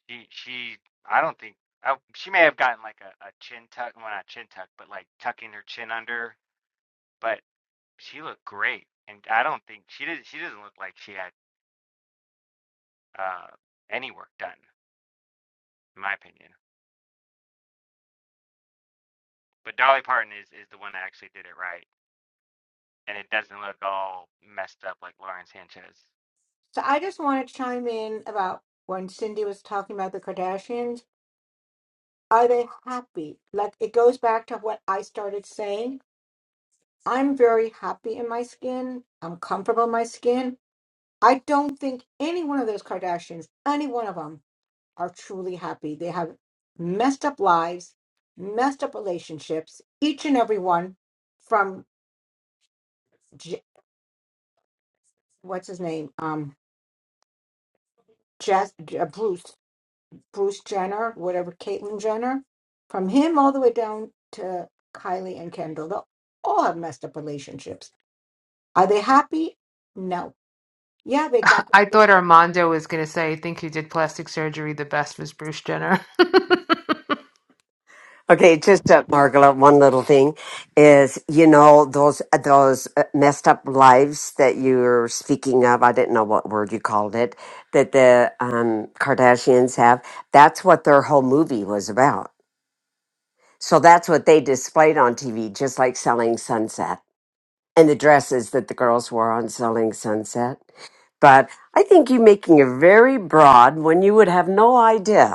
She she I don't think I, she may have gotten like a, a chin tuck, well not chin tuck, but like tucking her chin under, but she looked great. And I don't think she did she doesn't look like she had uh any work done, in my opinion. But Dolly Parton is, is the one that actually did it right, and it doesn't look all messed up like Lauren Sanchez.
So I just want to chime in about when Cindy was talking about the Kardashians. Are they happy? Like it goes back to what I started saying. I'm very happy in my skin. I'm comfortable in my skin. I don't think any one of those Kardashians, any one of them, are truly happy. They have messed up lives, messed up relationships. Each and every one, from J- what's his name, um, Jess, J- Bruce Bruce Jenner, whatever Caitlyn Jenner, from him all the way down to Kylie and Kendall, they all have messed up relationships. Are they happy? No. Yeah, they got.
<laughs> I thought Armando was going to say, I think who did plastic surgery the best was Bruce Jenner. <laughs>
Okay, just uh, Margola, one little thing is, you know, those uh, those uh, messed up lives that you're speaking of. I didn't know what word you called it that the um, Kardashians have. That's what their whole movie was about. So that's what they displayed on TV, just like Selling Sunset and the dresses that the girls wore on Selling Sunset. But I think you're making it very broad when you would have no idea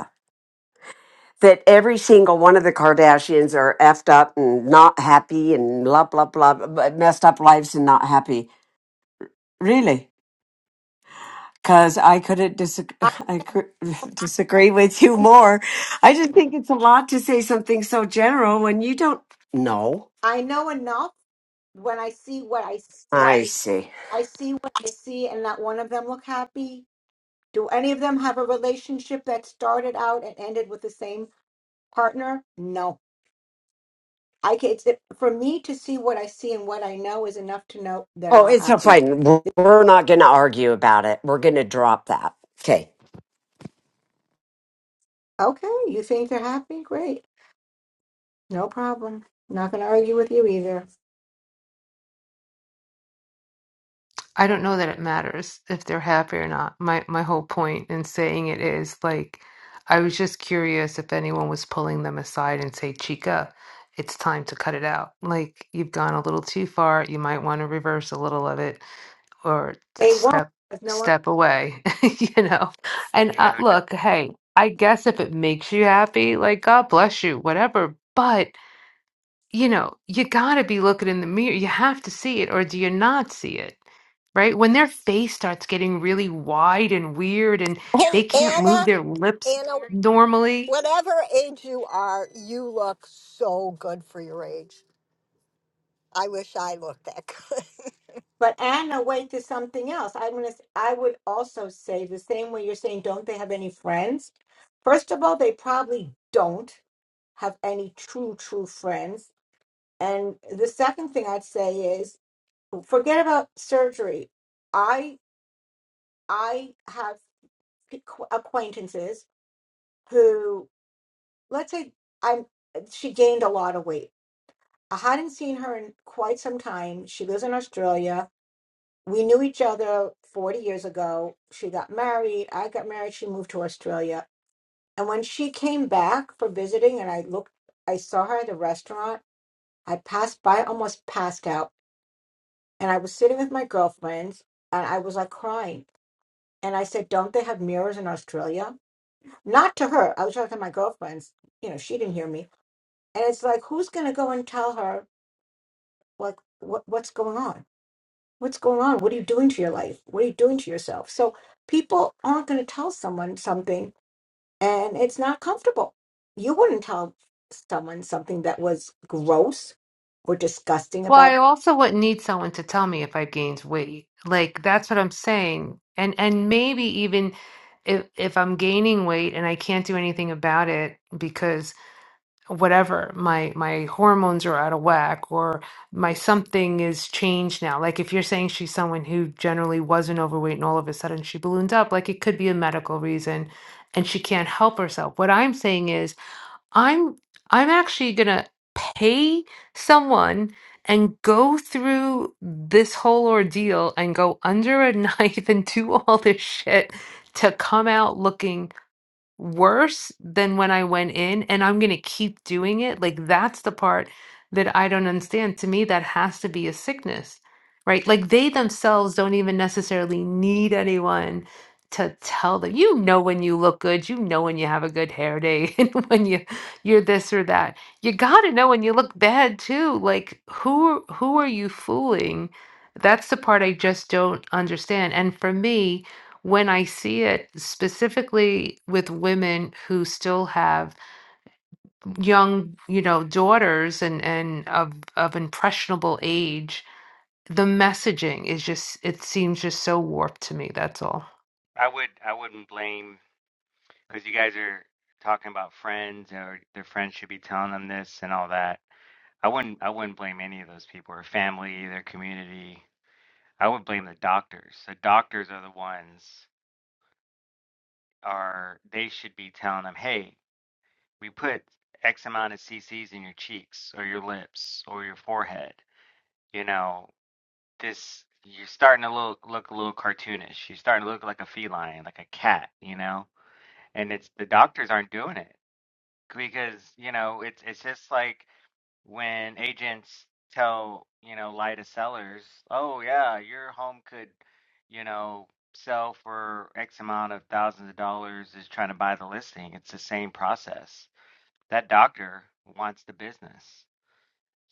that every single one of the Kardashians are effed up and not happy and blah blah blah, but messed up lives and not happy. Really? Because I couldn't disagree, <laughs>
I
I could <laughs> disagree with you more. I just think it's a lot to say something so general when you don't know.
I know enough when I see what I s-
I Right. see.
I see what I see, and not one of them look happy. Do any of them have a relationship that started out and ended with the same partner? No. I can, it's, it, for me to see what I see and what I know is enough to know they're
Oh,
not
it's a
happy.
fine. We're we're not going to argue about it. We're going to drop that. Okay.
Okay, you think they're happy? Great. No problem. Not going to argue with you either.
I don't know that it matters if they're happy or not. My my whole point in saying it is like I was just curious if anyone was pulling them aside and say, Chica, it's time to cut it out. Like you've gone a little too far. You might want to reverse a little of it or
They won't.
step
because no one.
step away, <laughs> you know. And
You know
uh,
who does?
look, hey, I guess if it makes you happy, like God bless you, whatever. But you know, you got to be looking in the mirror. You have to see it, or do you not see it? Right? When their face starts getting really wide and weird and
Hey,
they can't move
Anna,
their lips
Anna,
normally.
whatever age you are, you look so good for your age. I wish I looked that good.
But Anna, wait to something else. I'm gonna. s- I would also say the same way you're saying. Don't they have any friends? First of all, they probably don't have any true, true friends. And the second thing I'd say is, forget about surgery. I I have acquaintances who, let's say, I'm. She gained a lot of weight I hadn't seen her in quite some time. She lives in Australia. We knew each other 40 years ago. She got married. I got married. She moved to Australia. And when she came back for visiting, and I looked, I saw her at the restaurant. I passed by, almost passed out. And I was sitting with my girlfriends, and I was like crying. And I said, Don't they have mirrors in Australia? Not to her. I was talking to my girlfriends. You know, she didn't hear me. And it's like, who's going to go and tell her, like, what, what's going on? What's going on? What are you doing to your life? What are you doing to yourself? So people aren't going to tell someone something and it's not comfortable. You wouldn't tell someone something that was gross or disgusting
Well, I
about
also wouldn't need someone to tell me if I've gained weight. Like that's what I'm saying. And and maybe even if if I'm gaining weight and I can't do anything about it because. whatever my my hormones are out of whack or my something is changed now like if you're saying she's someone who generally wasn't overweight and all of a sudden she ballooned up like it could be a medical reason and she can't help herself what i'm saying is i'm i'm actually going to pay someone and go through this whole ordeal and go under a <laughs> knife and do all this shit to come out looking worse than when I went in, and I'm going to keep doing it. Like, that's the part that I don't understand. To me, that has to be a sickness, right? Like, they themselves don't even necessarily need anyone to tell them. You know when you look good, you know when you have a good hair day, <laughs> and when you you're this or that. You got to know when you look bad too. Like, who who are you fooling? That's the part
I,
I just don't understand. And for me, when I see it specifically with women who still have young, you know, daughters and and of of impressionable age, the messaging is just it seems just so warped to me. That's all.
I would I wouldn't blame because you guys are talking about friends or their friends should be telling them this and all that. I wouldn't I wouldn't blame any of those people or family, their community. I would blame the doctors. The doctors are the ones are they should be telling them, hey, we put X amount of cc's in your cheeks or your lips or your forehead. You know, this you're starting to look look a little cartoonish. You're starting to look like a feline, like a cat, you know? And it's the doctors aren't doing it because, you know, it's it's just like when agents tell, you know, lie to sellers, "Oh yeah, your home could, you know, sell for X amount of thousands of dollars is trying to buy the listing." It's the same process. That doctor wants the business.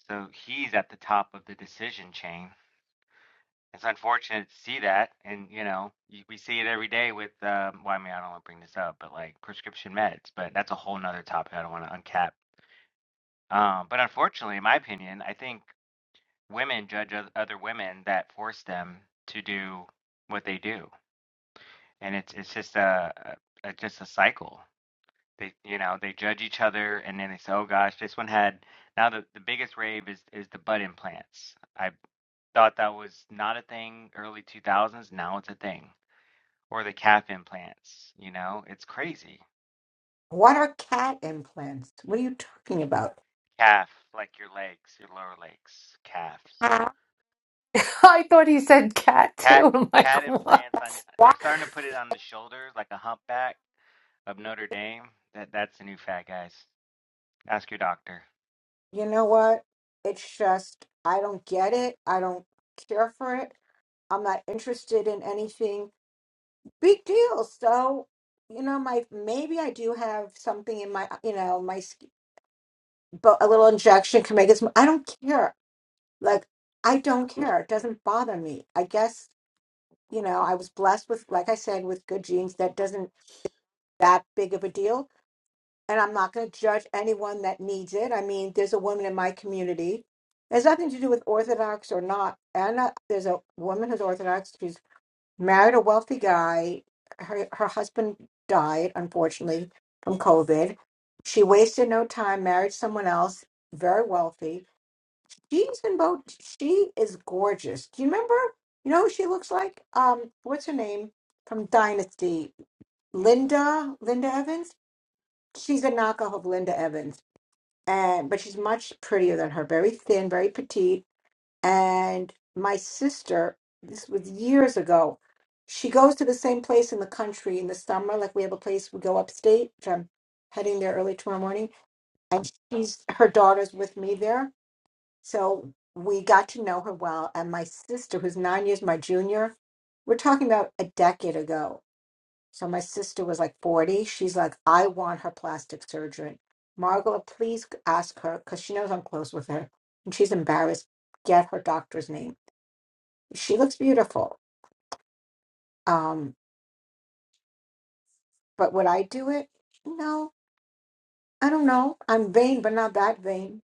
So he's at the top of the decision chain it's unfortunate to see that, and you know, we see it every day with. Um, well, I mean, I don't want to bring this up, but like prescription meds, but that's a whole nother topic. I don't want to uncap. Um, but unfortunately, in my opinion, I think women judge oth- other women that force them to do what they do, and it's it's just a, a a- just a cycle. They you know they judge each other, and then they say, oh gosh, this one had. Now the the biggest rave is is the butt implants. I thought that was not a thing early 2000s. Now it's a thing or the calf implants, you know? It's crazy.
what are cat implants? What are you talking about?
Calf, like your legs, your lower legs, calves.
How?
<laughs> I thought he said cat
Cat
too. <laughs> I'm
cat
like, what?
implants on they're
Why?
starting to put it on the shoulders like a humpback of Notre Dame. That that's the new fad, guys. Ask your doctor.
You know what? It's just I don't get it. I don't care for it. I'm not interested in anything. Big deal. So you know, my maybe I do have something in my you know my skin but a little injection can make it. sm- I don't care. Like I don't care. It doesn't bother me. I guess you know I was blessed with, like I said, with good genes. That doesn't that big of a deal. And I'm not going to judge anyone that needs it. I mean, there's a woman in my community. It has nothing to do with Orthodox or not. And uh, there's a woman who's Orthodox. She's married a wealthy guy. Her her husband died unfortunately from COVID. She wasted no time, married someone else, very wealthy She's in both. She is gorgeous. Do you remember? You know who she looks like? Um, what's her name from Dynasty? Linda, Linda Evans. She's a knockoff of Linda Evans, and but she's much prettier than her. Very thin, very petite. And my sister, this was years ago. She goes to the same place in the country in the summer. Like we have a place we go upstate, which I'm heading there early tomorrow morning, and she's her daughter's with me there so we got to know her well. And my sister, who's nine years my junior, we're talking about a decade ago. So my sister was like 40. She's like, I want her plastic surgery. Margola, please ask her because she knows I'm close with her and she's embarrassed. Get her doctor's name. She looks beautiful. Um, but would I do it? No, I don't know. I'm vain, but not that vain.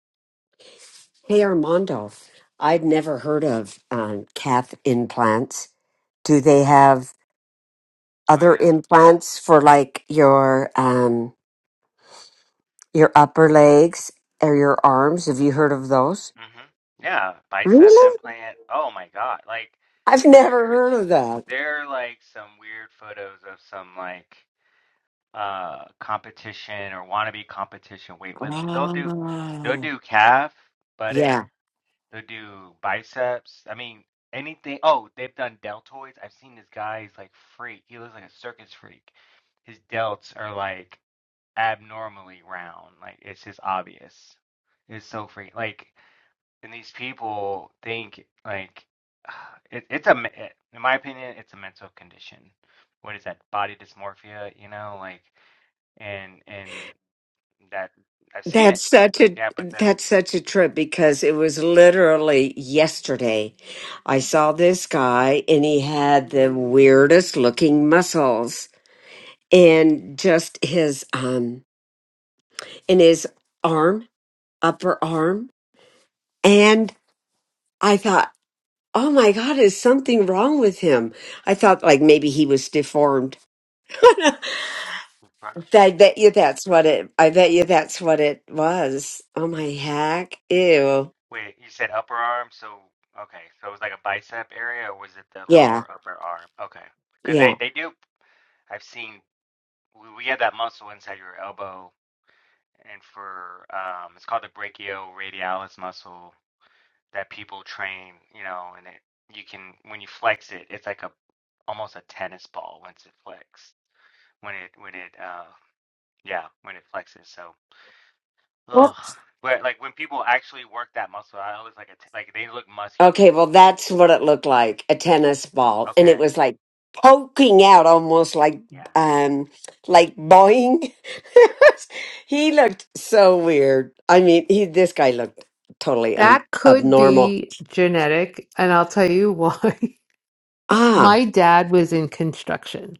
Hey, Armando, I'd never heard of um, cath implants. Do they have?
Oh
other
yeah.
implants for like your um your upper legs or your arms. Have you heard of those?
Mhm. Yeah, bicep
Really?
implant. Oh my God. Like
I've
there's
never heard of that.
there are like some weird photos of some like uh competition or wannabe competition weightlifting. They'll do they'll
Oh,
do calf, buttock,
yeah.
They do biceps. I mean, anything. Oh, they've done deltoids. I've seen this guy. He's like freak. He looks like a circus freak. His delts are like abnormally round. Like it's just obvious. It's so freak. Like, and these people think like <sighs> it, it's a. In my opinion, it's a mental condition. What is that? Body dysmorphia. You know, like, and and that I've seen
That's
it.
such a
Yeah, but that.
that's such a trip because it was literally yesterday. I saw this guy and he had the weirdest looking muscles in just his um in his arm, upper arm, and I thought oh my God, is something wrong with him? I thought like maybe he was deformed. <laughs> I bet you that's what it, I bet you that's what it was. Oh my heck. Ew.
Wait, you said upper arm, so okay, so it was like a bicep area, or was it the
Yeah.
lower upper arm? Okay, because
Yeah.
they they do. I've seen we, we have that muscle inside your elbow, and for um, it's called the brachioradialis muscle that people train, you know, and it you can when you flex it, it's like a almost a tennis ball once it flexed. When it when it uh yeah when it flexes so.
Well,
Ugh. But like when people actually work that muscle I always like a t like they look muscular.
okay. Well, that's what it looked like a tennis ball. And it
Okay,
was like poking out almost like,
yeah.
um, like boing. <laughs> he looked so weird. I mean, he, this guy looked totally un-
That could
abnormal.
be genetic, and I'll tell you why. <laughs>
Ah,
My dad was in construction.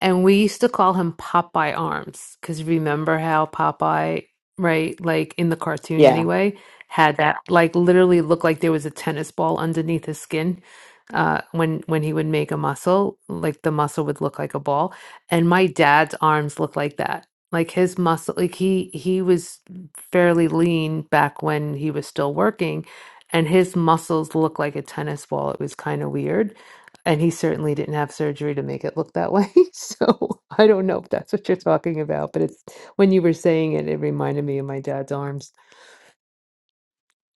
And we used to call him Popeye Arms because remember how Popeye, right, like in the cartoon
yeah.
anyway, had that like literally looked like there was a tennis ball underneath his skin. Uh, when when he would make a muscle, like the muscle would look like a ball, and my dad's arms looked like that. Like his muscle, like he he was fairly lean back when he was still working, and his muscles looked like a tennis ball. It was kind of weird and he certainly didn't have surgery to make it look that way. <laughs> So I don't know if that's what you're talking about, but it's when you were saying it, it reminded me of my dad's arms.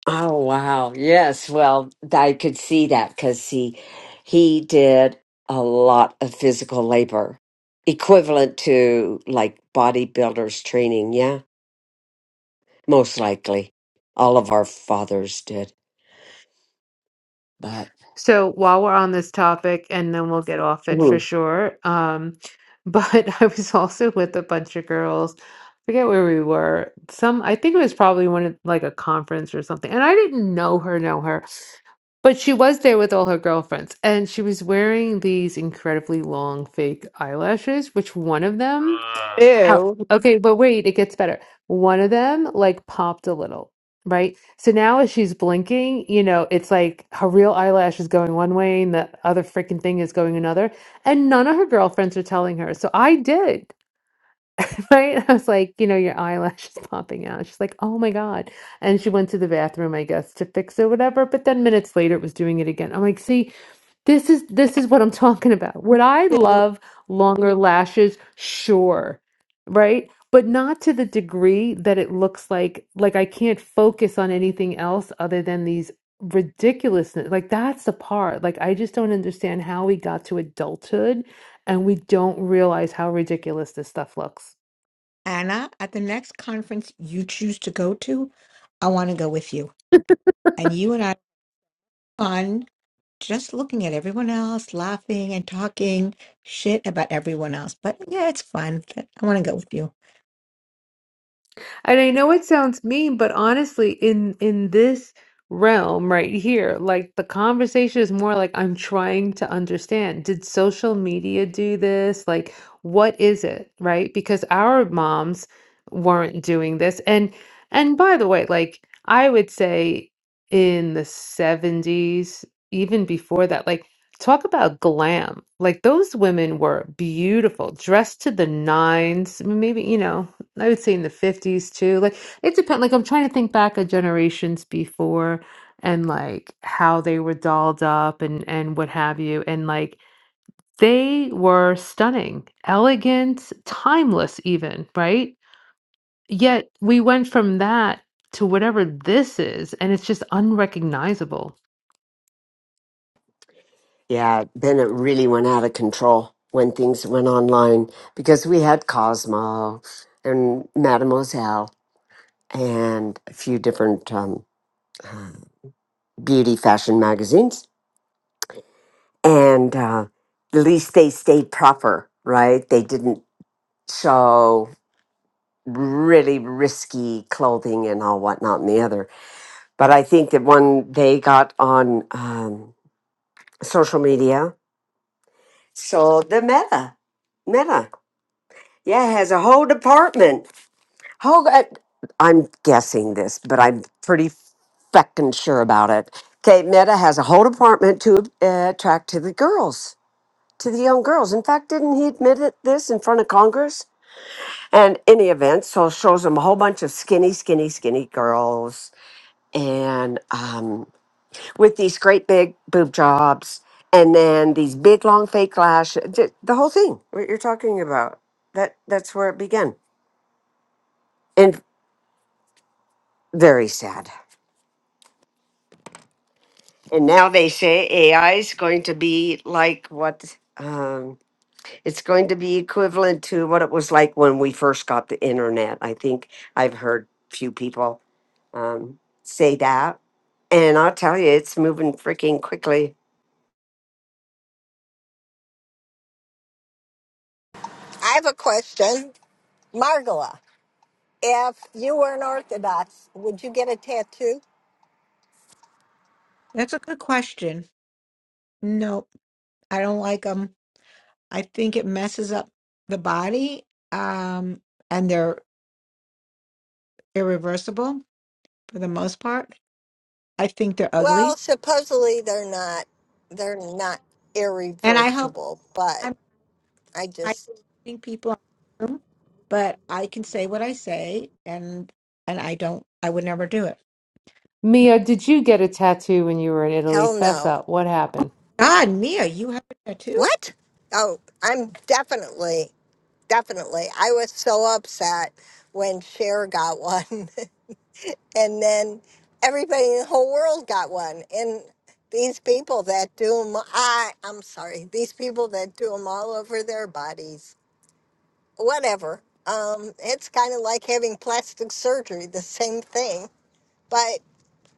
Oh wow. Yes. Well, I could see that because he he did a lot of physical labor, equivalent to like bodybuilders training. Yeah, most likely, all of our fathers did. But
So while we're on this topic, and then we'll get off it for
Mhm.
sure. Um, but <laughs> I was also with a bunch of girls. forget where we were. Some, I think it was probably one of like a conference or something. And I didn't know her, know her, but she was there with all her girlfriends, and she was wearing these incredibly long fake eyelashes, which one of them.
Ugh,
How?
Ew.
Okay, but wait, it gets better. One of them like popped a little, right? So now as she's blinking, you know, it's like her real eyelash is going one way and the other freaking thing is going another. And none of her girlfriends are telling her. So I did, <laughs> right? I was like, you know, your eyelash is popping out. She's like, oh my God. And she went to the bathroom, I guess, to fix it, whatever. But then minutes later, it was doing it again. I'm like, see. This is this is what I'm <laughs> talking about. Would I
to
love longer lashes? Sure. Right? But not to the degree that it looks like like I can't focus on anything else other than these ridiculousness. Like that's the part. Like I just don't understand how we got to adulthood and we don't realize how ridiculous this stuff looks.
Anna at the next conference you choose to go to, I want to go with you. And you and I fun just looking at everyone else, laughing and talking shit about everyone else. But yeah, it's fun. I want to go with you.
And I know it sounds mean, but honestly, in in this realm right here, like the conversation is more like I'm trying to understand. Did social media do this? Like, what is it, right? Because our moms weren't doing this. And and by the way, like I would say in the 70s, even before that, like talk about glam. Like those women were beautiful, dressed to the nines, maybe, you know, I would say in the 50s too. Like it depends. Like I'm trying to think back of generations before and like how they were dolled up and and what have you. And like they were stunning, elegant, timeless even, right? Yet we went from that to whatever this is, and it's just unrecognizable.
yeah, then it really went out of control when things went online because we had Cosmo and Mademoiselle and a few different um, beauty fashion magazines. and uh, at least they stayed proper, right? They didn't show really risky clothing and all whatnot and the other. But I think that one they got on um, social media, so the Meta, Meta, yeah, has a whole department. Whole, uh, I'm guessing this, but I'm pretty feckin' sure about it. Okay, Meta has a whole department to uh, attract to the girls to the young girls. In fact, didn't he admit it, this in front of Congress? And any event, so it shows them a whole bunch of skinny, skinny, skinny girls, and um, with these great big boob jobs, and then these big long fake lashes. The the whole thing. What you're talking about. That that's where it began, and very sad. And now they say AI is going to be like what? Um, It's going to be equivalent to what it was like when we first got the internet. I think I've heard few people um, say that. And I'll tell you, it's moving freaking quickly.
<laughs> I have a question. Margola, if you were an Orthodox, would you get a tattoo?
That's a good question. No, I don't like them. I think it messes up the body, um, and they're irreversible for the most part. I think they're
Well,
ugly,
supposedly they're not they're not
and I hope
irreversible, but
I'm
I
I
just
think people, but I can say what I say, and and I don't. I would never do it.
Mia, did you get a tattoo when you were in Italy?
hell
Fess
no.
up. What happened?
God, Mia, you have a tattoo?
What? Oh, I'm definitely definitely. I was so upset when Cher got one <laughs> and then everybody in the whole world got one and these people that do them, I, I'm sorry, these people that do them all over their bodies, whatever. Um, it's kind of like having plastic surgery, the same thing. but.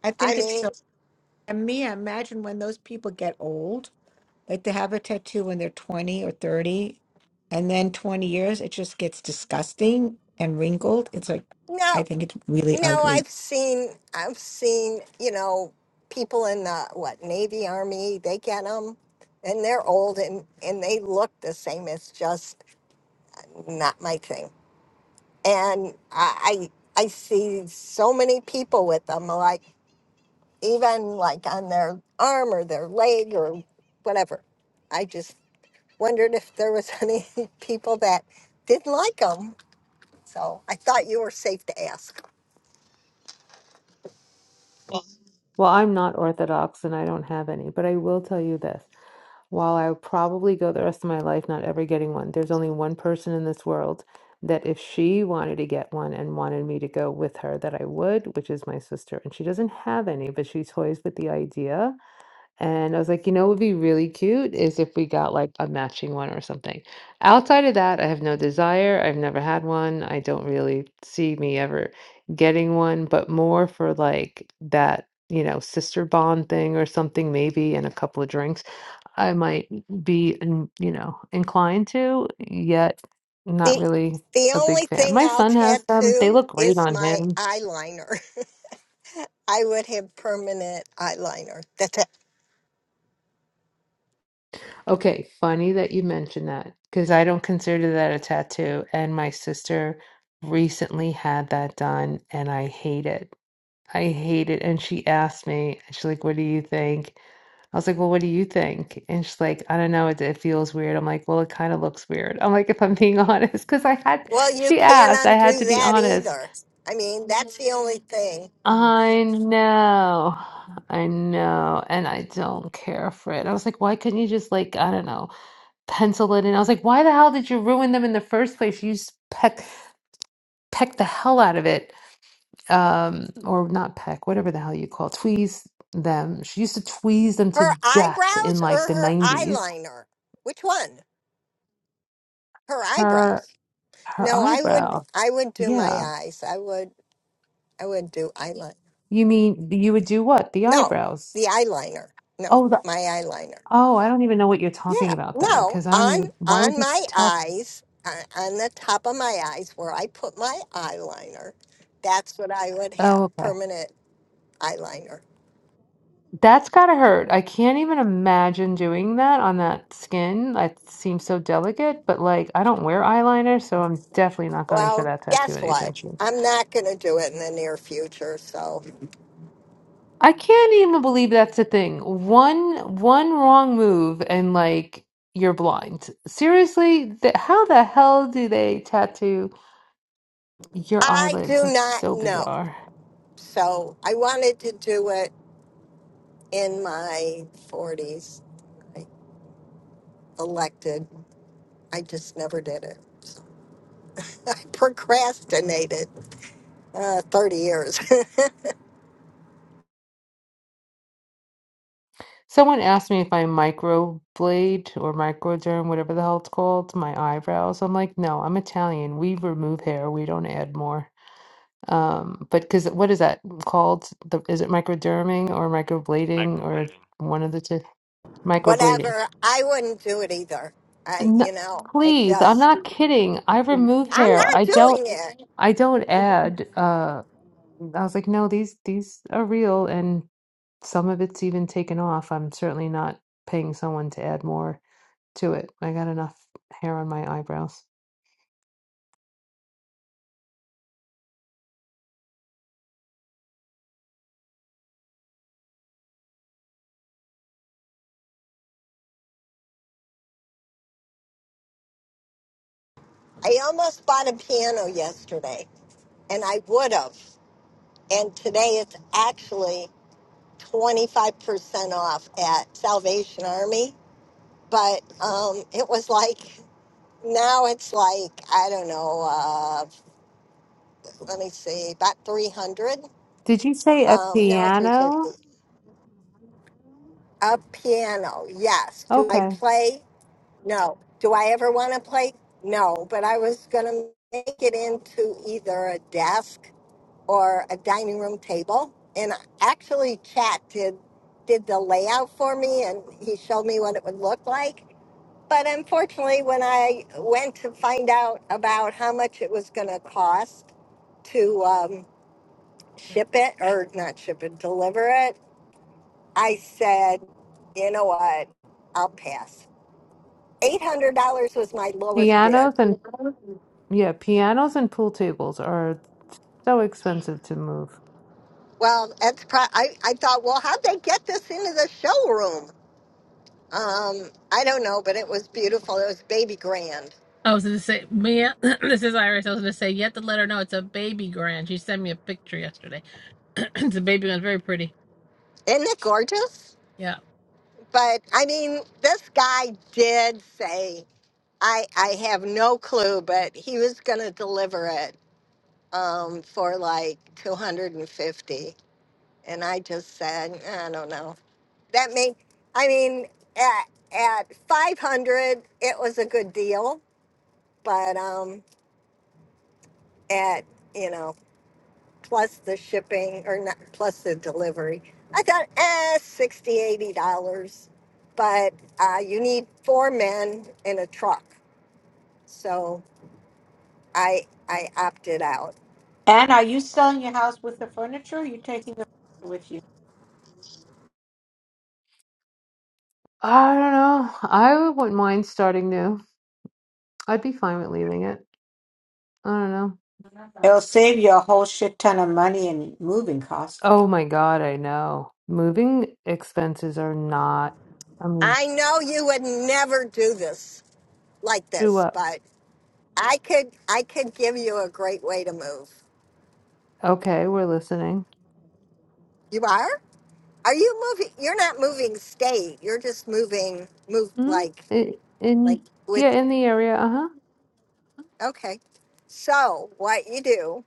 I
I
think it's
mean,
so. And me, I imagine when those people get old, like they have a tattoo when they're 20 or 30, and then 20 years, it just gets disgusting and wrinkled. It's like, I
no,
think it's really
no,
ugly.
I've seen, I've seen, you know, people in the what Navy, Army, they get them, and they're old and and they look the same. It's just not my thing. And I, I, I see so many people with them, like even like on their arm or their leg or whatever. I just wondered if there was <laughs> any people that didn't like them. So I thought you were safe to ask.
Well, I'm not Orthodox and I don't have any, but I will tell you this. While I will probably go the rest of my life not ever getting one, there's only one person in this world that if she wanted to get one and wanted me to go with her, that I would, which is my sister. And she doesn't have any, but she toys with the idea. And I was like, you know, what would be really cute is if we got like a matching one or something. Outside of that, I have no desire. I've never had one. I don't really see me ever getting one, but more for like that, you know, sister bond thing or something, maybe, and a couple of drinks I might be, in, you know, inclined to, yet not
The
really
the
a big
only
fan.
thing
My
I'll
son has them. They
tattoo
look great
is
on
my
him.
eyeliner. <laughs> I would have permanent eyeliner. <laughs> That's it.
Okay, funny that you mentioned that because I don't consider that a tattoo. And my sister recently had that done and I hate it. I hate it. And she asked me, she's like, what do you think? I was like, well, what do you think? And she's like, I don't know. It, it feels weird. I'm like, well, it kind of looks weird. I'm like, if I'm being <laughs> honest, because I had,
Well, you
she
can't
asked, I
undo
had to be
that
honest.
either. I mean, that's the only thing.
I know. I know. And I don't care for it. I was like, why couldn't you just like, I don't know, pencil it in? I was like, why the hell did you ruin them in the first place? You s- peck peck the hell out of it. Um, or not peck, whatever the hell you call it, tweeze them. She used to tweeze them
Her
to death in
eyebrows or
like the
her
90s.
eyeliner? Which one? Her
Her
eyebrows.
her
No, I would
eyebrow.
I would do my
Yeah.
eyes. I would I would do eyeliner.
You mean you would do what? The
No,
eyebrows.
the eyeliner. No,
Oh, the
my eyeliner.
oh, I don't even know what you're talking
Yeah,
about then,
no,
because I don't
on
even why would
on
you
my
tattoo?
eyes, on, on the top of my eyes where I put my eyeliner, that's what I would have,
Oh, okay.
permanent eyeliner.
That's gotta hurt. I can't even imagine doing that on that skin. That seems so delicate, but like I don't wear eyeliner, so I'm definitely not going for
Well,
that tattoo
guess what?
anytime soon.
I'm not going to do it in the near future, so
I can't even believe that's a thing. One one wrong move and like you're blind. Seriously, th how the hell do they tattoo your
I
eyelids?
do
That's
not
so
know.
bizarre.
So I wanted to do it in my 40s. I elected. I just never did it. <laughs> I procrastinated uh, 30 years. <laughs>
Someone asked me if I microblade or microderm, whatever the hell it's called, my eyebrows. I'm like, no, I'm Italian. We remove hair, we don't add more. Um, but because what is that called? The, is it microderming or microblading or
microblading.
one of the two? Microblading.
whatever. I wouldn't do it either. I,
No,
you know, it
please, I'm
just,
not kidding. I remove
I'm
hair.
not
I don't.
doing it.
I don't add. Uh, I was like, no, these these are real, and some of it's even taken off. I'm certainly not paying someone to add more. to it. I got enough hair on my eyebrows.
I almost bought a piano yesterday and I would have. And today it's actually 25% off at Salvation Army. But um, it was like, now it's like, I don't know, uh, let me see, about 300.
Did you say a
Um, no,
piano?
350. A piano, yes. Do I
Okay.
play? No. Do I ever want to play? No, but I was going to make it into either a desk or a dining room table. And actually, Chat did did the layout for me, and he showed me what it would look like. But unfortunately, when I went to find out about how much it was going to cost to um, ship it or not ship it, deliver it, I said, you know what, I'll pass. $800 was my lowest bid
Pianos and yeah, pianos and pool tables are so expensive to move.
Well, that's pro- I, I thought, well, how'd they get this into the showroom? Um, I don't know, but it was beautiful. It was baby grand.
I was gonna say, Mia. <clears throat> this is Iris. I was gonna say, you have to let her know it's a baby grand. She sent me a picture yesterday. <clears throat> it's a baby grand, very pretty.
Isn't it gorgeous?
Yeah.
But I mean, this guy did say, I, I have no clue, but he was going to deliver it um, for like 250 And fifty. And I just said, I don't know. That made, I mean, at, at 500 it was a good deal, but um, at, you know, plus the shipping or not plus the delivery. I thought, eh, sixty eighty dollars, but uh, you need four men in a truck, so I I opted out.
And are you selling your house with the furniture? Or are you taking the furniture with you?
I don't know. I wouldn't mind starting new. I'd be fine with leaving it. I don't know.
It'll save you a whole shit ton of money in moving costs.
Oh my God, I know. Moving expenses are not. I mean,
I know you would never do this like
do
this,
what?
but I could I could give you a great way to move.
Okay, we're listening.
You are? Are you moving? You're not moving state. You're just moving move
Mm-hmm.
like
In, in
like
yeah,
with
in the area. Uh-huh.
okay. So what you do?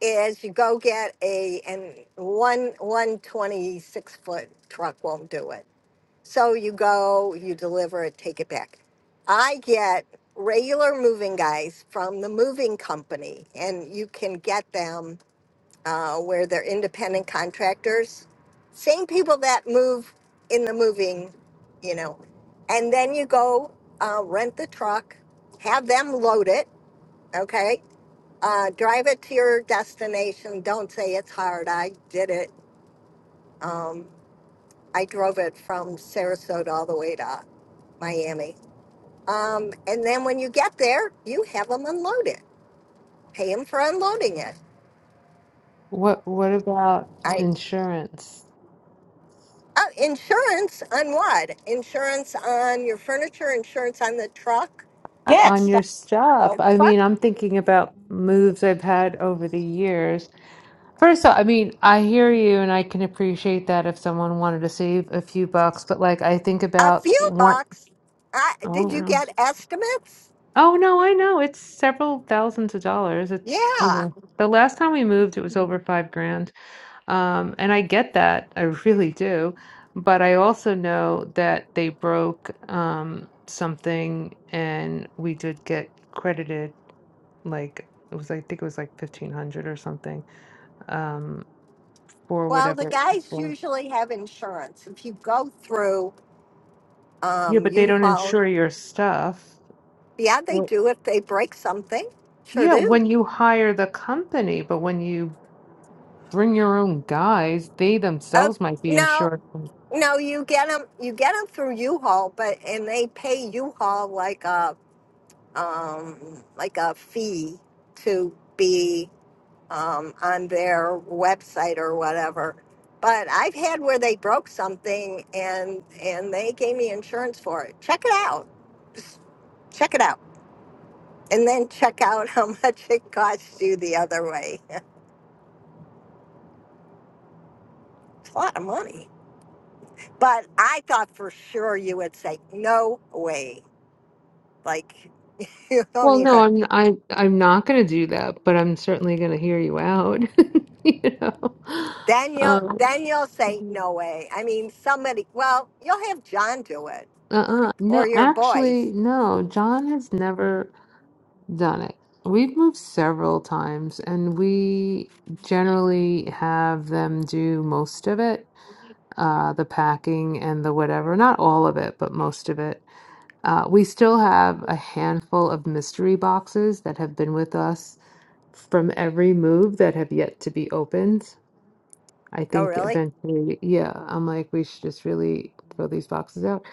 is you go get a, and one, one 26 foot truck won't do it. So you go, you deliver it, take it back. I get regular moving guys from the moving company and you can get them uh, where they're independent contractors, same people that move in the moving, you know, and then you go uh, rent the truck, have them load it. Okay uh, drive it to your destination. Don't say it's hard. I did it. Um, I drove it from Sarasota all the way to Miami. Um, and then when you get there, you have them unload it. Pay them for unloading it.
What what about
I
insurance?
uh, insurance on what? Insurance on your furniture. Insurance on the truck.
Yeah,
on
it's
That's
your
not
stuff.
broken.
I
truck.
mean, I'm thinking about moves I've had over the years. First of all, I mean, I hear you and I can appreciate that if someone wanted to save a few bucks, but like I think
A
about
few
what
bucks. I,
oh
did you
no.
get estimates?
Oh no, I know. It's several thousands of dollars. It's you
Yeah.
know the last time we moved it was over five grand. Um and I get that. I really do. But I also know that they broke um something and we did get credited like it was I think it was like 1500 or something um for
Well, the
whatever
guys
well,
usually have insurance. If you go through
yeah
um,
but they don't
U-Haul.
insure your stuff
Yeah, they
Right.
do if they break something. Sure
yeah
do.
when you hire the company but when you bring your own guys they
Oh,
themselves might be
no,
insured from-
no, you get them, you get them through U-Haul, but and they pay U-Haul like a um, like a fee to be um, on their website or whatever. But I've had where they broke something and and they gave me insurance for it. Check it out. Just check it out. And then check out <laughs> how much it costs you the other way. <laughs> It's a lot of money. But I thought for sure you would say no way. Like <laughs> you don't
well no
even.
I'm I I'm not going to do that but I'm certainly going to hear you out <laughs> you know
Then you'll
um
then you'll say
mm-hmm.
no way. I mean, somebody. Well, you'll have John do it
uh-uh
or
no
your
actually
boys.
no John has never Done it. We've moved several times and we generally have them do most of it, uh, the packing and the whatever. Not all of it, but most of it. Uh, we still have a handful of mystery boxes that have been with us from every move that have yet to be opened. I
Oh,
think
really?
eventually, yeah, I'm like, we should just really throw these boxes out.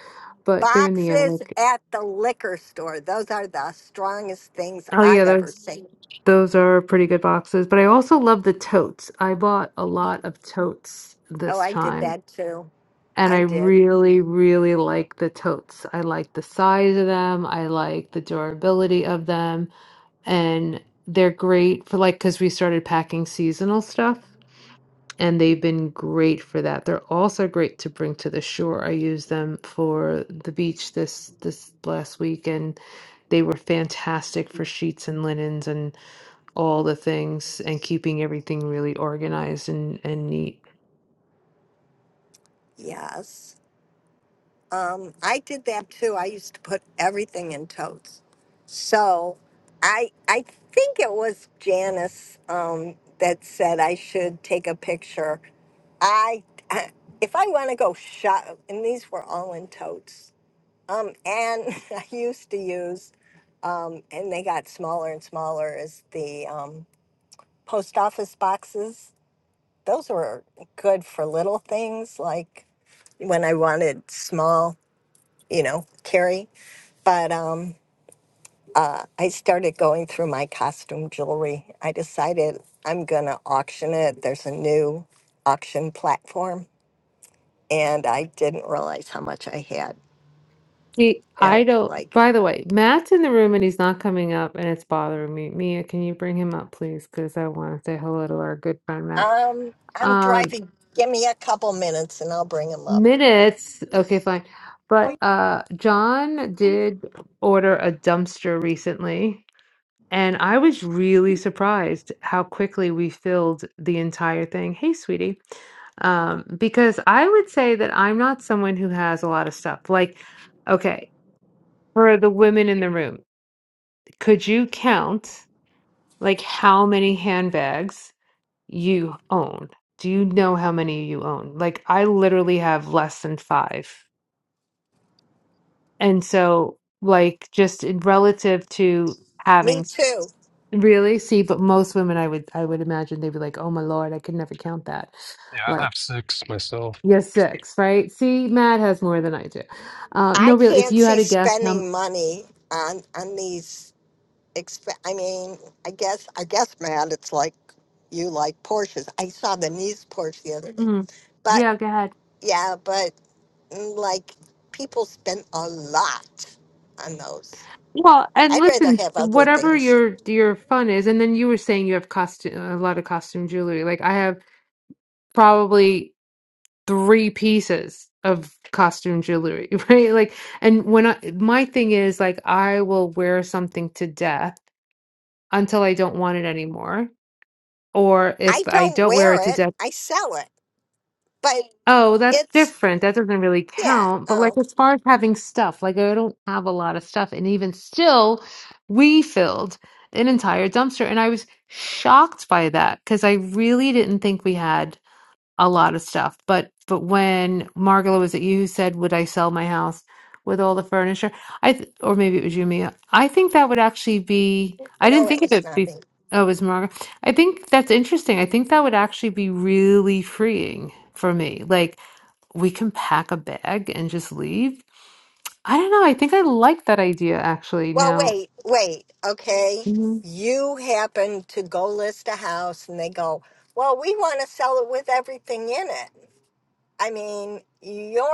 But they're in the
Boxes
attic.
at the liquor store. Those are the strongest things
Oh,
I've
yeah,
ever seen.
Those are pretty good boxes, but I also love the totes. I bought a lot of totes
Oh,
this
I did
time,
that too.
and I
I did.
really, really like the totes. I like the size of them, I like the durability of them, and they're great for like because we started packing seasonal stuff, and they've been great for that. They're also great to bring to the shore. I used them for the beach this this last week, and they were fantastic for sheets and linens and all the things and keeping everything really organized and and neat.
Yes. Um, I did that too. I used to put everything in totes. So I I think it was Janice um, that said I should take a picture. I, <laughs> I if I want to go shop, and these were all in totes. Um, and <laughs> I used to use, um, and they got smaller and smaller as the um, post office boxes. Those were good for little things like when I wanted small, you know, carry but um, uh, I started going through my costume jewelry. I decided I'm going to auction it. There's a new auction platform, and I didn't realize how much I had.
See, I
It,
don't.
like,
By the way, Matt's in the room and he's not coming up, and it's bothering me. Mia, can you bring him up, please? Because I want to say hello to our good friend Matt.
um, I'm
Um,
driving. Give me a couple minutes, and I'll bring them up.
minutes. Okay, fine.
for
But
you.
uh, John did order a dumpster recently. And I was really surprised how quickly we filled the entire thing. Hey, sweetie. Um, because I would say that I'm not someone who has a lot of stuff. Like, okay, for the women in the room, could you count like how many handbags you own? Do you know how many you own? Like, I literally have less than five. And so, like, just in relative to
Me
having.
too.
Really? See, but most women I would I would imagine they'd be like, "Oh my Lord, I could never count that."
Yeah, I
Like,
have six myself.
yes, six, right? See, Matt has more than I do. Uh, no,
I
really, if
can't
you had
see
a guess, um,
spending money on on these. Exp- I mean, I guess I guess Matt, it's like you like Porsches. I saw the niece Porsche the other day,
mm,
but
yeah, go ahead.
yeah, but Mm, Like people spend a lot on those.
Well, and
I'd rather
listen,
have other
whatever
things.
your your fun is, and then you were saying you have costume a lot of costume jewelry. Like I have probably three pieces of costume jewelry, <laughs> right? Like, and when I my thing is like I will wear something to death until I don't want it anymore Or
I
if I
don't
don't wear it to
wear it.
death,
I sell it. But
oh, that's
it's
different. That doesn't really
yeah.
count. But like
Oh
as far as having stuff, like I don't have a lot of stuff. And even still, we filled an entire dumpster. And I was shocked by that because I really didn't think we had a lot of stuff. But but when Margola was it you who said, "Would I sell my house with all the furniture?" I th- or maybe it was you, Mia. I think that would actually be. I
no,
didn't
it
think of
was
it.
not
Be-
me.
oh, it was Margola. I think that's interesting. I think that would actually be really freeing for me. Like we can pack a bag and just leave. I don't know. I think I like that idea actually.
Well,
Now
wait, wait. Okay,
Mhm.
you happen to go list a house, and they go, "Well, we want to sell it with everything in it." I mean,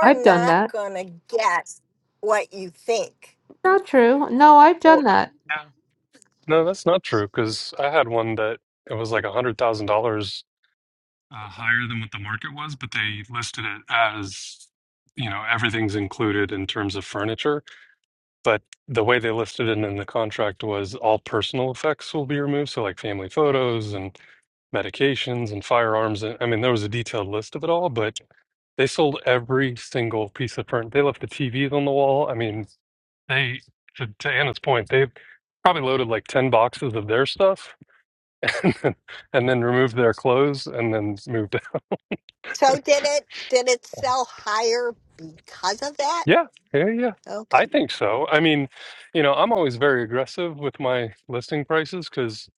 I've done
not
that.
gonna get what you think.
Not true. No, I've done
Or-
that.
Yeah. No, that's not true because I had one that it was like a hundred thousand dollars uh, higher than what the market was, but they listed it as you know everything's included in terms of furniture. But the way they listed it in the contract was all personal effects will be removed, so like family photos and medications and firearms. And I mean, there was a detailed list of it all, but. They sold every single piece of furniture. They left the TVs on the wall. I mean, they to, to Anna's point, they probably loaded like ten boxes of their stuff, <laughs> and then, and then removed their clothes, and then moved. <laughs> Out.
So did it did it sell higher because of that?
Yeah, yeah, yeah. I
Okay.
think so. I mean, you know, I'm always very aggressive with my listing prices because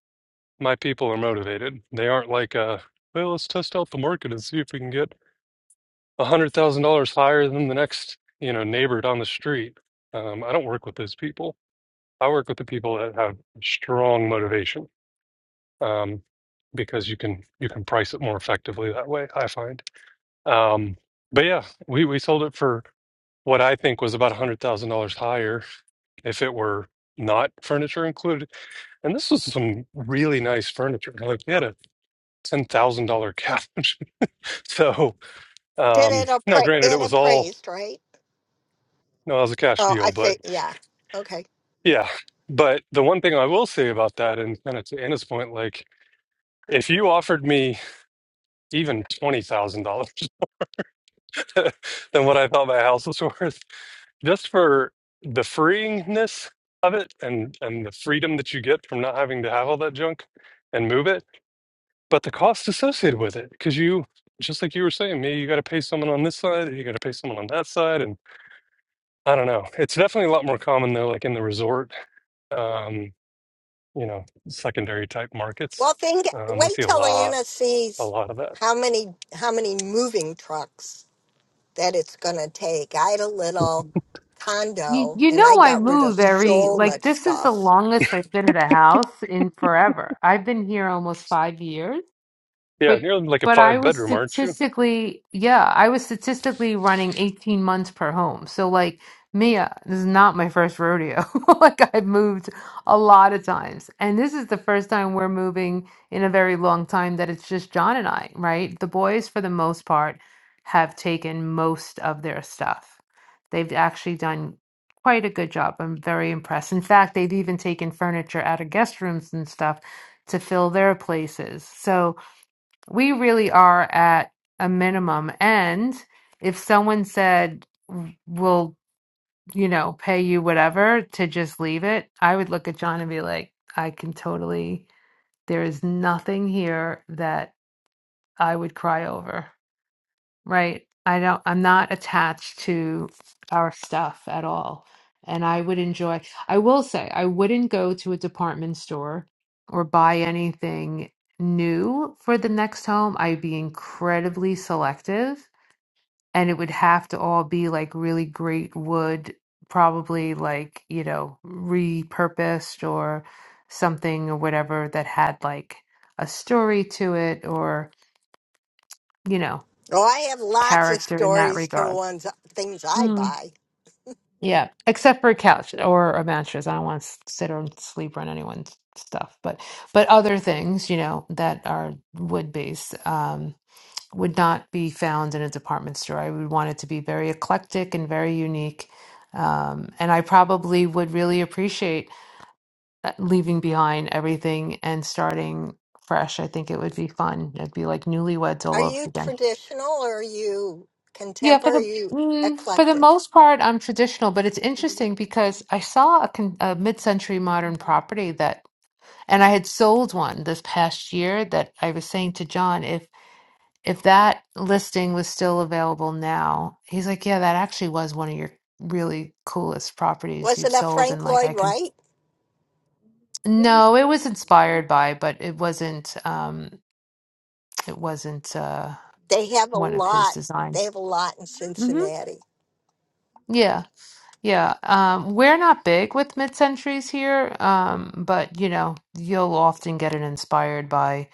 my people are motivated. They aren't like, uh, well, let's test out the market and see if we can get a hundred thousand dollars higher than the next, you know, neighbor down the street. Um, I don't work with those people. I work with the people that have strong motivation um, because you can you can price it more effectively that way. I find. Um, but yeah, we we sold it for what I think was about a hundred thousand dollars higher if it were not furniture included. And this was some really nice furniture. Like we had a ten thousand dollar couch. <laughs> so
Did
um,
it
now,
appra-
granted, it
it
was all
appraised, right?
no, it was a cash
Oh, I
deal, but
fi- yeah. Okay.
yeah. But the one thing I will say about that, and kind of to Anna's point, like if you offered me even twenty thousand dollars <laughs> than what I thought my house was <laughs> worth, just for the freeingness of it and and the freedom that you get from not having to have all that junk and move it, but the cost associated with it because you just like you were saying, me, you got to pay someone on this side, and you got to pay someone on that side, and I don't know. It's definitely a lot more common though, like in the resort, um, you know, secondary type markets.
Well, think
Um, we
wait
see a
till
lot,
Anna
a
sees
lot of that.
how many how many moving trucks that it's going to take. I had a little
You,
condo
you
and I
know, I
got rid of
move every,
so
like,
much
this is the
stuff.
longest I've been at a house in forever. I've been here almost five years.
Yeah,
But
and you're like a
but I
five
was
bedroom, aren't you?
statistically, yeah, I was statistically running 18 months per home. So like Mia, this is not my first rodeo. <laughs> Like I've moved a lot of times. And this is the first time we're moving in a very long time that it's just John and I, right? The boys, for the most part, have taken most of their stuff. They've actually done quite a good job. I'm very impressed. In fact, they've even taken furniture out of guest rooms and stuff to fill their places. So we really are at a minimum. And if someone said, we'll, you know, pay you whatever to just leave it, I would look at John and be like, I can totally, there is nothing here that I would cry over. Right. I don't, I'm not attached to our stuff at all. And I would enjoy, I will say, I wouldn't go to a department store or buy anything new for the next home. I'd be incredibly selective and it would have to all be like really great wood, probably like, you know, repurposed or something or whatever that had like a story to it or, you know,
Oh, I have lots of
character in that
stories to the
regard.
ones things I buy.
Yeah, except for a couch or a mattress. I don't want to sit or sleep on anyone's stuff, but but other things, you know, that are wood based um, would not be found in a department store. I would want it to be very eclectic and very unique. Um, and I probably would really appreciate uh, leaving behind everything and starting fresh. I think it would be fun. It'd be like newlyweds all
Are
over
you
again.
traditional or are you
Yeah, for
contemporary?
the
Are you
mm, for the
eclectic?
most part, I'm traditional, but it's interesting because I saw a, con a mid-century modern property that, and I had sold one this past year that I was saying to John, if if that listing was still available now, he's like, yeah, that actually was one of your really coolest properties
Was
you've
it a
sold, and
Frank
like
Lloyd
I can,
Wright?
no, it was inspired by, but it wasn't, um, it wasn't uh,
They have a
one of his
lot. They
designs.
have a lot in
hmm
Cincinnati.
Yeah. Yeah, um, we're not big with mid-centuries here, um, but you know, you'll often get an inspired by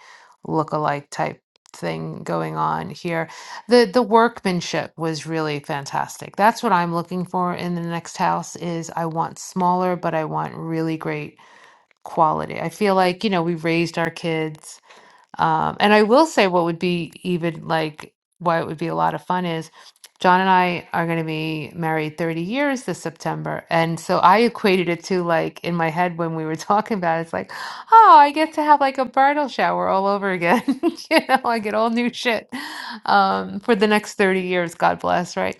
look-alike type thing going on here. The the workmanship was really fantastic. That's what I'm looking for in the next house is I want smaller, but I want really great quality. I feel like, you know, we raised our kids. Um, and I will say what would be even like why it would be a lot of fun is John and I are going to be married 30 years this September. And so I equated it to like in my head when we were <laughs> talking about it, it's like, oh, I get to have like a bridal shower all over again. <laughs> You know, I get all new shit um, for the next 30 years, God bless, right?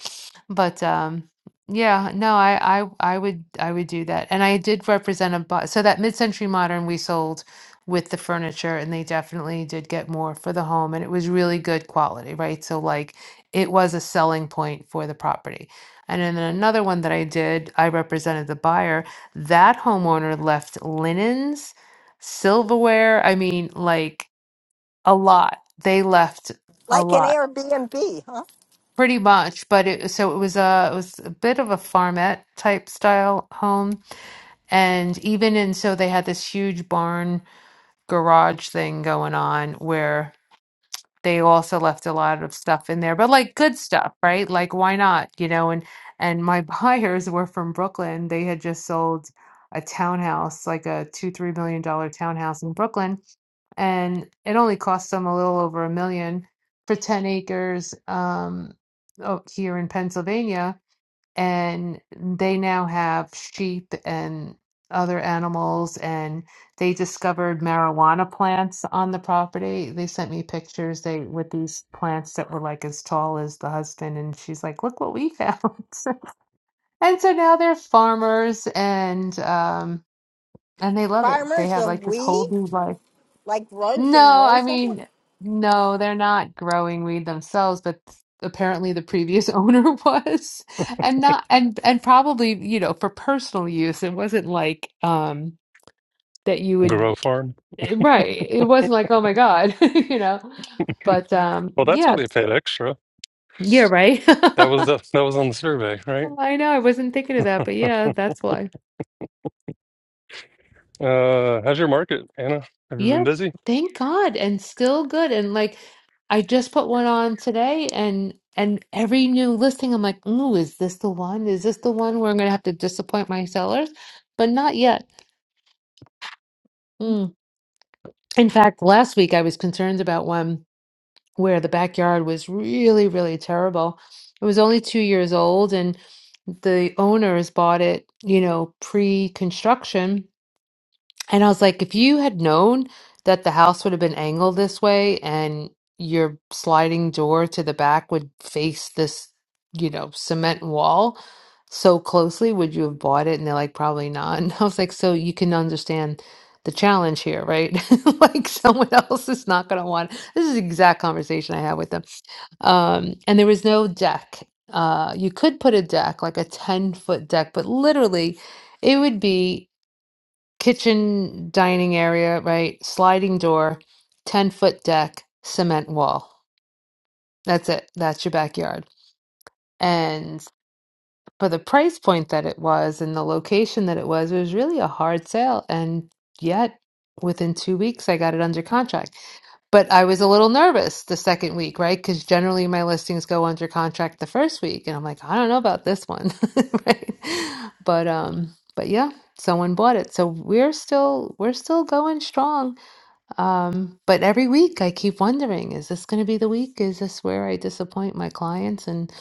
But um, yeah, no, I, I I would I would do that. And I did represent a bu- so that mid-century modern we sold with the furniture and they definitely did get more for the home and it was really good quality, right? So like it was a selling point for the property. And then another one that I did, I represented the buyer. That homeowner left linens, silverware, I mean like a lot. They left a
Like an
lot.
Airbnb, huh?
Pretty much, but it so it was a it was a bit of a farmette type style home, and even in so they had this huge barn garage thing going on where they also left a lot of stuff in there, but like good stuff, right? Like why not, you know? And and my <laughs> buyers were from Brooklyn. They had just sold a townhouse, like a two, three million dollar townhouse in Brooklyn, and it only cost them a little over a million for 10 acres um, out here in Pennsylvania and they now have sheep and other animals and they discovered marijuana plants on the property they sent me pictures they with these plants that were like as tall as the husband and she's like look what we found <laughs> and so now they're farmers and um and they love it they
Farmers
have
of
like this whole
weed,
new life
like rows
no,
and
I
rows of them.
mean, no, they're not growing weed themselves, but apparently the previous <laughs> owner was. And not and and probably, you know, for personal use, it wasn't like um that you would
Grow farm.
eh, right. It wasn't like, oh my God, <laughs> you know. But um
Well, that's how
yeah,
they paid extra.
yeah, right. <laughs>
That was the, <laughs> that was on the survey, right?
I know, I wasn't thinking of that, but yeah,
<laughs>
that's why.
Uh, how's your market, Anna? Have you been
Yep.
busy?
Thank God. And still good. And like I just put one on today and and every new listing I'm like, ooh, is this the one? Is this the one where I'm gonna have to disappoint my sellers? But not yet. Mm. In fact, last week I was concerned about one where the backyard was really, really terrible. It was only two years old and the owners bought it, you know, pre-construction And I was like, if you had known that the house would have been angled this way and your sliding door to the back would face this, you know, cement wall so closely, would you have bought it? And they're like, probably not. <laughs> And I was like, so you can understand the challenge here, right? <laughs> Like someone else is not going to want. This is the exact conversation I had with them. Um, and there was no deck. Uh, you could put a deck, like a 10 foot deck, but literally it would be kitchen dining area, right? Sliding door, 10 foot deck, cement wall. That's it. That's your backyard. And for the price point that it was and the location that it was, it was really a hard sale. And yet, within two weeks, I got it under contract. But I was a little nervous the second week, right? Because generally my listings go under contract the first week. And I'm like, I don't know about this one, <laughs> right? But, um, but yeah, someone bought it. So we're still we're still going strong um, but every week I keep wondering, is this going to be the week? Is this where I disappoint my clients? And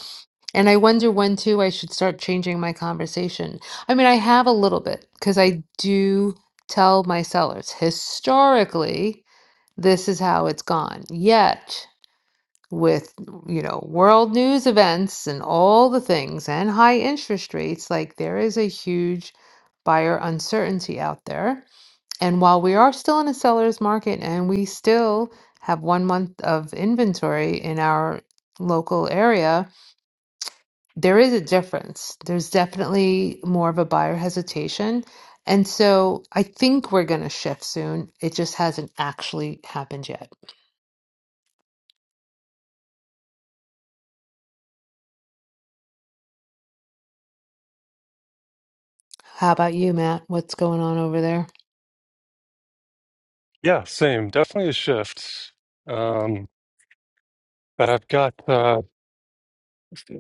and I wonder when too I should start changing my conversation. I mean, I have a little bit because I do tell my sellers historically this is how it's gone. Yet with you know world news events and all the things and high interest rates, like there is a huge buyer uncertainty out there and while we are still in a seller's market and we still have one month of inventory in our local area, there is a difference. There's definitely more of a buyer hesitation. And so I think we're going to shift soon. It just hasn't actually happened yet. How about you, Matt? What's going on over there?
Yeah, same. Definitely a shift. Um, but I've got uh, I've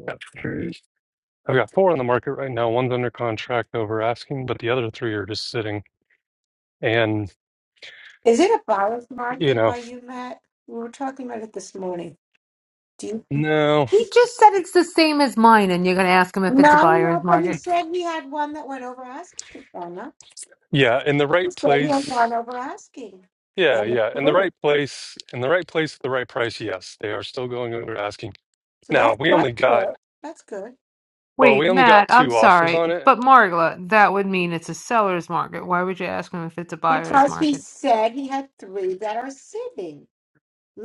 got four on the market right now. One's under contract over asking, but the other three are just sitting. And
Is it a buyer's
you
market
know,
by you, Matt? We were talking about it this morning. Do you?
no,
He just said it's the same as mine, and you're going to ask him if it's a
No,
buyer's
no, but he
market.
said he had one that went over asking.
yeah, in the
He
right
said he has
place.
Vanovraski
Yeah,
and the
yeah, in the
flu.
right place, in the right place at the right price. Yes, they are still going under asking.
So
Now
that's
we only
that's
got
good. That's good.
well,
Wait,
we only
Matt,
got
I'm
two offers
sorry,
on it
but Margla, that would mean it's a seller's market. Why would you ask him if it's a buyer's
Because he
market?
said he had three that are sitting.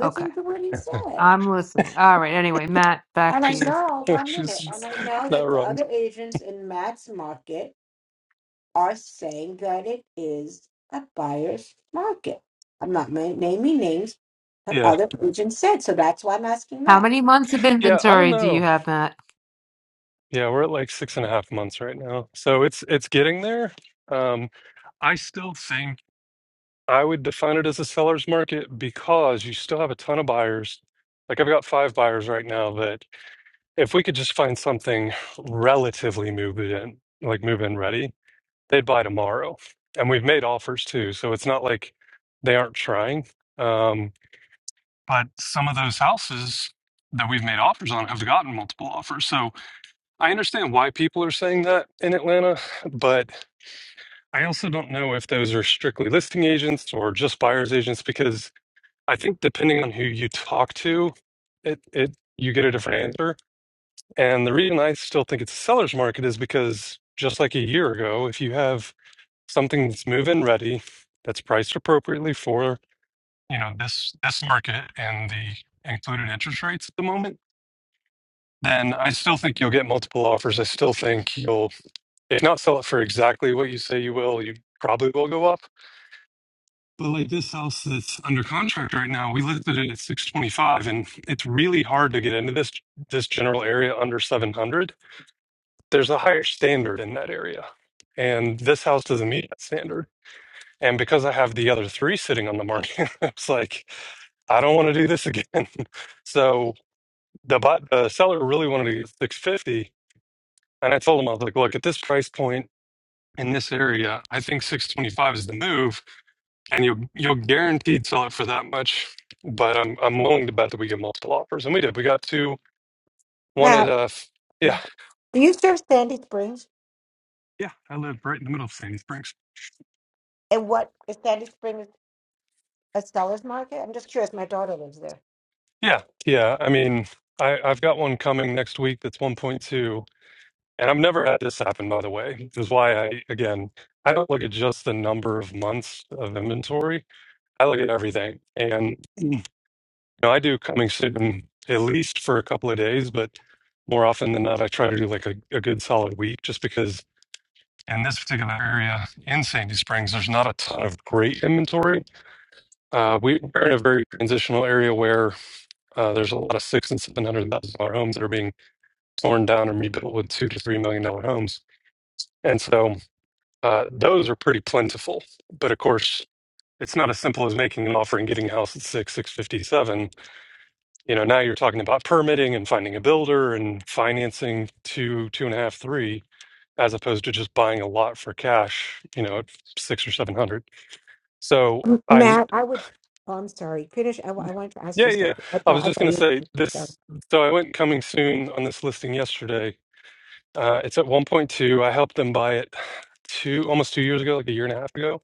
Okay,
to what he said.
I'm listening. All right, anyway, Matt, back
And
to
I
you.
know
<laughs>
one minute,
She's
and I know
not
that the
wrong.
other agents in Matt's market are saying that it is a buyer's market. I'm not ma- naming names, but
Yeah.
other agents said. So that's why I'm asking
How
Matt.
many months of
Yeah, I don't
inventory do you
know.
have, Matt?
Yeah, we're at like six and a half months right now. So it's it's getting there. Um, I still think I would define it as a seller's market because you still have a ton of buyers. Like I've got five buyers right now that if we could just find something relatively move in, like move in ready, they'd buy tomorrow. And we've made offers too, so it's not like they aren't trying. Um, but some of those houses that we've made offers on have gotten multiple offers. So I understand why people are saying that in Atlanta, but I also don't know if those are strictly listing agents or just buyers agents because I think depending on who you talk to, it it you get a different answer. And the reason I still think it's a seller's market is because just like a year ago, if you have something that's move-in ready, that's priced appropriately for you know this this market and the included interest rates at the moment then I still think you'll get multiple offers. I still think you'll, if not sell it for exactly what you say you will, you probably will go up. But like this house that's under contract right now, we listed it at 625 and it's really hard to get into this this general area under 700. There's a higher standard in that area. And this house doesn't meet that standard. And because I have the other three sitting on the market, <laughs> it's like I don't want to do this again. <laughs> So the bu- the seller really wanted to get 650 And I told him, I was like, look, at this price point in this area, I think 625 is the move, and you you'll guaranteed sell it for that much. But I'm I'm willing to bet that we get multiple offers, and we did. We got two. One at
Matt,
uh, f- yeah,
do you serve Sandy Springs?
yeah. I live right in the middle of Sandy Springs.
And what is Sandy Springs? At Stella's Market? I'm just curious. My daughter lives there.
Yeah, yeah. I mean, I I've got one coming next week that's 1.2, and I've never had this happen. By the way, this is why I again I don't look at just the number of months of inventory. I look at everything, and. know, I do coming soon at least for a couple of days, but more often than not, I try to do like a, a good solid week just because in this particular area in Sandy Springs, there's not a ton of great inventory. Uh, we, we're in a very transitional area where uh, there's a lot of six and seven hundred thousand dollar homes that are being torn down and rebuilt with two to three million dollar homes, and so uh, those are pretty plentiful. But of course, it's not as simple as making an offer and getting a house at six six fifty seven You know, now you're talking about permitting and finding a builder and financing two, two and a half, three, as opposed to just buying a lot for cash, you know, at six or seven hundred. So
M-
I,
Matt, I would. Oh, I'm sorry. Finish. I, wa- I wanted to ask
yeah,
you
yeah.
something. I
I
thought
was
I
just
thought
going
you.
to say
Were, sorry.
this. So I went coming soon on this listing yesterday. Uh, it's at 1.2. I helped them buy it two, almost two years ago, like a year and a half ago,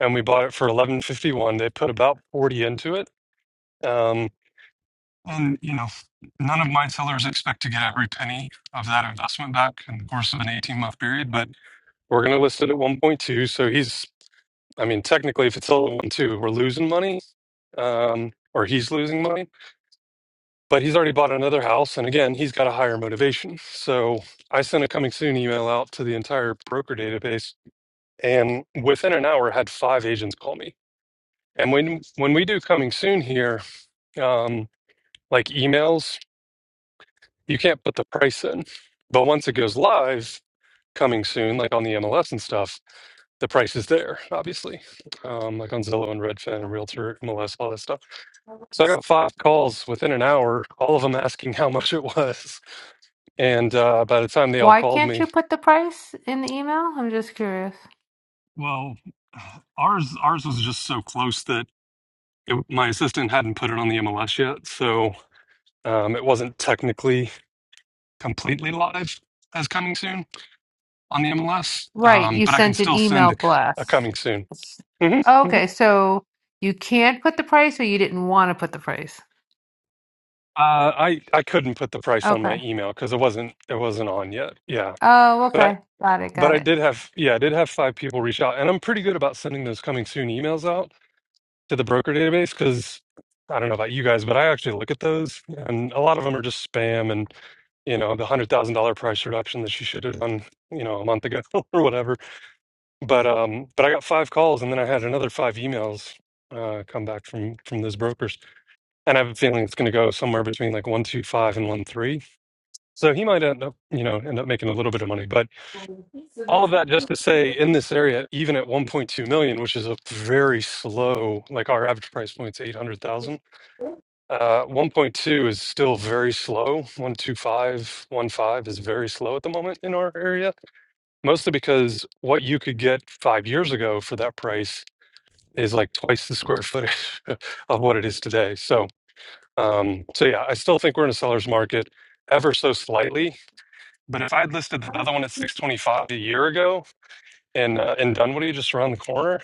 and we bought it for 11.51. They put about 40 into it. Um, And you know, none of my sellers expect to get every penny of that investment back in the course of an 18 month period, but we're going to list it at 1.2. So he's, I mean, technically, if it's sold at one 2 we we're losing money, um, or he's losing money. But he's already bought another house, and again, he's got a higher motivation. So I sent a coming soon email out to the entire broker database, and within an hour, had five agents call me. And when when we do coming soon here, um, like emails. you can't put the price in. But once it goes live, coming soon, like on the MLS and stuff, the price is there, obviously, um, like on Zillow and Redfin and Realtor, MLS, all that stuff. So I got five calls within an hour, all of them asking how <laughs> much it was. And uh, by the time they all
Why
called
can't
me,
you put the price in the email? I'm just curious.
well, ours ours was just so close that it, my assistant hadn't put it on the MLS yet, so um, it wasn't technically completely live as coming soon on the MLS,
Right,
um,
you
but I can
sent an
still send
email
the c- a
blast.
coming soon. hmm hmm
Okay, so you can't put the price or you didn't want to put the price.
Uh, I I couldn't put the price on my
Okay.
email because it wasn't it wasn't on yet. Yeah,
Oh,
but I
okay. Got it,
but
got
I
it.
did have yeah I did have five people reach out, and I'm pretty good about sending those coming soon emails out to the broker database because I don't know about you guys, but I actually look at those, and a lot of them are just spam and you know the hundred thousand dollar price reduction that you should have done you know a month ago <laughs> or whatever. But um, but I got five calls, and then I had another five emails uh, come back from from those brokers, and I have a feeling it's going to go somewhere between like one two five and one three. So he might end up, you know, end up making a little bit of money. But all of that just to say, in this area, even at one point two million, which is a very slow, like our average price point's eight hundred thousand. Uh, one point two is still very slow. One two five, one five is very slow at the moment in our area, mostly because what you could get five years ago for that price is like twice the square footage <laughs> of what it is today. So, um, so yeah, I still think we're in a seller's market ever so slightly. But if I'd listed the other one at 625 a year ago and uh, in Dunwoody, just around the corner,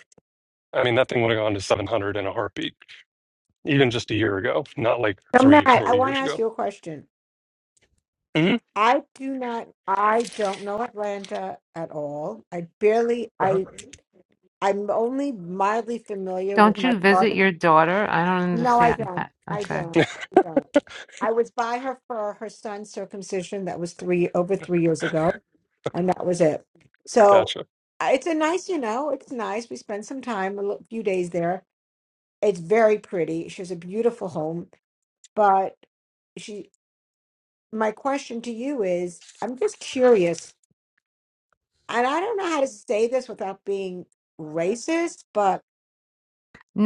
I mean, that thing would have gone to 700 in a heartbeat, even just a year ago, not like
Now,
three,
Matt, I
four
want to
years
ask
ago.
you a question.
hmm
I do not. I don't know Atlanta at all. I barely.
uh
I. I'm only mildly familiar with
Don't
my
you visit
daughter.
your daughter? I don't
No, I
understand
don't.
that.
I
Okay.
don't.
<laughs>
I don't. I was by her for her son's circumcision. That was three over three years ago, and that was it. So
gotcha.
uh, it's a nice, you know, it's nice. We spent some time, a li- few days there. It's very pretty. She has a beautiful home, but she. My question to you is: I'm just curious and I don't know how to say this without being racist, but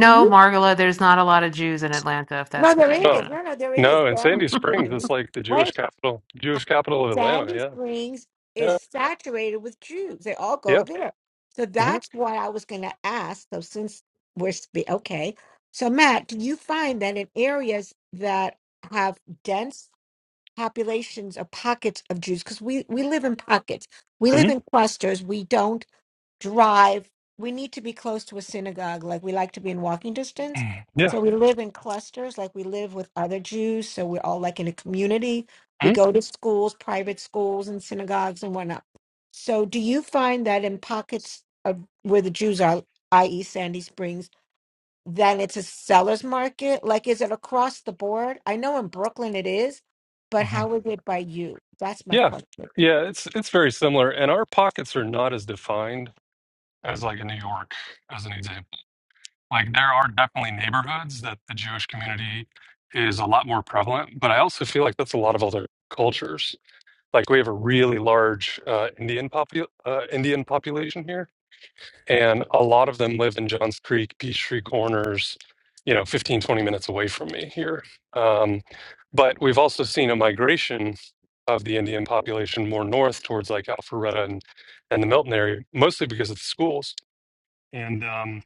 do you?
Margola, there's not a lot of Jews in Atlanta, if
No,
that's what
there
you want
Oh.
is.
to
No, no, there is.
No, and
Sandy
Sandy
know.
Springs
<laughs>
is
Springs.
like the Jewish
Wait,
capital, Jewish capital of
Sandy
Atlanta.
Springs
Yeah,
is saturated with Jews. They all go
yeah,
there. So
yeah,
that's what I was going to ask. So since we're spe- okay, so Matt, do you find that in areas that have dense populations or pockets of Jews, because we we live in pockets, we
hmm
live in clusters, we don't drive. We need to be close to a synagogue, like we like to be in walking distance.
hmm yeah.
So we live in clusters, like we live with other Jews. So we're all like in a community. We go to schools, private schools, and synagogues and whatnot. So do you find that in pockets of where the Jews are, i.e., Sandy Springs, then it's a seller's market? Like, is it across the board? I know in Brooklyn it is, but
Mhm.
how is it by you? That's my
Yeah,
question.
yeah, it's it's very similar, and our pockets are not as defined as like in New York, as an example. Like there are definitely neighborhoods that the Jewish community is a lot more prevalent, but I also feel like that's a lot of other cultures. Like we have a really large uh, Indian popu uh, Indian population here, and a lot of them live in Johns Creek, Peachtree Corners, you know, 15 20 minutes away from me here. Um, but we've also seen a migration of the Indian population more north towards like Alpharetta and and the Milton area, mostly because of the schools. And um,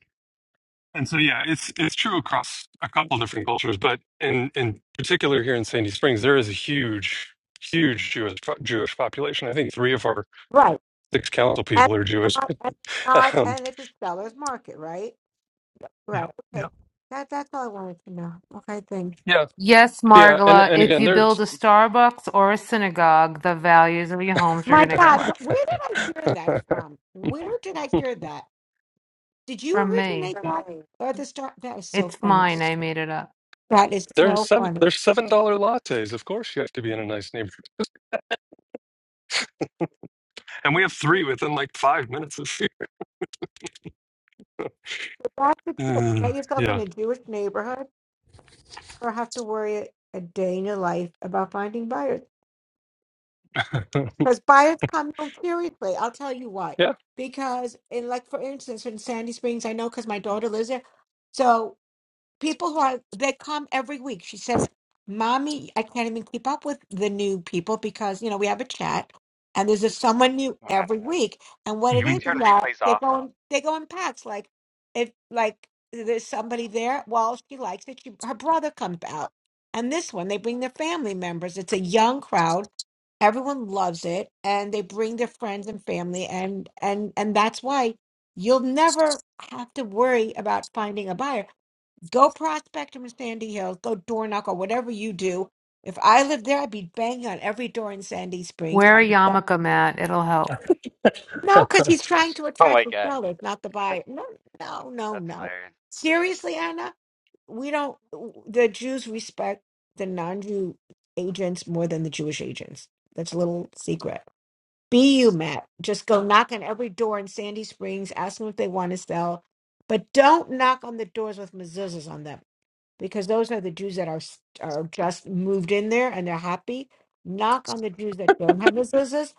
and so yeah, it's it's true across a couple different cultures, but in in particular here in Sandy Springs, there is a huge huge Jewish Jewish population. I think three of our
Right.
six council
and
people are Jewish.
not
<laughs>
and not
Um,
and it's a seller's market, right?
yeah,
Right.
yeah,
Okay. That that's all I wanted to know. Okay, thing.
yeah,
Yes,
yeah. And
Margola,
and
if
again,
you build a
there's
Starbucks or a synagogue, the values of your homes are
My
going to go
God,
up.
wh- where did I hear
<laughs>
that from? Where did I hear that? Did you
From me.
originate that or the start? That is so
It's
funny.
mine. I made it up.
That is
there's
so
seven
funny.
there's seven dollar lattes. Of course, you have to be in a nice neighborhood, and we have three within like five minutes of <laughs> here.
But That's the truth.
Uh,
Get yourself in a
yeah.
Jewish neighborhood or have to worry a a day in your life about finding buyers.
<laughs>
Because buyers come no seriously. I'll tell you what.
Yeah.
Because in like for instance in Sandy Springs, I know because my daughter lives there. So people who are they come every week she says mommy i can't even keep up with the new people because you know we have a chat and there's a, someone new
Hold on.
every week and what
Can
it
we
hmm
is is
turn
that
replays
they
off? <laughs>
go in they go in packs like if like there's somebody there well she likes it she, her brother comes out and this one they bring their family members it's a young crowd everyone loves it and they bring their friends and family and and and that's why you'll never have to worry about finding a buyer Go prospect them in Sandy Hills. Go door knock or whatever you do. If I lived there, I'd be banging on every door in Sandy Springs.
Wear a
I'm like,
yarmulke, Matt. It'll help.
No, because he's trying to
Oh
attract
my
the
god.
sellers, not the buyer. No, no, no,
That's
no.
hilarious.
Seriously, Anna, we don't. The Jews respect the non-Jew agents more than the Jewish agents. That's a little secret. Be you, Matt. Just go knock on every door in Sandy Springs. Ask them if they want to sell, but don't knock on the doors with mezuzahs on them because those are the Jews that are s- are just moved in there and they're happy. Knock on the Jews that don't have mezuzahs.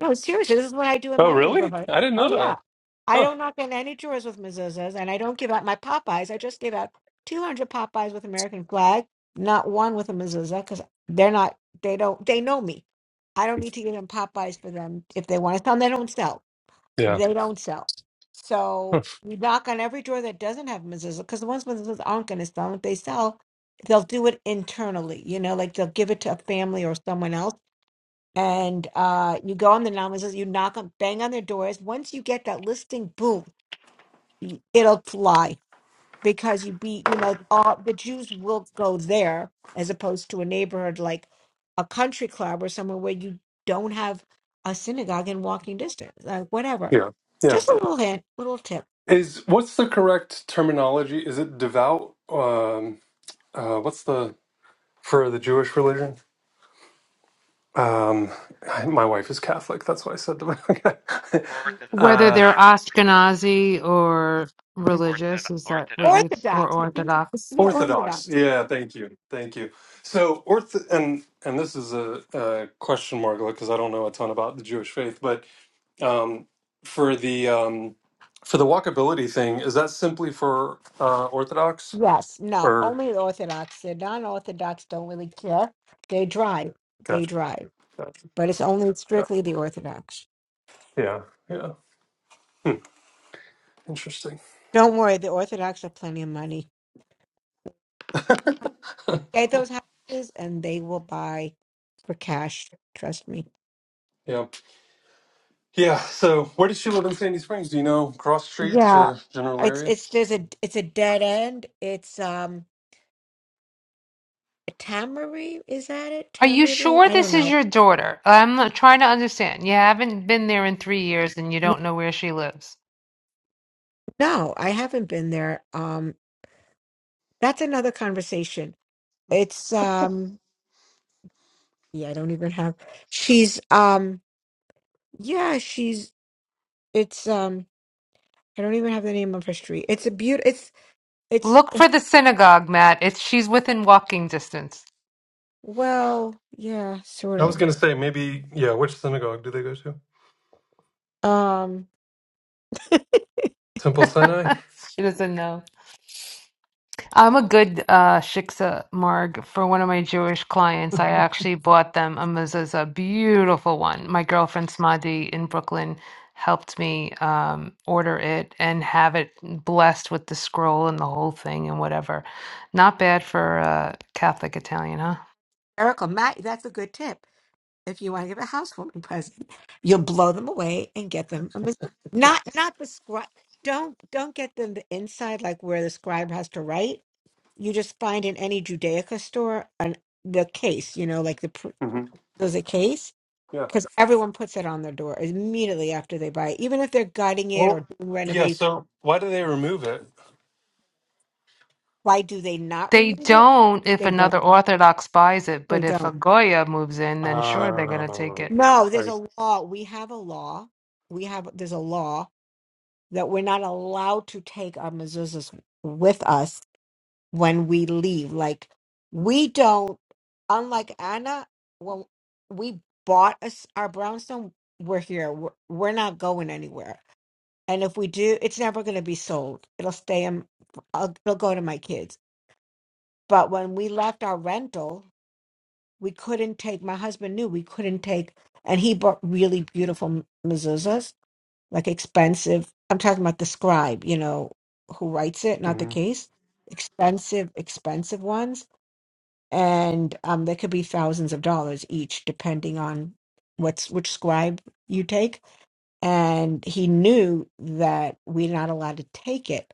No, seriously, this is what I do in
Oh,
my
really?
neighborhood.
I didn't
Oh
know
yeah,
that.
I
Huh.
don't knock on any doors with mezuzahs, and I don't give out my Popeyes. I just give out two hundred Popeyes with American flag, not one with a mezuzah, because they're not. They don't. They know me. I don't need to give them Popeyes for them if they want to sell. They don't sell
Yeah.
they don't sell.
Huh.
So we knock on every door that doesn't have mezuzah because the ones with mezuzah aren't going to sell. if they sell, they'll do it internally. You know, like they'll give it to a family or someone else. And uh, you go on the non-mezuzah, you knock on, bang on their doors. Once you get that listing, boom, it'll fly because you be you know all the Jews will go there as opposed to a neighborhood like a country club or somewhere where you don't have a synagogue in walking distance like whatever
Yeah. Yeah.
just a little hint little tip
Is what's the correct terminology? Is it devout? Um, uh, what's the for the Jewish religion? Um, I- my wife is Catholic. That's why I said devout.
Ortho-
<laughs>
Whether
uh,
they're
orthodox.
Ashkenazi or religious,
Orthodox.
is that what you
Orthodox,
Orthodox.
or Orthodox?
Orthodox. Yeah. Thank you. Thank you. So orth and and this is a, a question mark because I don't know a ton about the Jewish faith, but um, for the um, for the walkability thing. Is that simply for uh, Orthodox
yes no
or
only the orthodox the non-orthodox don't really care they drive they
gotcha,
drive
gotcha,
but it's only
gotcha?
strictly the orthodox
Yeah, yeah. Hmm. Interesting.
don't worry the orthodox have plenty of money get those houses and they will buy for cash trust me
Yeah, yeah. So, where does she live in Sandy Springs? Do you know cross streets
Yeah,
or general
it's
area?
it's there's a it's a dead end. It's um Tamari, is that it?
Are you
Tamari Lane?
sure
I don't
this is
know.
your daughter? I'm not trying to understand. You haven't been there in three years and you
No,
don't know where she lives.
no, I haven't been there. Um, that's another conversation. It's um yeah, I don't even have she's um yeah, she's it's um I don't even have the name of her street. It's a beaut it's it's
Look for the synagogue, Matt. It's she's within walking distance.
well, yeah, sort
I was
of.
gonna say maybe. Yeah, which synagogue do they go to?
um.
Temple Sinai.
<laughs> she doesn't know. I'm a good uh, shiksa marg for one of my Jewish clients. I actually bought them a mezuzah, beautiful one. My girlfriend Smadi in Brooklyn helped me um, order it and have it blessed with the scroll and the whole thing and whatever. Not bad for uh, Catholic Italian, huh?
Miracle, Matt, that's a good tip. If you want to give a housewarming present, you'll blow them away and get them a mis- not not the scribe. Don't don't get them the inside like where the scribe has to write. You just find in any Judaica store an the case, you know, like the pr-
hmm
there's a case
Yeah.
because everyone puts it on their door immediately after they buy it. Even if they're gutting it or
Well,
doing
yeah.
renovation,
So why do they remove it?
why do they not
They
remove it?
don't if
They don't.
another Orthodox buys it,
They
but if a
don't.
Goya moves in, then sure they're gonna take
Uh,
it.
No, there's
I.
a law. We have a law. We have there's a law that we're not allowed to take our mezuzahs with us when we leave. Like we don't. Unlike Anna, when we bought us our brownstone, we're here. We're, we're not going anywhere And if we do, it's never going to be sold. It'll stay in, I'll, it'll go to my kids. But when we left our rental, we couldn't take, my husband knew we couldn't take, and he bought really beautiful m- mezuzahs, like expensive. I'm talking about the scribe, you know, who writes it, not the
mhm.
case. Expensive, expensive ones. And um, they could be thousands of dollars each, depending on what's which scribe you take and he knew that we're not allowed to take it.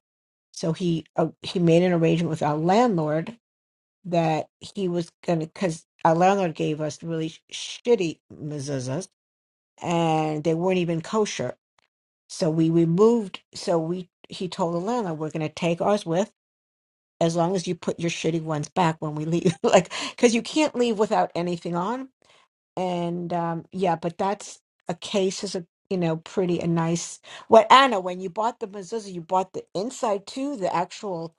So he uh, he made an arrangement with our landlord that he was gonna because our landlord gave us really sh- shitty mezuzahs and they weren't even kosher. So we removed. So we he told the landlord we're gonna take ours with as long as you put your shitty ones back when we leave, <laughs> like because you can't leave without anything on and um yeah but that's a case is a you know pretty a nice well anna when you bought the mezuzah you bought the inside too the actual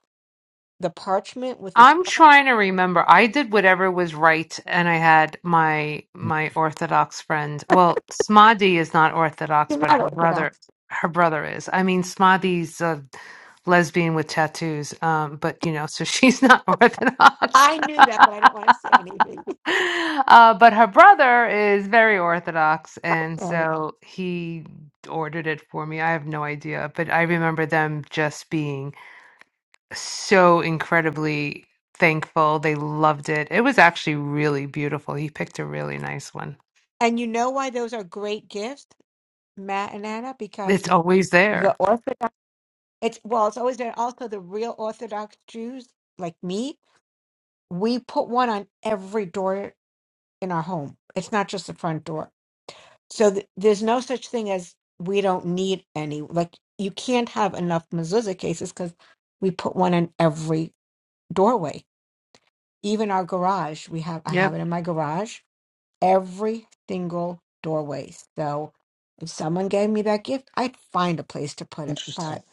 the parchment with the
I'm
scratch
trying to remember. I did whatever was right, and I had my my Orthodox friend. Well, Smadi is not Orthodox, but her brother her brother is. I mean, Smadi's a lesbian with tattoos, um, but you know, so she's not <laughs> Orthodox. <laughs> uh, but her brother is very Orthodox, and so he ordered it for me. I have no idea, but I remember them just being so incredibly thankful. They loved it. It was actually really beautiful. He picked a really nice one.
and you know why those are great gifts matt and anna because
It's always
the
there.
orthodox it's well it's always been also the real orthodox jews like me we put one on every door in our home it's not just the front door So th- there's no such thing as we don't need any. Like you can't have enough mezuzah cases because we put one in every doorway. Even our garage, we have. I have
Yep.
it in my garage. Every single doorway. So if someone gave me that gift, I'd find a place to put it.
Interesting.
But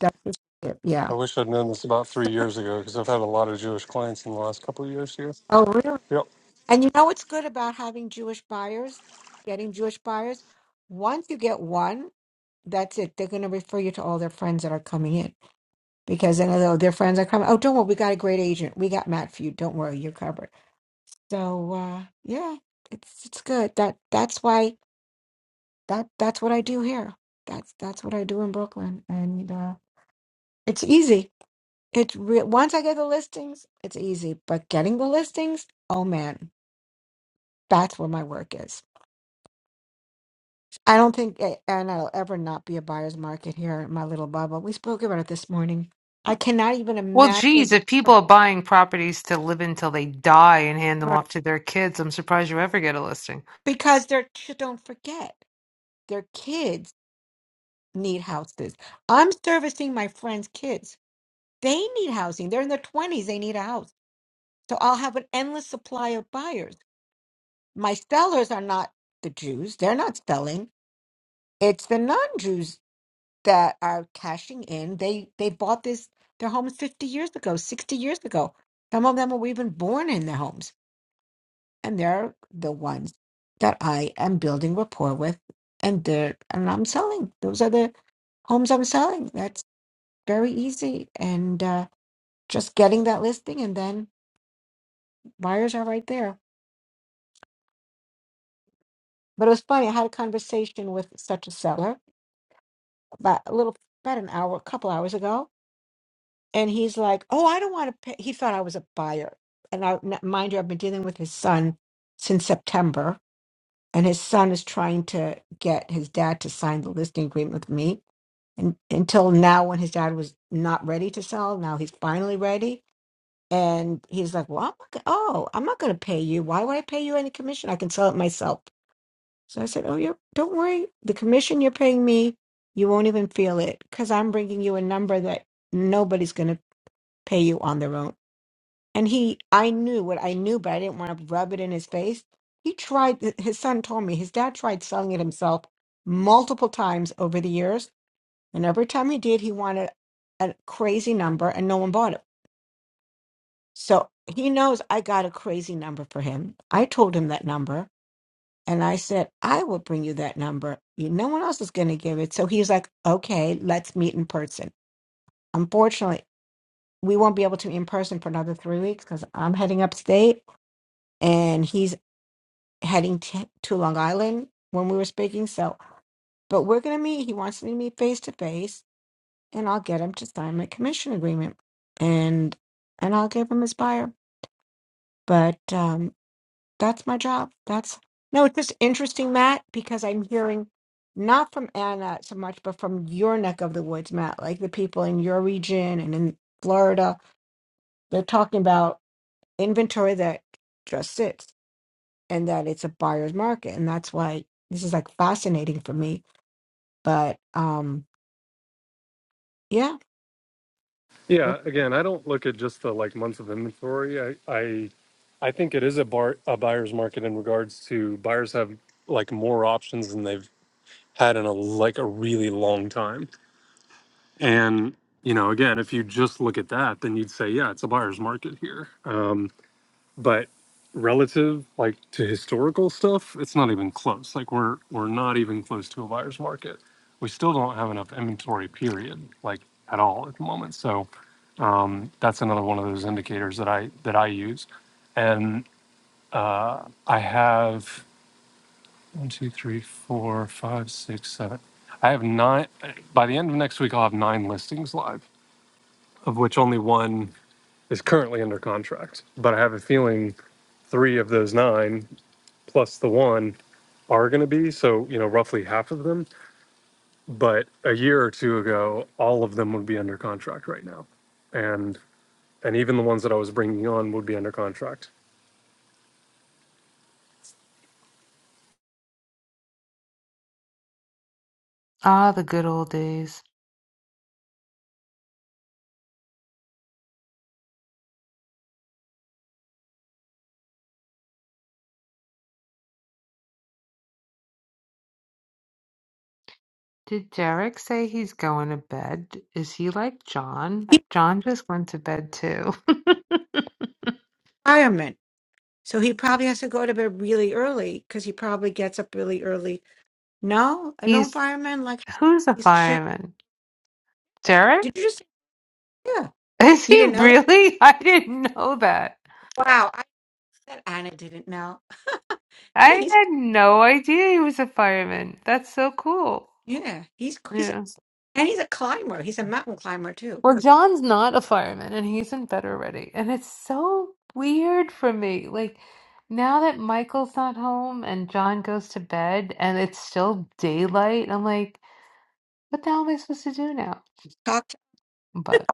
that's just it. Yeah.
I wish I'd known this about three
So-
years ago because I've had a lot of Jewish clients in the last couple of years here.
oh, really?
Yep.
And you know what's good about having Jewish buyers, getting Jewish buyers? Once you get one, that's it. They're going to refer you to all their friends that are coming in. because then they'll- their friends are coming. Oh, don't worry, we got a great agent. We got Matt for you. Don't worry, you're covered. So uh, yeah, it's it's good. That that's why that that's what I do here. That's that's what I do in Brooklyn, and uh, it's easy. It's re- once I get the listings, it's easy. But getting the listings, oh man, that's where my work is. I don't think, it, and it'll ever not be a buyer's market here in my little bubble. We spoke about it this morning. I cannot even
Well,
imagine
geez, if people are buying properties to live in till they die and hand them off to their kids, I'm surprised you ever get a listing.
because they're just don't forget. their kids need houses. I'm servicing my friends' kids. They need housing. They're in their 20s, they need a house. So I'll have an endless supply of buyers. My sellers are not the Jews. They're not selling. It's the non-Jews that are cashing in. They they bought this their homes 50 years ago, 60 years ago. Some of them were even born in their homes, and they're the ones that I am building rapport with and they're and I'm selling. Those are the homes I'm selling. very easy and uh, just getting that listing and then buyers are right there but it was funny i had a conversation with such a seller about a little about an hour a couple hours ago and he's like oh i don't want to pay he thought i was a buyer and i n- mind you i've been dealing with his son since september and his son is trying to get his dad to sign the listing agreement with me and until now when his dad was not ready to sell now he's finally ready And he's like, Well, I'm not gonna, oh, I'm not going to pay you. Why would I pay you any commission? I can sell it myself. So I said, Oh, you don't worry. The commission you're paying me, you won't even feel it because I'm bringing you a number that nobody's going to pay you on their own. And he, I knew what I knew, but I didn't want to rub it in his face. He tried, th- his son told me his dad tried selling it himself multiple times over the years. And every time he did, he wanted a crazy number and no one bought it So he knows I got a crazy number for him. I told him that number and I said, I will bring you that number. You- No one else is going to give it. So he's like, okay, let's meet in person. Unfortunately, we won't be able to meet in person for another three weeks because I'm heading upstate and he's heading t- to Long Island when we were speaking. So, but we're going to meet. He wants me to meet face to face and I'll get him to sign my commission agreement and, and I'll give him his buyer. But, um, That's my job. That's no, it's just interesting, Matt, because I'm hearing not from Anna so much, but from your neck of the woods, Matt, like the people in your region and in Florida, they're talking about inventory that just sits and that it's a buyer's market. And that's why this is like fascinating for me. But um yeah, well,
Yeah. Again, I don't look at just the like months of inventory. I I, I think it is a bar a buyer's market in regards to buyers have like more options than they've had in a like a really long time. And you know, again, if you just look at that, then you'd say, yeah, it's a buyer's market here. Um, but relative like to historical stuff it's not even close like we're we're not even close to a buyer's market we still don't have enough inventory period like at all at the moment so um, that's another one of those indicators that i that i use and uh, i have one two three four five six seven i have nine by the end of next week i'll have nine listings live of which only one is currently under contract but i have a feeling three of those nine plus the one are going to be. So, you know, roughly half of them. But a year or two ago, all of them would be under contract right now. And and even the ones that I was bringing on would be under contract.
Ah, the good old days. Did Derek say he's going to bed? Is he like John?
keep
John just went to bed too. <laughs>
retirement. So he probably has to go to bed really early because he probably gets up really early. No, I an
he's
firemen like
who's a
he's shit.
fireman?
like,
Derek?
Did you just Yeah.
<laughs> Is
You
he
didn't know that?
really? <laughs> I didn't know that.
Wow. I that Anna didn't know. <laughs> Yeah,
I
he's
had no idea he was a fireman. That's so cool.
yeah, he's he's
Yeah.
and he's a climber. He's a mountain climber too.
Well, John's not a fireman and he's in bed already. And it's so weird for me. Like, now that Michael's not home and John goes to bed and it's still daylight, I'm like, what the hell am I supposed to do now?
Talk to,
But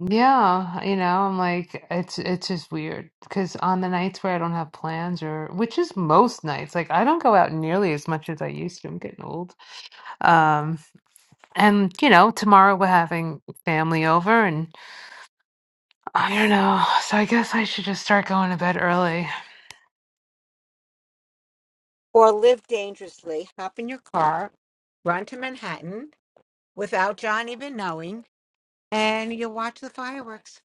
yeah, you know, I'm like, it's it's just weird because on the nights where I don't have plans or which is most nights, like I don't go out nearly as much as I used to. I'm getting old. Um. And, you know, tomorrow we're having family over, and I don't know. So I guess I should just start going to bed early.
or live dangerously. Hop in your car, run to Manhattan without John even knowing, and you watch the fireworks.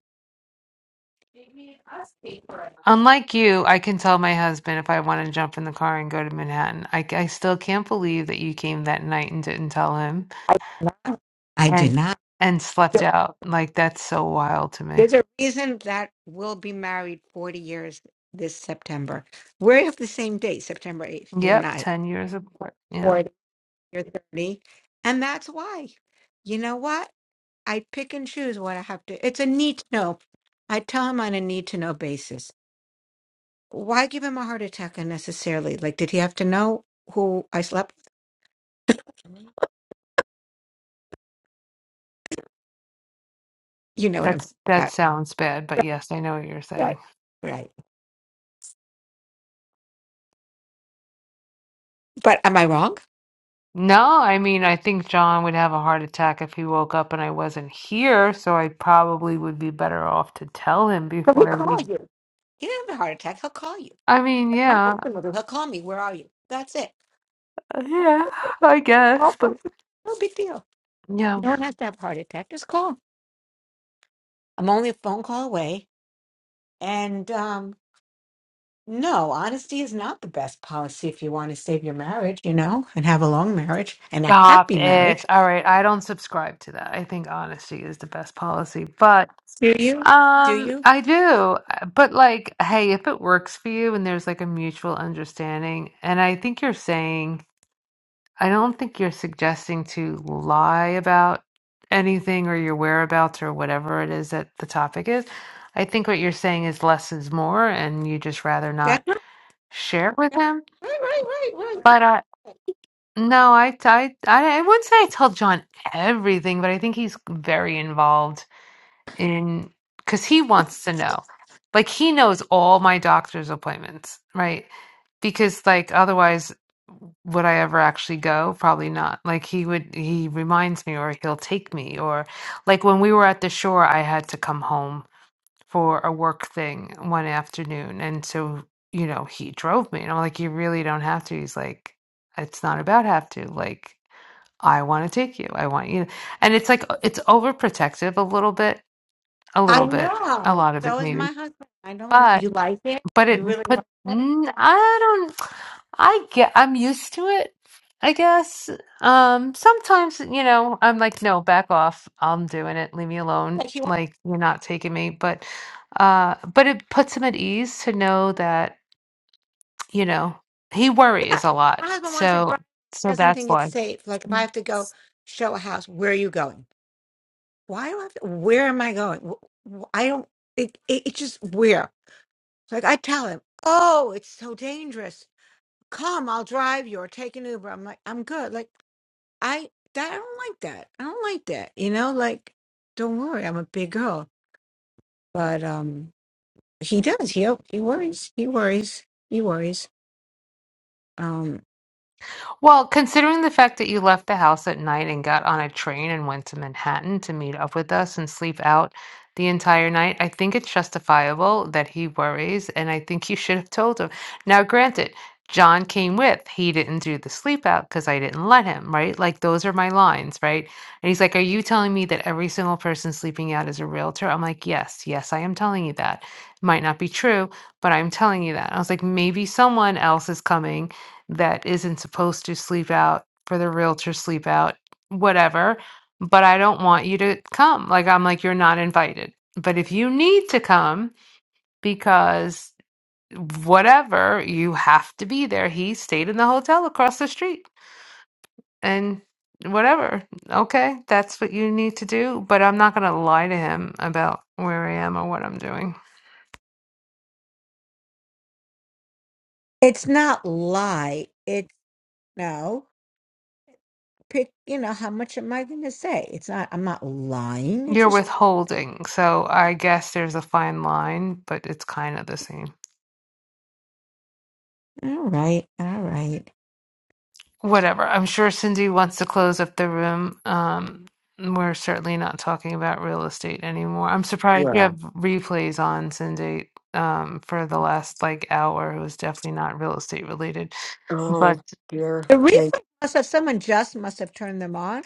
They made us pay for it.
Unlike you, I can tell my husband if I want to jump in the car and go to Manhattan. I, I still can't believe that you came that night and didn't tell him
No, I did
and
not.
and slept out. Like that's so wild to me.
There's a reason that we'll be married 40 years this September. We have the same date, September 8th, you and
Yep,
I.
10 years apart. Yeah.
you're 30. And that's why, you know what? I pick and choose what I have to. It's a need to know. I tell him on a need to know basis. Why give him a heart attack unnecessarily? Like, did he have to know who I slept with? You know what I'm talking
That's that
about.
sounds bad, but
Right.
yes, I know what you're saying.
Right. right. But am I wrong?
No, I mean, I think John would have a heart attack if he woke up and I wasn't here, so I probably would be better off to tell him
But he'll
before I
call
leave.
you. He didn't have a heart attack. He'll call you.
I mean,
Like My
yeah,
husband will do. He'll call me. Where are you? That's it.
yeah, I
Oh,
guess, but
No big deal.
yeah.
No one has to have a heart attack. Just call. I'm only a phone call away. And, um. No, honesty is not the best policy if you want to save your marriage, you know, and have a long marriage and a
Stop
happy
it.
marriage.
All right, I don't subscribe to that. I think honesty is the best policy, but
Do you? Do
um,
you?
I do. But like, hey, if it works for you and there's like a mutual understanding, and I think you're saying. I don't think you're suggesting to lie about anything or your whereabouts or whatever it is that the topic is. I think what you're saying is less is more, and you just rather not
That's not,
share it with
that,
him.
right, right, right, right.
But uh, no, I, I, I, I wouldn't say I tell John everything, but I think he's very involved in, because he wants to know like he knows all my doctor's appointments right because like otherwise would i ever actually go probably not like he would he reminds me or he'll take me or like when we were at the shore i had to come home for a work thing one afternoon and so you know he drove me and i'm like you really don't have to he's like it's not about have to like i want to take you i want you and it's like it's overprotective a little bit a
I
little bit, a
know.
lot of
So
it
is
maybe,
my husband. I don't like
but
you like it.
but
You
it
really
put
like it.
mm, I don't I get I'm used to it. I guess um sometimes you know I'm like no back off I'm doing it leave me alone
Like you want
like you're not taking me but uh but it puts him at ease to know that you know he
yeah.
worries a
If
lot
My husband wants it
so
dry. He
so
doesn't
that's
think it's
why
safe. Like if I have to go show a house, where are you going? Why do I have to, where am I going? Wh- wh- I don't it, it it's just where. Like I tell him, "Oh, it's so dangerous. Come, I'll drive you or take an Uber." I'm like, "I'm good." Like I that I don't like that. I don't like that. You know, like don't worry, I'm a big girl. But um He does. He he worries. He worries. He worries. Um,
Well, considering the fact that you left the house at night and got on a train and went to Manhattan to meet up with us and sleep out the entire night, I think it's justifiable that he worries, and I think you should have told him. Now, granted, John came with. He didn't do the sleep out because I didn't let him, right? Like, those are my lines, right? And he's like, Are you telling me that every single person sleeping out is a realtor? I'm like, Yes, yes, I am telling you that. Might not be true, but I'm telling you that. I was like, Maybe someone else is coming that isn't supposed to sleep out for the realtor sleep out whatever but i don't want you to come like i'm like you're not invited but if you need to come because whatever you have to be there he stayed in the hotel across the street and whatever okay that's what you need to do but i'm not going to lie to him about where i am or what i'm doing
it's not lie. It's no pick. You know how much am I going to say? It's not. I'm not lying. It's
you're
just
withholding so i guess there's a fine line but it's kind of the same
all right. All right.
whatever. I'm sure Cindy wants to close up the room. Um, we're certainly not talking about real estate anymore. I'm surprised you
Yeah.
have replays on, Cindy, um, for the last like hour. It was definitely not real estate related.
Oh,
But
dear.
The
Thank
replay must have someone just must have turned them on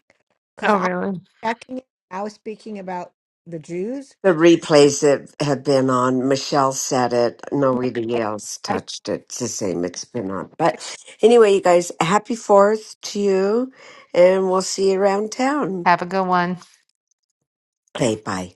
because
oh,
I was
really?
checking it. I was speaking about the Jews.
the replays that have been on, Michelle said it. Nobody else touched it. It's the same. It's been on. But anyway, you guys, happy 4th to you. And we'll see you around town.
Have a good one.
Okay, bye.